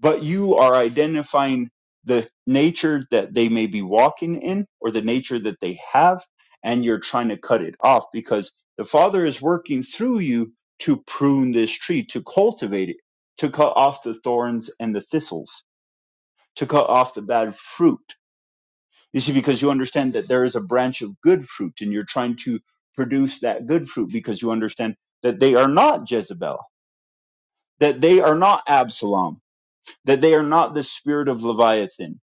D: but you are identifying the nature that they may be walking in or the nature that they have, and you're trying to cut it off because the Father is working through you to prune this tree, to cultivate it, to cut off the thorns and the thistles, to cut off the bad fruit. You see, because you understand that there is a branch of good fruit and you're trying to produce that good fruit because you understand that they are not Jezebel that they are not Absalom, that they are not the spirit of Leviathan,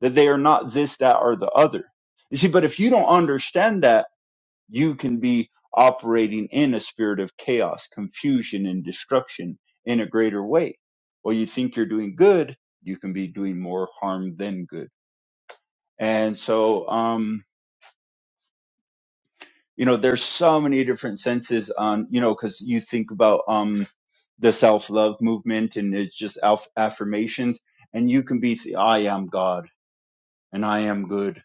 D: that they are not this, that, or the other. You see, but if you don't understand that, you can be operating in a spirit of chaos, confusion, and destruction in a greater way. Well, you think you're doing good, you can be doing more harm than good. And so, um, you know there's so many different senses on you know because you think about um the self-love movement and it's just alf- affirmations and you can be th- i am god and i am good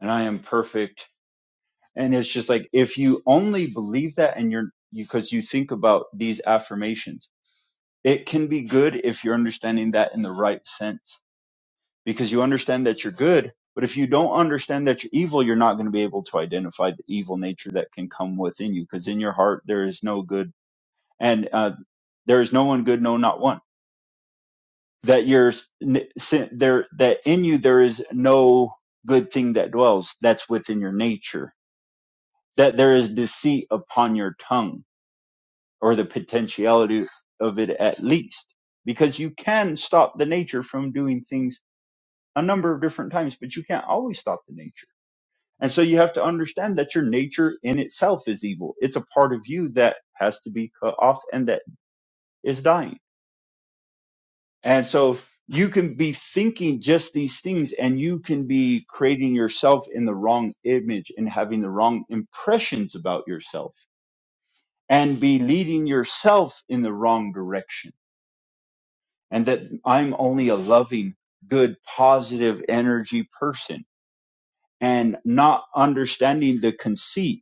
D: and i am perfect and it's just like if you only believe that and you're because you because you think about these affirmations it can be good if you're understanding that in the right sense because you understand that you're good. But if you don't understand that you're evil, you're not going to be able to identify the evil nature that can come within you because in your heart there is no good and uh, there is no one good, no, not one. That you're s- there, that in you there is no good thing that dwells. That's within your nature. That there is deceit upon your tongue or the potentiality of it at least because you can stop the nature from doing things a number of different times, but you can't always stop the nature And so you have to understand that your nature in itself is evil. It's a part of you that has to be cut off and that is dying. And so you can be thinking just these things and you can be creating yourself in the wrong image and having the wrong impressions about yourself and be leading yourself in the wrong direction. And that I'm only a loving, good, positive energy person and not understanding the conceit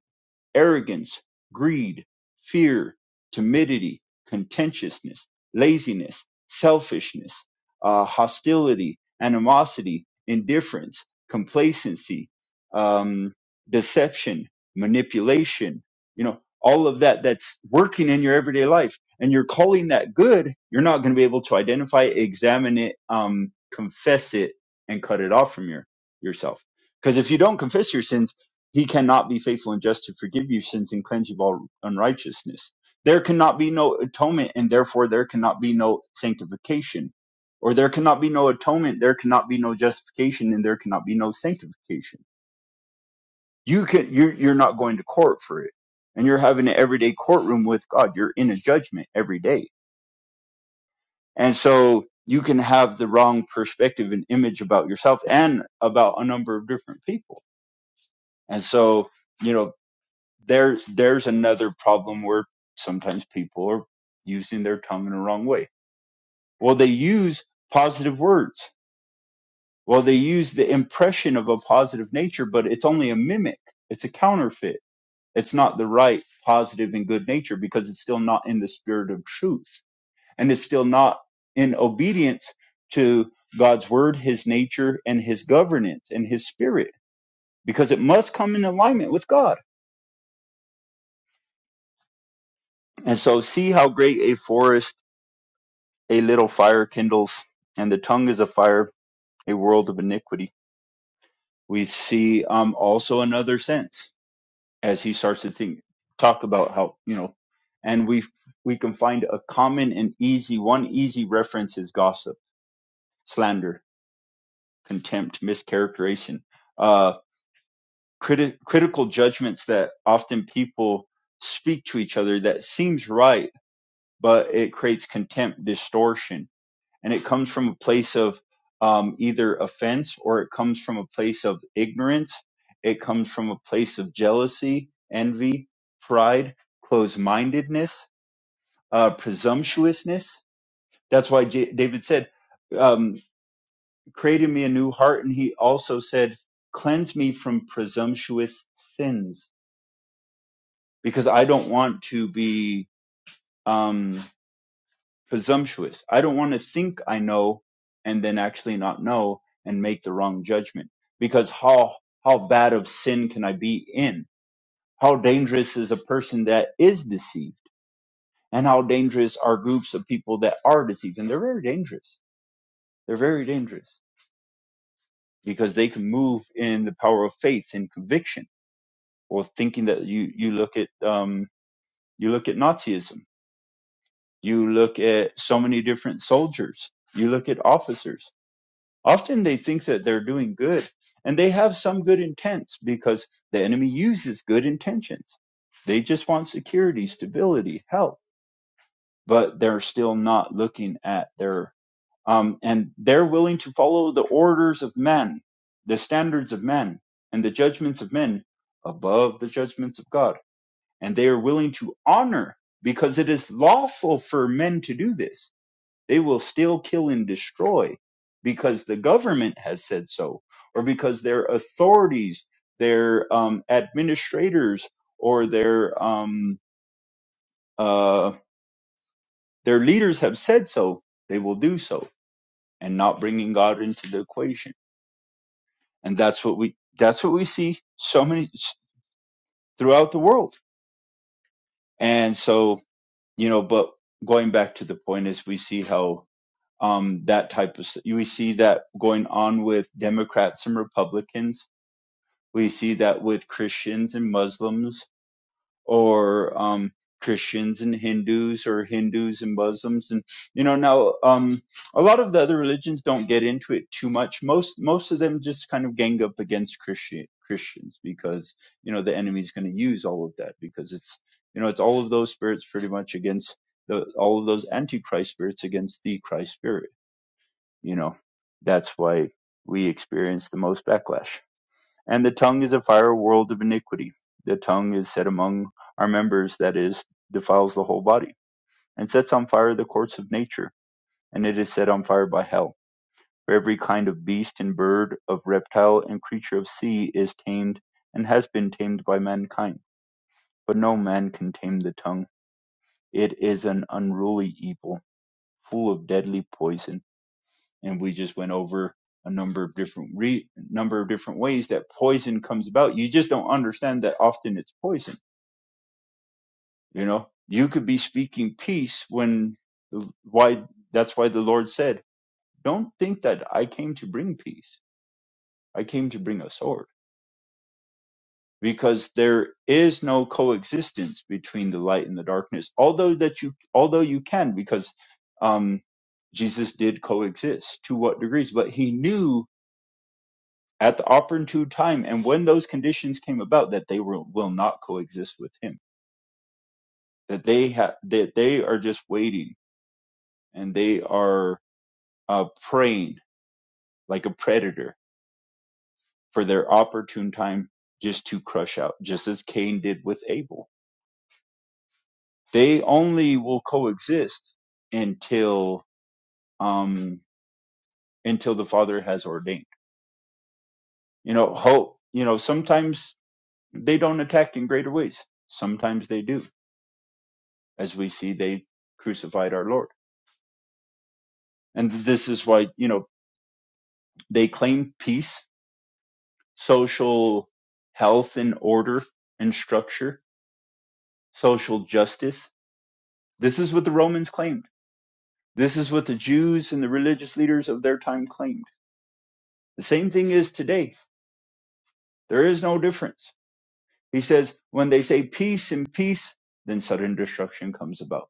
D: arrogance, greed, fear, timidity, contentiousness, laziness, selfishness, uh, hostility, animosity, indifference, complacency, um, deception, manipulation, you know, all of that that's working in your everyday life and you're calling that good, you're not going to be able to identify, examine it, um, confess it, and cut it off from your yourself. Because if you don't confess your sins, he cannot be faithful and just to forgive you sins and cleanse you of all unrighteousness. There cannot be no atonement, and therefore there cannot be no sanctification. Or there cannot be no atonement, there cannot be no justification, and there cannot be no sanctification. You can you're you're not going to court for it. And you're having an everyday courtroom with God. You're in a judgment every day. And so you can have the wrong perspective and image about yourself and about a number of different people. And so, you know, there there's another problem where sometimes people are using their tongue in a wrong way. Well, they use positive words. Well, they use the impression of a positive nature, but it's only a mimic. It's a counterfeit. It's not the right positive and good nature because it's still not in the spirit of truth and it's still not in obedience to God's word, his nature and his governance and his spirit because it must come in alignment with God. And so see how great a forest a little fire kindles, and the tongue is a fire, a world of iniquity. We see um, also another sense as he starts to think, talk about how you know, and we we can find a common and easy one easy reference is gossip, slander, contempt, mischaracterization, uh, criti- critical judgments that often people speak to each other that seems right, but it creates contempt, distortion and it comes from a place of um, either offense or it comes from a place of ignorance. It comes from a place of jealousy, envy, pride, closed mindedness, uh, presumptuousness. That's why J- David said, um, create in me a new heart. And he also said, Cleanse me from presumptuous sins because I don't want to be. Um, presumptuous. I don't want to think I know and then actually not know and make the wrong judgment. Because how how bad of sin can I be in? How dangerous is a person that is deceived? And how dangerous are groups of people that are deceived? And they're very dangerous. They're very dangerous because they can move in the power of faith and conviction or thinking that you, you look at, um, you look at Nazism. You look at so many different soldiers. You look at officers Often they think that they're doing good, and they have some good intents because the enemy uses good intentions. They just want security, stability, help, but they're still not looking at their um, and they're willing to follow the orders of men, the standards of men, and the judgments of men above the judgments of God, and they are willing to honor because it is lawful for men to do this they will still kill and destroy because the government has said so, or because their authorities, their um, administrators, or their um, uh, their leaders have said so. They will do so, and not bringing God into the equation. And that's what we that's what we see so many throughout the world. And so you know, but going back to the point is we see how um, that type of we see that going on with Democrats and Republicans We see that with Christians and Muslims, or um, Christians and Hindus, or Hindus and Muslims, and you know now um, a lot of the other religions don't get into it too much. Most most of them just kind of gang up against Christian Christians because you know the enemy's going to use all of that because it's you know it's all of those spirits pretty much against the all of those antichrist spirits against the Christ spirit. You know that's why we experience the most backlash and the tongue is a fire world of iniquity. The tongue is set among our members, that is, defiles the whole body, and sets on fire the courts of nature, and it is set on fire by hell. For every kind of beast and bird, of reptile and creature of sea is tamed, and has been tamed by mankind. But no man can tame the tongue. It is an unruly evil, full of deadly poison. and we just went over a number of different re- number of different ways that poison comes about. You just don't understand that often it's poison. You know, you could be speaking peace when why that's why the Lord said, "Don't think that I came to bring peace. I came to bring a sword." Because there is no coexistence between the light and the darkness, although that you although you can, because um, Jesus did coexist. To what degrees? But he knew at the opportune time and when those conditions came about that they will, will not coexist with him that they have that they are just waiting and they are uh, preying like a predator for their opportune time just to crush out just as cain did with abel they only will coexist until um until the father has ordained you know hope you know sometimes they don't attack in greater ways sometimes they do as we see they crucified our lord and this is why you know they claim peace social health and order and structure social justice this is what the romans claimed this is what the jews and the religious leaders of their time claimed the same thing is today there is no difference he says when they say peace and peace then sudden destruction comes about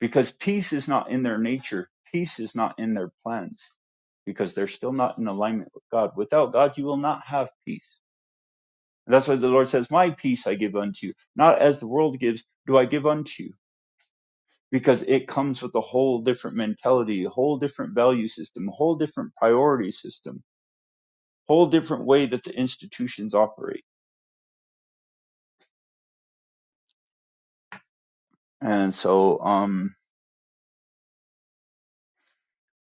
D: because peace is not in their nature peace is not in their plans because they're still not in alignment with god without god you will not have peace And that's why the Lord says, My peace I give unto you. Not as the world gives, do I give unto you. Because it comes with a whole different mentality, a whole different value system, a whole different priority system, a whole different way that the institutions operate. And so, um,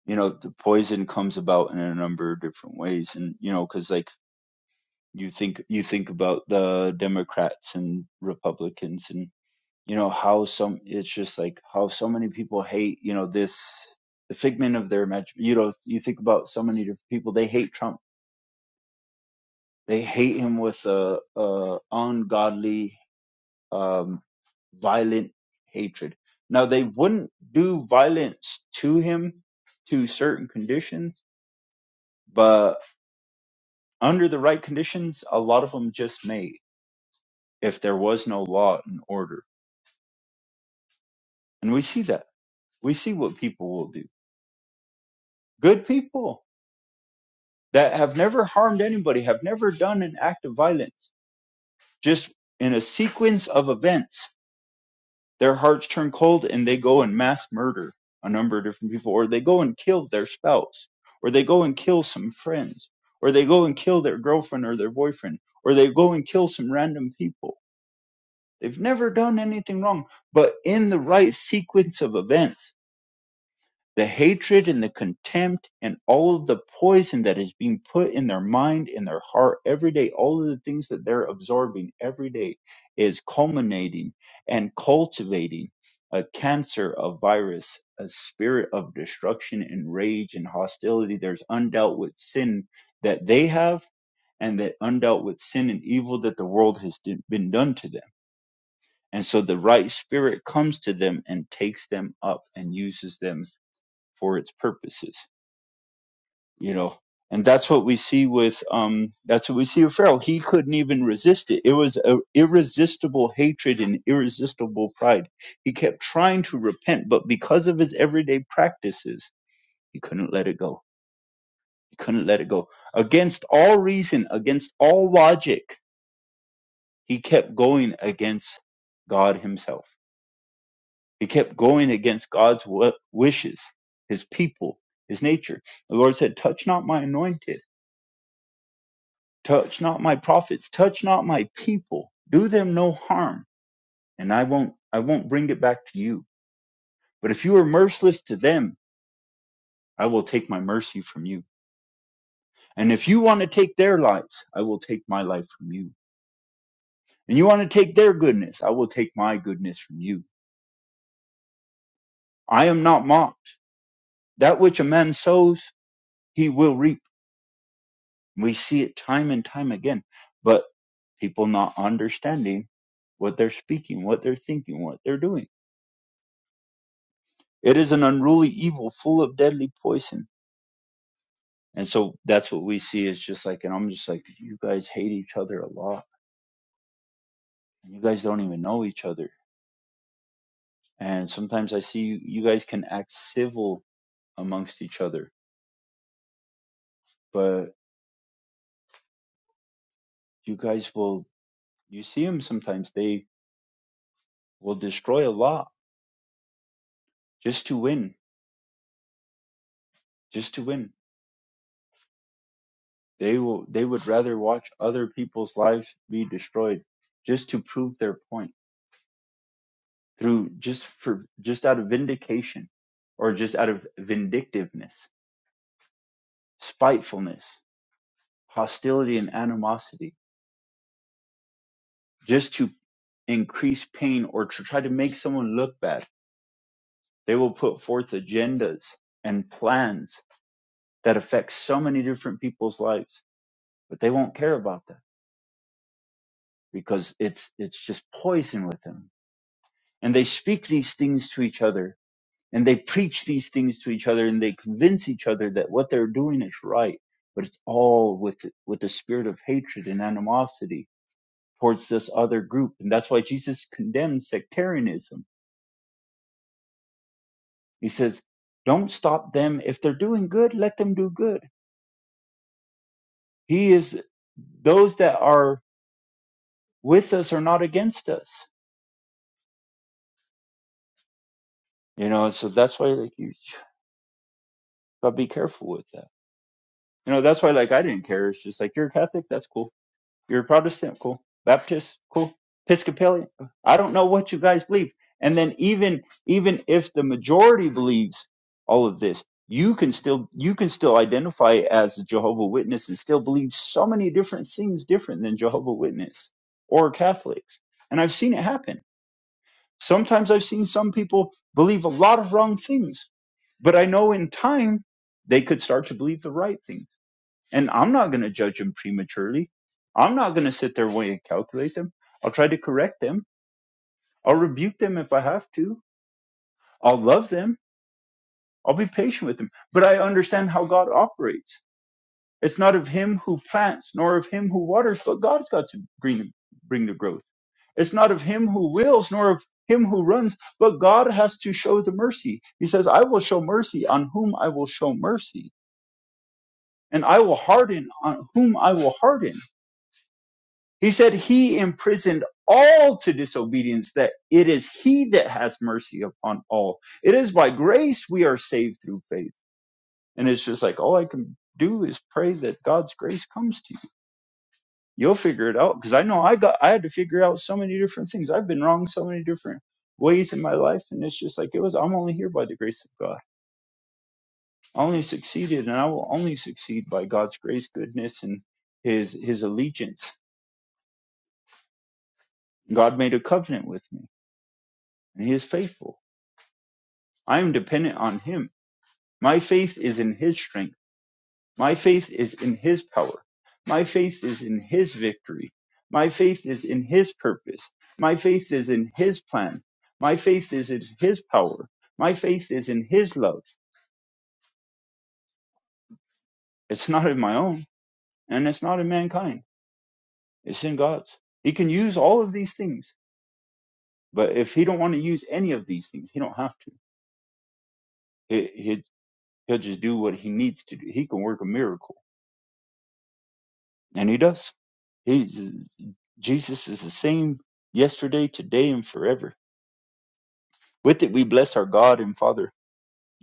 D: you know, the poison comes about in a number of different ways. And, you know, cause like you think, you think about the Democrats and Republicans and. you know how some it's just like how so many people hate you know this the figment of their imag you know you think about so many different people they hate trump they hate him with a, a ungodly um violent hatred now they wouldn't do violence to him to certain conditions but under the right conditions a lot of them just may if there was no law and order and we see that we see what people will do good people that have never harmed anybody, have never done an act of violence. Just in a sequence of events, their hearts turn cold and they go and mass murder a number of different people, or they go and kill their spouse, or they go and kill some friends, or they go and kill their girlfriend or their boyfriend, or they go and kill some random people. They've never done anything wrong, but in the right sequence of events, the hatred and the contempt and all of the poison that is being put in their mind in their heart every day all of the things that they're absorbing every day is culminating and cultivating a cancer a virus a spirit of destruction and rage and hostility there's undealt with sin that they have and that undealt with sin and evil that the world has d- been done to them and so the right spirit comes to them and takes them up and uses them for its purposes you know and that's what we see with um that's what we see with pharaoh he couldn't even resist it it was a irresistible hatred and irresistible pride he kept trying to repent but because of his everyday practices he couldn't let it go he couldn't let it go against all reason against all logic he kept going against god himself he kept going against god's w- wishes his people his nature the lord said touch not my anointed touch not my prophets touch not my people do them no harm and i won't i won't bring it back to you but if you are merciless to them i will take my mercy from you and if you want to take their lives i will take my life from you and you want to take their goodness i will take my goodness from you i am not mocked that which a man sows he will reap we see it time and time again but people not understanding what they're speaking what they're thinking what they're doing It is an unruly evil full of deadly poison. And so that's what we see is just like, and I'm just like, you guys hate each other a lot. You guys don't even know each other. And sometimes I see you, you guys can act civil amongst each other, but you guys will, you see them sometimes, they will destroy a lot just to win, just to win. They will, they would rather watch other people's lives be destroyed just to prove their point through just for just out of vindication or just out of vindictiveness, spitefulness, hostility and animosity, just to increase pain or to try to make someone look bad. They will put forth agendas and plans that affect so many different people's lives, but they won't care about that because it's it's just poison with them. And they speak these things to each other and they preach these things to each other and they convince each other that what they're doing is right but it's all with with the spirit of hatred and animosity towards this other group and that's why jesus condemns sectarianism he says don't stop them if they're doing good let them do good he is those that are with us are not against us you know so that's why like you gotta be careful with that you know that's why like i didn't care it's just like you're a catholic that's cool If You're a Protestant, cool. Baptist, cool. Episcopalian, I don't know what you guys believe. And then even even if the majority believes all of this, you can still you can still identify as a Jehovah Witness and still believe so many different things different than Jehovah Witness or Catholics. And I've seen it happen. Sometimes I've seen some people believe a lot of wrong things, but I know in time they could start to believe the right things and I'm not going to judge them prematurely. I'm not going to sit there and calculate them. I'll try to correct them. I'll rebuke them if I have to. I'll love them. I'll be patient with them. But I understand how God operates. It's not of him who plants nor of him who waters, but God's got to bring, bring the growth. It's not of him who wills nor of him who runs, but God has to show the mercy. He says, I will show mercy on whom I will show mercy, and I will harden on whom I will harden. He said he imprisoned all to disobedience, that it is he that has mercy upon all. It is by grace we are saved through faith. And it's just like all I can do is pray that God's grace comes to you. You'll figure it out. Because I know I got I had to figure out so many different things. I've been wrong so many different ways in my life. And it's just like it was I'm only here by the grace of God. I only succeeded and I will only succeed by God's grace, goodness, and his his allegiance. God made a covenant with me and he is faithful I am dependent on Him. My faith is in His strength. My faith is in His power. My faith is in His victory. My faith is in His purpose. My faith is in His plan. My faith is in His power. My faith is in His love. It's not in my own, and it's not in mankind. It's in God's. He can use all of these things, but if He don't want to use any of these things, He don't have to. He, he, he'll just do what He needs to do. He can work a miracle, and He does. He's, Jesus is the same yesterday, today, and forever. With it we bless our God and Father,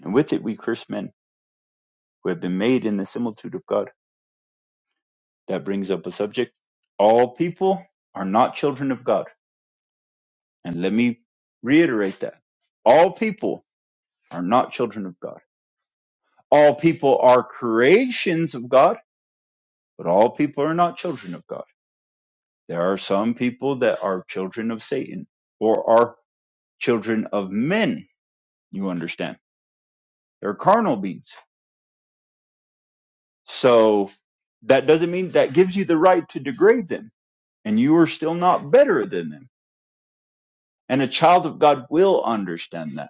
D: and with it we curse men who have been made in the similitude of God. That brings up a subject. All people are not children of God. And let me reiterate that. All people are not children of God. All people are creations of God, but all people are not children of God. There are some people that are children of Satan or are children of men, you understand They're carnal beings. So that doesn't mean that gives you the right to degrade them, and you are still not better than them. And a child of God will understand that.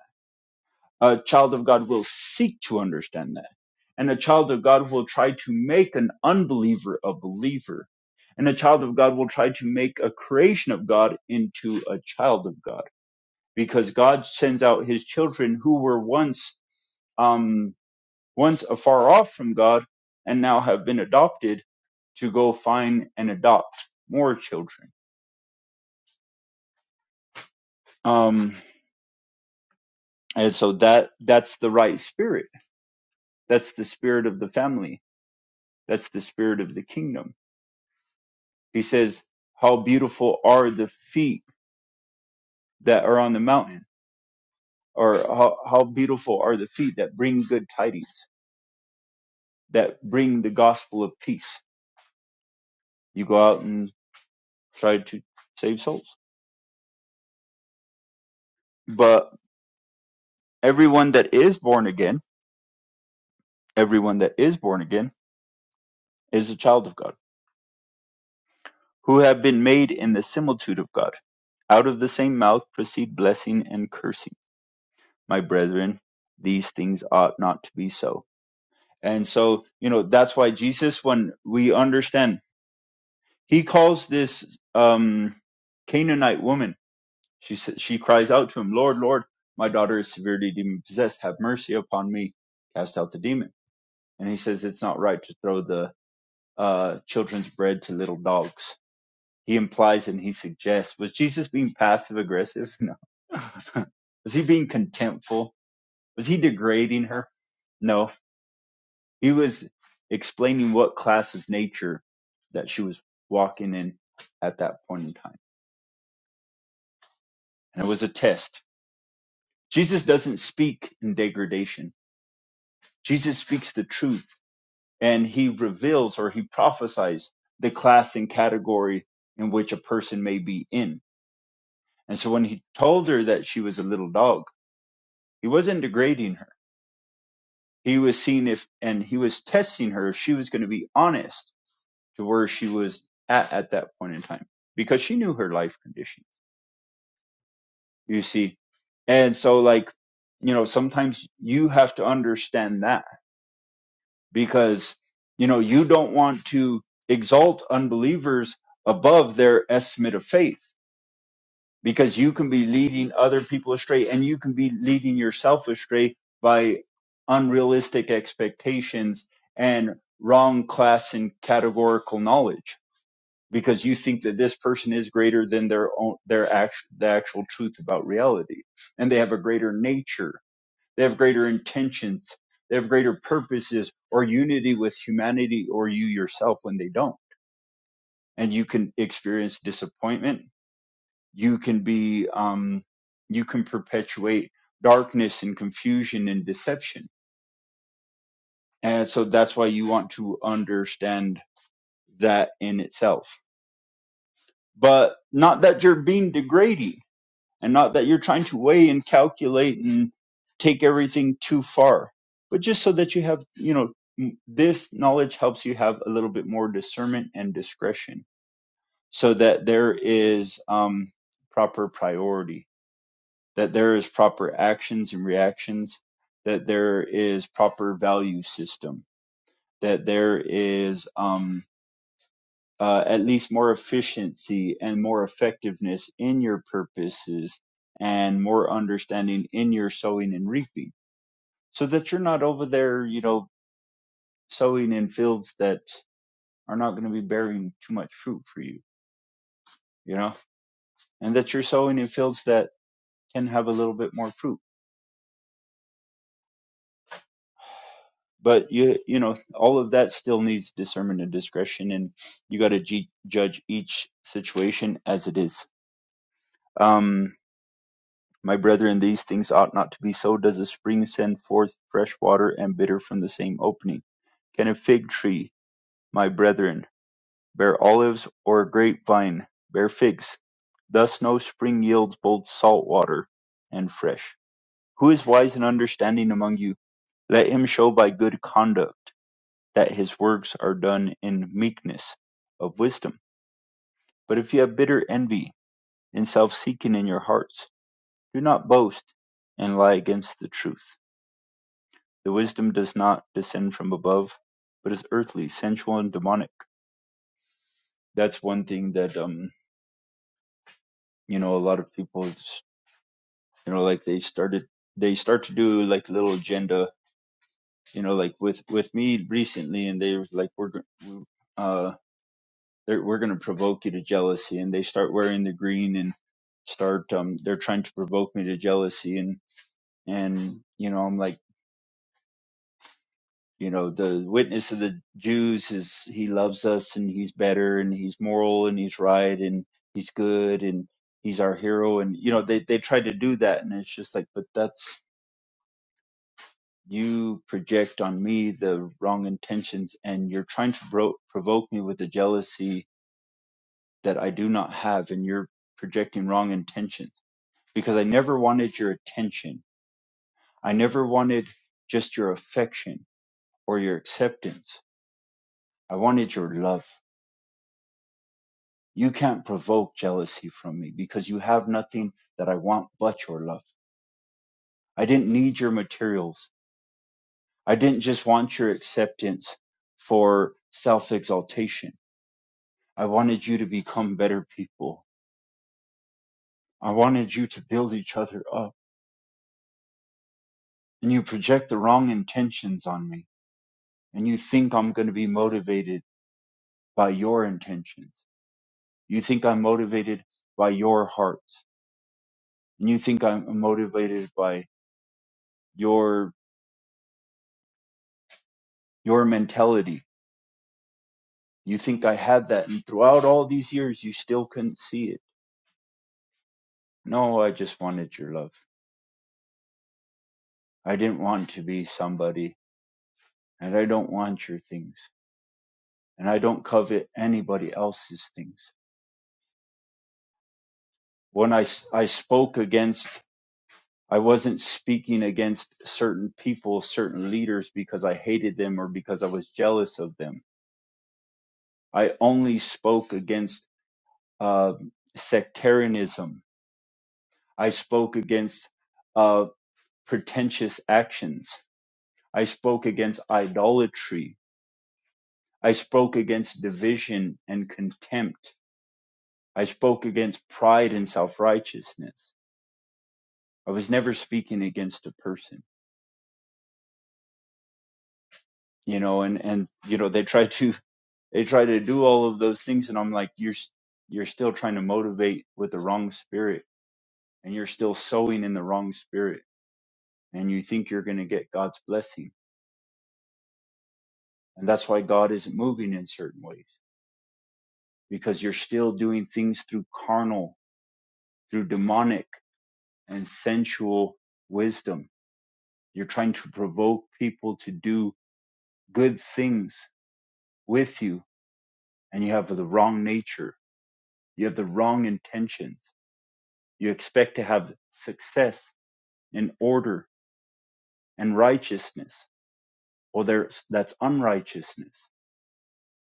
D: A child of God will seek to understand that. And a child of God will try to make an unbeliever a believer. And a child of God will try to make a creation of God into a child of God. Because God sends out his children who were once um, once afar off from God and now have been adopted to go find and adopt more children. Um, and so that that's the right spirit. That's the spirit of the family. That's the spirit of the kingdom. He says, "How beautiful are the feet that are on the mountain, or how, how beautiful are the feet that bring good tidings, that bring the gospel of peace." You go out and try to save souls, but everyone that is born again everyone that is born again is a child of God, who have been made in the similitude of God. Out of the same mouth proceed blessing and cursing. My brethren, these things ought not to be so. And so, you know, that's why Jesus, when we understand, he calls this um, Canaanite woman. She sa- she cries out to him, Lord, Lord, my daughter is severely demon possessed. Have mercy upon me. Cast out the demon. And he says, it's not right to throw the uh, children's bread to little dogs he implies and he suggests. Was Jesus being passive aggressive? No. [laughs] was he being contemptful? Was he degrading her? No. He was explaining what class of nature that she was walking in at that point in time. And it was a test. Jesus doesn't speak in degradation. Jesus speaks the truth and he reveals or he prophesies the class and category in which a person may be in. And so when he told her that she was a little dog, He wasn't degrading her. He was seeing if, and he was testing her if she was going to be honest to where she was at at that point in time because she knew her life conditions, you see. And so, like, you know, sometimes you have to understand that because, you know, you don't want to exalt unbelievers above their estimate of faith because you can be leading other people astray and you can be leading yourself astray by unrealistic expectations and wrong class and categorical knowledge because you think that this person is greater than their own their actual the actual truth about reality and they have a greater nature they have greater intentions they have greater purposes or unity with humanity or you yourself when they don't and you can experience disappointment you can be um, you can perpetuate darkness and confusion and deception and so that's why you want to understand that in itself but not that you're being degrading and not that you're trying to weigh and calculate and take everything too far but just so that you have you know m- this knowledge helps you have a little bit more discernment and discretion so that there is um, proper priority that there is proper actions and reactions, that there is proper value system, that there is um, uh, at least more efficiency and more effectiveness in your purposes and more understanding in your sowing and reaping, so that you're not over there, you know, sowing in fields that are not going to be bearing too much fruit for you, you know, and that you're sowing in fields that can have a little bit more fruit but you you know all of that still needs discernment and discretion and you got to g- judge each situation as it is um my brethren these things ought not to be so does a spring send forth fresh water and bitter from the same opening can a fig tree my brethren bear olives or a grapevine bear figs thus no spring yields both salt water and fresh who is wise and understanding among you let him show by good conduct that his works are done in meekness of wisdom. But if you have bitter envy and self seeking in your hearts, do not boast and lie against the truth. The wisdom does not descend from above, but is earthly, sensual, and demonic. That's one thing that um you know a lot of people you know like they started they start to do like little agenda you know like with with me recently and they were like we're uh they're, we're going to provoke you to jealousy. And they start wearing the green and start, um, they're trying to provoke me to jealousy. And, and, you know, I'm like, you know, the witness of the Jews is he loves us and he's better and he's moral and he's right and he's good and he's our hero. And, you know, they, they try to do that. And it's just like, but that's, you project on me the wrong intentions and you're trying to bro- provoke me with a jealousy that I do not have. And you're projecting wrong intentions because I never wanted your attention. I never wanted just your affection or your acceptance. I wanted your love. You can't provoke jealousy from me because you have nothing that I want but your love. I didn't need your materials. I didn't just want your acceptance for self exaltation. I wanted you to become better people. I wanted you to build each other up. And you project the wrong intentions on me. And you think I'm going to be motivated by your intentions. You think I'm motivated by your heart. And you think I'm motivated by your your mentality. You think I had that and throughout all these years you still couldn't see it. No, I just wanted your love. I didn't want to be somebody and I don't want your things and I don't covet anybody else's things. When I s- I spoke against I wasn't speaking against certain people, certain leaders because I hated them or because I was jealous of them. I only spoke against uh, sectarianism. I spoke against uh, pretentious actions. I spoke against idolatry. I spoke against division and contempt. I spoke against pride and self righteousness. I was never speaking against a person, you know. And and you know they try to they try to do all of those things, and I'm like, you're you're still trying to motivate with the wrong spirit, and you're still sowing in the wrong spirit, and you think you're going to get God's blessing And that's why God isn't moving in certain ways because you're still doing things through carnal, through demonic and sensual wisdom. You're trying to provoke people to do good things with you and you have the wrong nature. You have the wrong intentions. You expect to have success and order and righteousness. Well, there's, that's unrighteousness.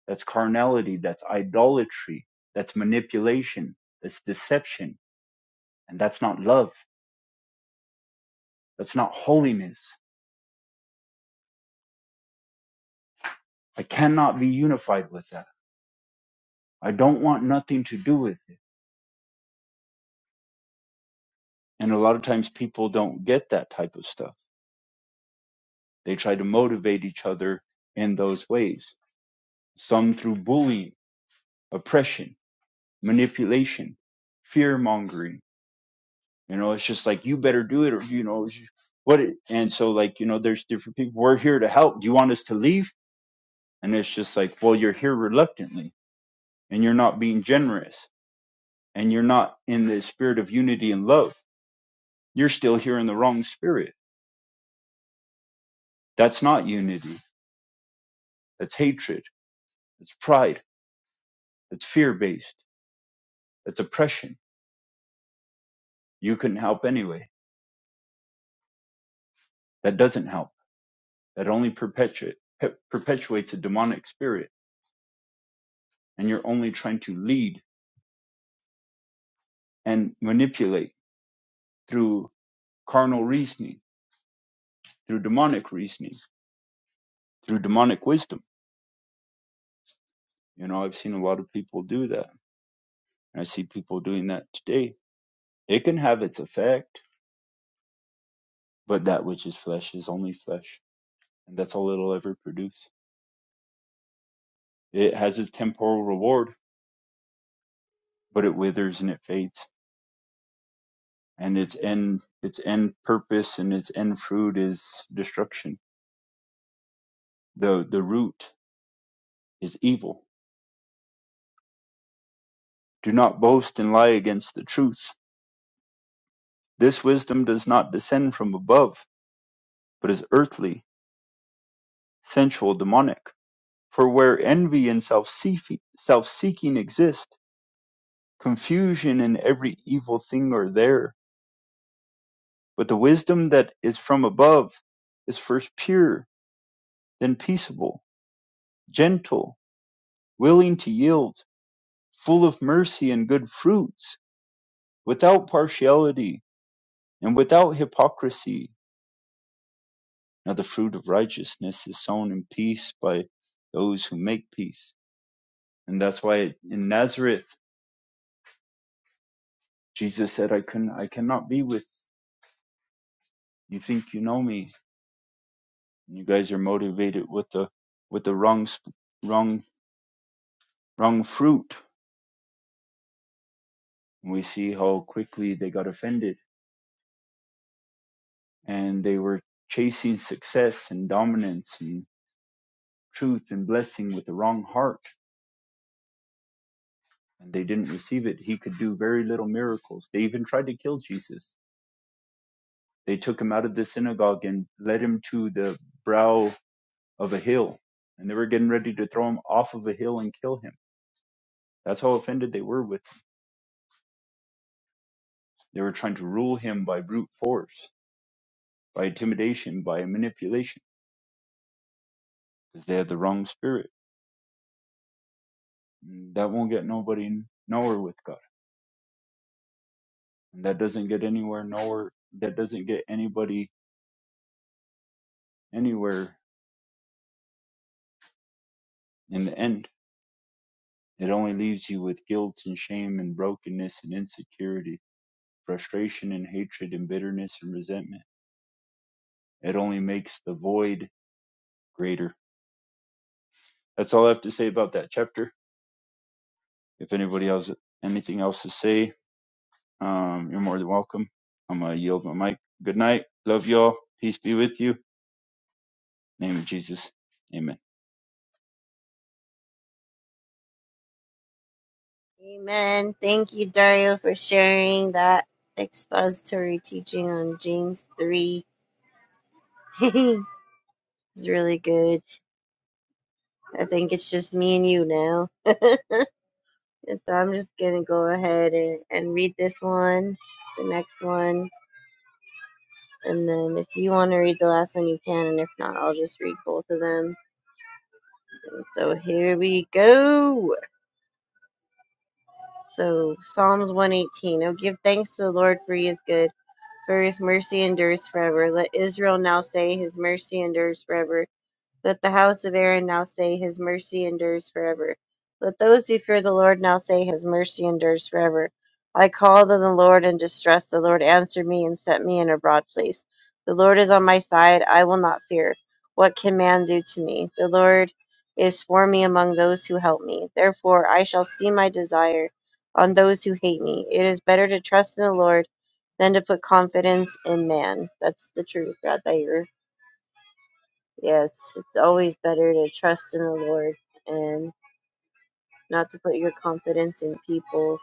D: That's carnality. That's idolatry. That's manipulation. That's deception. And that's not love That's not holiness. I cannot be unified with that. I don't want nothing to do with it. And a lot of times people don't get that type of stuff. They try to motivate each other in those ways. Some through bullying, oppression, manipulation, fear mongering. You know, it's just like, you better do it or, you know, what it, and so like, you know, there's different people. We're here to help. Do you want us to leave? And it's just like, well, you're here reluctantly and you're not being generous and you're not in the spirit of unity and love you're still here in the wrong spirit. That's not unity. That's hatred. That's pride. That's fear based. That's oppression. You couldn't help anyway. That doesn't help. That only perpetuate, pe- perpetuates a demonic spirit. And you're only trying to lead and manipulate through carnal reasoning, through demonic reasoning, through demonic wisdom. You know, I've seen a lot of people do that. And I see people doing that today. It can have its effect, but that which is flesh is only flesh. And that's all it'll ever produce It has its temporal reward, but it withers and it fades. And its end its end purpose and its end fruit is destruction. The the root is evil. Do not boast and lie against the truth. This wisdom does not descend from above, but is earthly, sensual, demonic. For where envy and self seeking exist, confusion and every evil thing are there. But the wisdom that is from above is first pure, then peaceable gentle, willing to yield, full of mercy and good fruits, without partiality and without hypocrisy. Now, the fruit of righteousness is sown in peace by those who make peace. And that's why in Nazareth, Jesus said, I can I cannot be with you think you know me. And you guys are motivated with the with the wrong wrong wrong fruit. And we see how quickly they got offended and they were chasing success and dominance and truth and blessing with the wrong heart and they didn't receive it, he could do very little miracles. They even tried to kill Jesus. They took him out of the synagogue and led him to the brow of a hill. And they were getting ready to throw him off of a hill and kill him. That's how offended they were with him. They were trying to rule him by brute force, by intimidation, by manipulation, because they had the wrong spirit. And That won't get nobody nowhere with God. And that doesn't get anywhere, nowhere. That doesn't get anybody anywhere in the end It only leaves you with guilt and shame and brokenness and insecurity, frustration and hatred and bitterness and resentment. It only makes the void greater. That's all I have to say about that chapter. If anybody else anything else to say, um, you're more than welcome. I'm gonna yield my mic. Good night. Love y'all. Peace be with you. Name of Jesus. Amen.
B: Amen. Thank you, Dario, for sharing that expository teaching on James three. [laughs] It's really good. I think it's just me and you now. And so I'm just gonna go ahead and, and read this one, the next one, and then if you want to read the last one, you can, and if not, I'll just read both of them. And so here we go. So Psalms 118. Oh, give thanks to the Lord for He is good, for His mercy endures forever. Let Israel now say, His mercy endures forever. Let the house of Aaron now say, His mercy endures forever. Let those who fear the Lord now say, His mercy endures forever. I called on the Lord in distress. The Lord answered me and set me in a broad place. The Lord is on my side. I will not fear. What can man do to me? The Lord is for me among those who help me. Therefore, I shall see my desire on those who hate me. It is better to trust in the Lord than to put confidence in man. That's the truth, God, that you're Yes, it's always better to trust in the Lord and not to put your confidence in people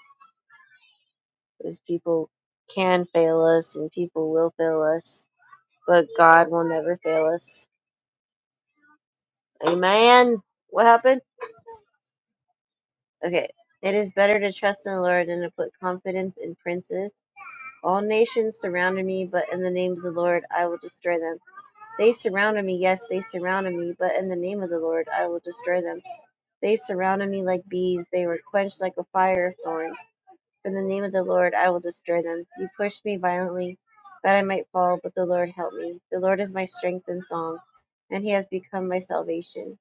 B: because people can fail us and people will fail us, but God will never fail us. Amen. What happened? Okay. It is better to trust in the Lord than to put confidence in princes. All nations surrounded me, but in the name of the Lord I will destroy them. They surrounded me, yes, they surrounded me, but in the name of the Lord I will destroy them. They surrounded me like bees. They were quenched like a fire of thorns. In the name of the Lord, I will destroy them. You pushed me violently that I might fall, but the Lord helped me. The Lord is my strength and song, and he has become my salvation.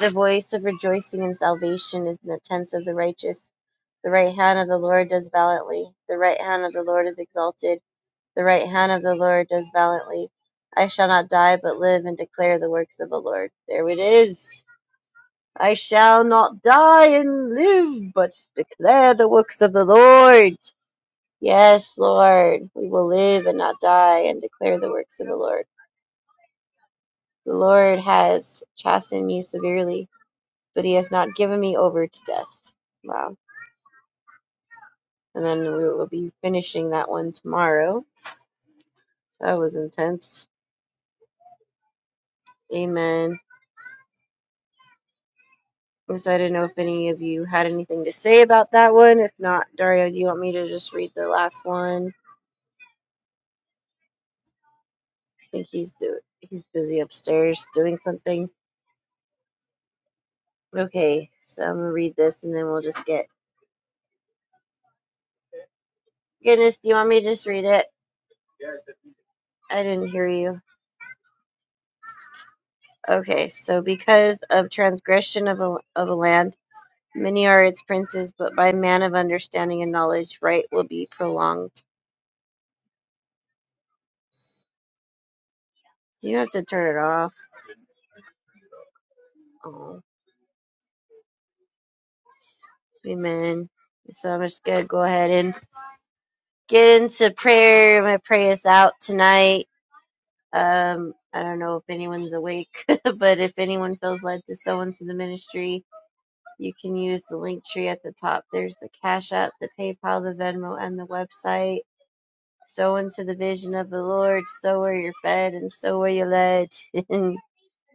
B: The voice of rejoicing and salvation is in the tents of the righteous. The right hand of the Lord does valiantly. The right hand of the Lord is exalted. The right hand of the Lord does valiantly. I shall not die, but live and declare the works of the Lord. There it is. I shall not die and live, but declare the works of the Lord. Yes, Lord, we will live and not die and declare the works of the Lord. The Lord has chastened me severely, but he has not given me over to death. Wow. And then we will be finishing that one tomorrow. That was intense. Amen. So I didn't know if any of you had anything to say about that one. If not, Dario, do you want me to just read the last one? think he's do he's busy upstairs doing something. Okay, so I'm gonna read this and then we'll just get goodness, do you want me to just read it? I didn't hear you. Okay, so because of transgression of a of a land, many are its princes, but by man of understanding and knowledge, right will be prolonged. You have to turn it off. Oh, amen. So I'm just gonna go ahead and get into prayer. I'm gonna pray us out tonight. Um, I don't know if anyone's awake, [laughs] but if anyone feels led to sow into the ministry, you can use the link tree at the top. There's the Cash App, the PayPal, the Venmo, and the website. Sow into the vision of the Lord. Sow where you're fed and sow where you're led. [laughs]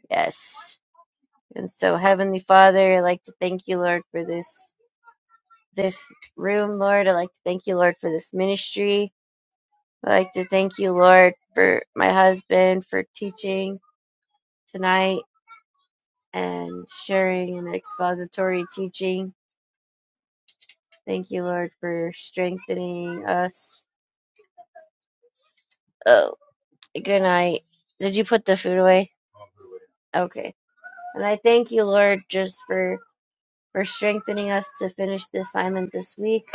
B: yes. And so, Heavenly Father, I'd like to thank you, Lord, for this this room, Lord. I'd like to thank you, Lord, for this ministry. I'd like to thank you, Lord, for my husband for teaching tonight. and sharing and expository teaching. Thank you, Lord, for strengthening us. Oh, good night. Did you put the food away? Okay. And I thank you, Lord, just for for strengthening us to finish the assignment this week,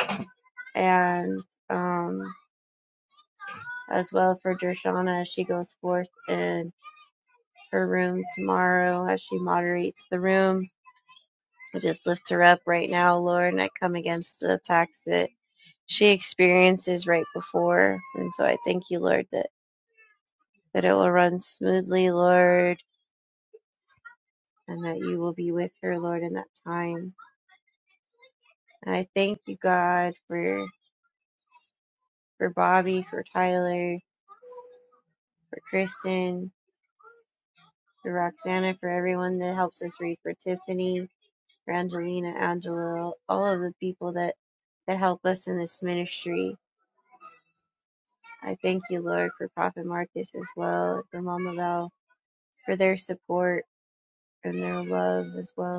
B: and um, as well for Dershana as she goes forth in her room tomorrow as she moderates the room. I just lift her up right now, Lord, and I come against the attacks that she experiences right before. And so I thank you, Lord, that, that it will run smoothly, Lord, and that you will be with her, Lord, in that time. And I thank you, God, for for Bobby, for Tyler, for Kristen, for Roxana, for everyone that helps us read, for Tiffany, for Angelina, Angela, all of the people that that help us in this ministry. I thank you, Lord, for Prophet Marcus as well, for Mama Val, for their support and their love as well.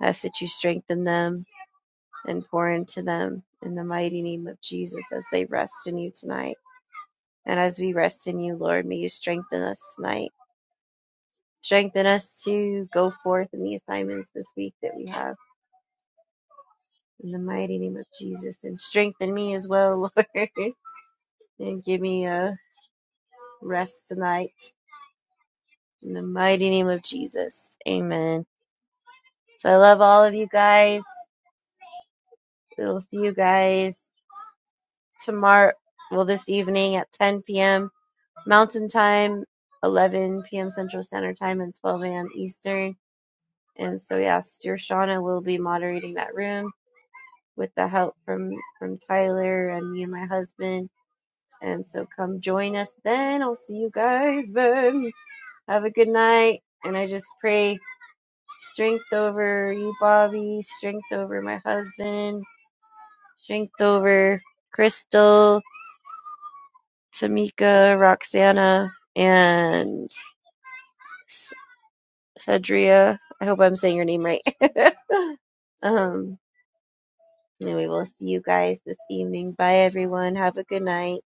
B: I ask that you strengthen them and pour into them in the mighty name of Jesus as they rest in you tonight. And as we rest in you, Lord, may you strengthen us tonight. Strengthen us to go forth in the assignments this week that we have in the mighty name of Jesus. And strengthen me as well, Lord. [laughs] and give me a rest tonight in the mighty name of Jesus. Amen. So I love all of you guys. We will see you guys tomorrow, well, this evening at 10 p.m Mountain Time, 11 p.m. Central Standard Time and 12 a.m. Eastern. And so, yes, your Shauna will be moderating that room with the help from from Tyler and me and my husband. And so, come join us then. I'll see you guys then. Have a good night. And I just pray strength over you, Bobby. Strength over my husband. Strength over Crystal, Tamika, Roxana, and Sadria. I hope I'm saying your name right. [laughs] um, anyway, we'll see you guys this evening. Bye, everyone. Have a good night.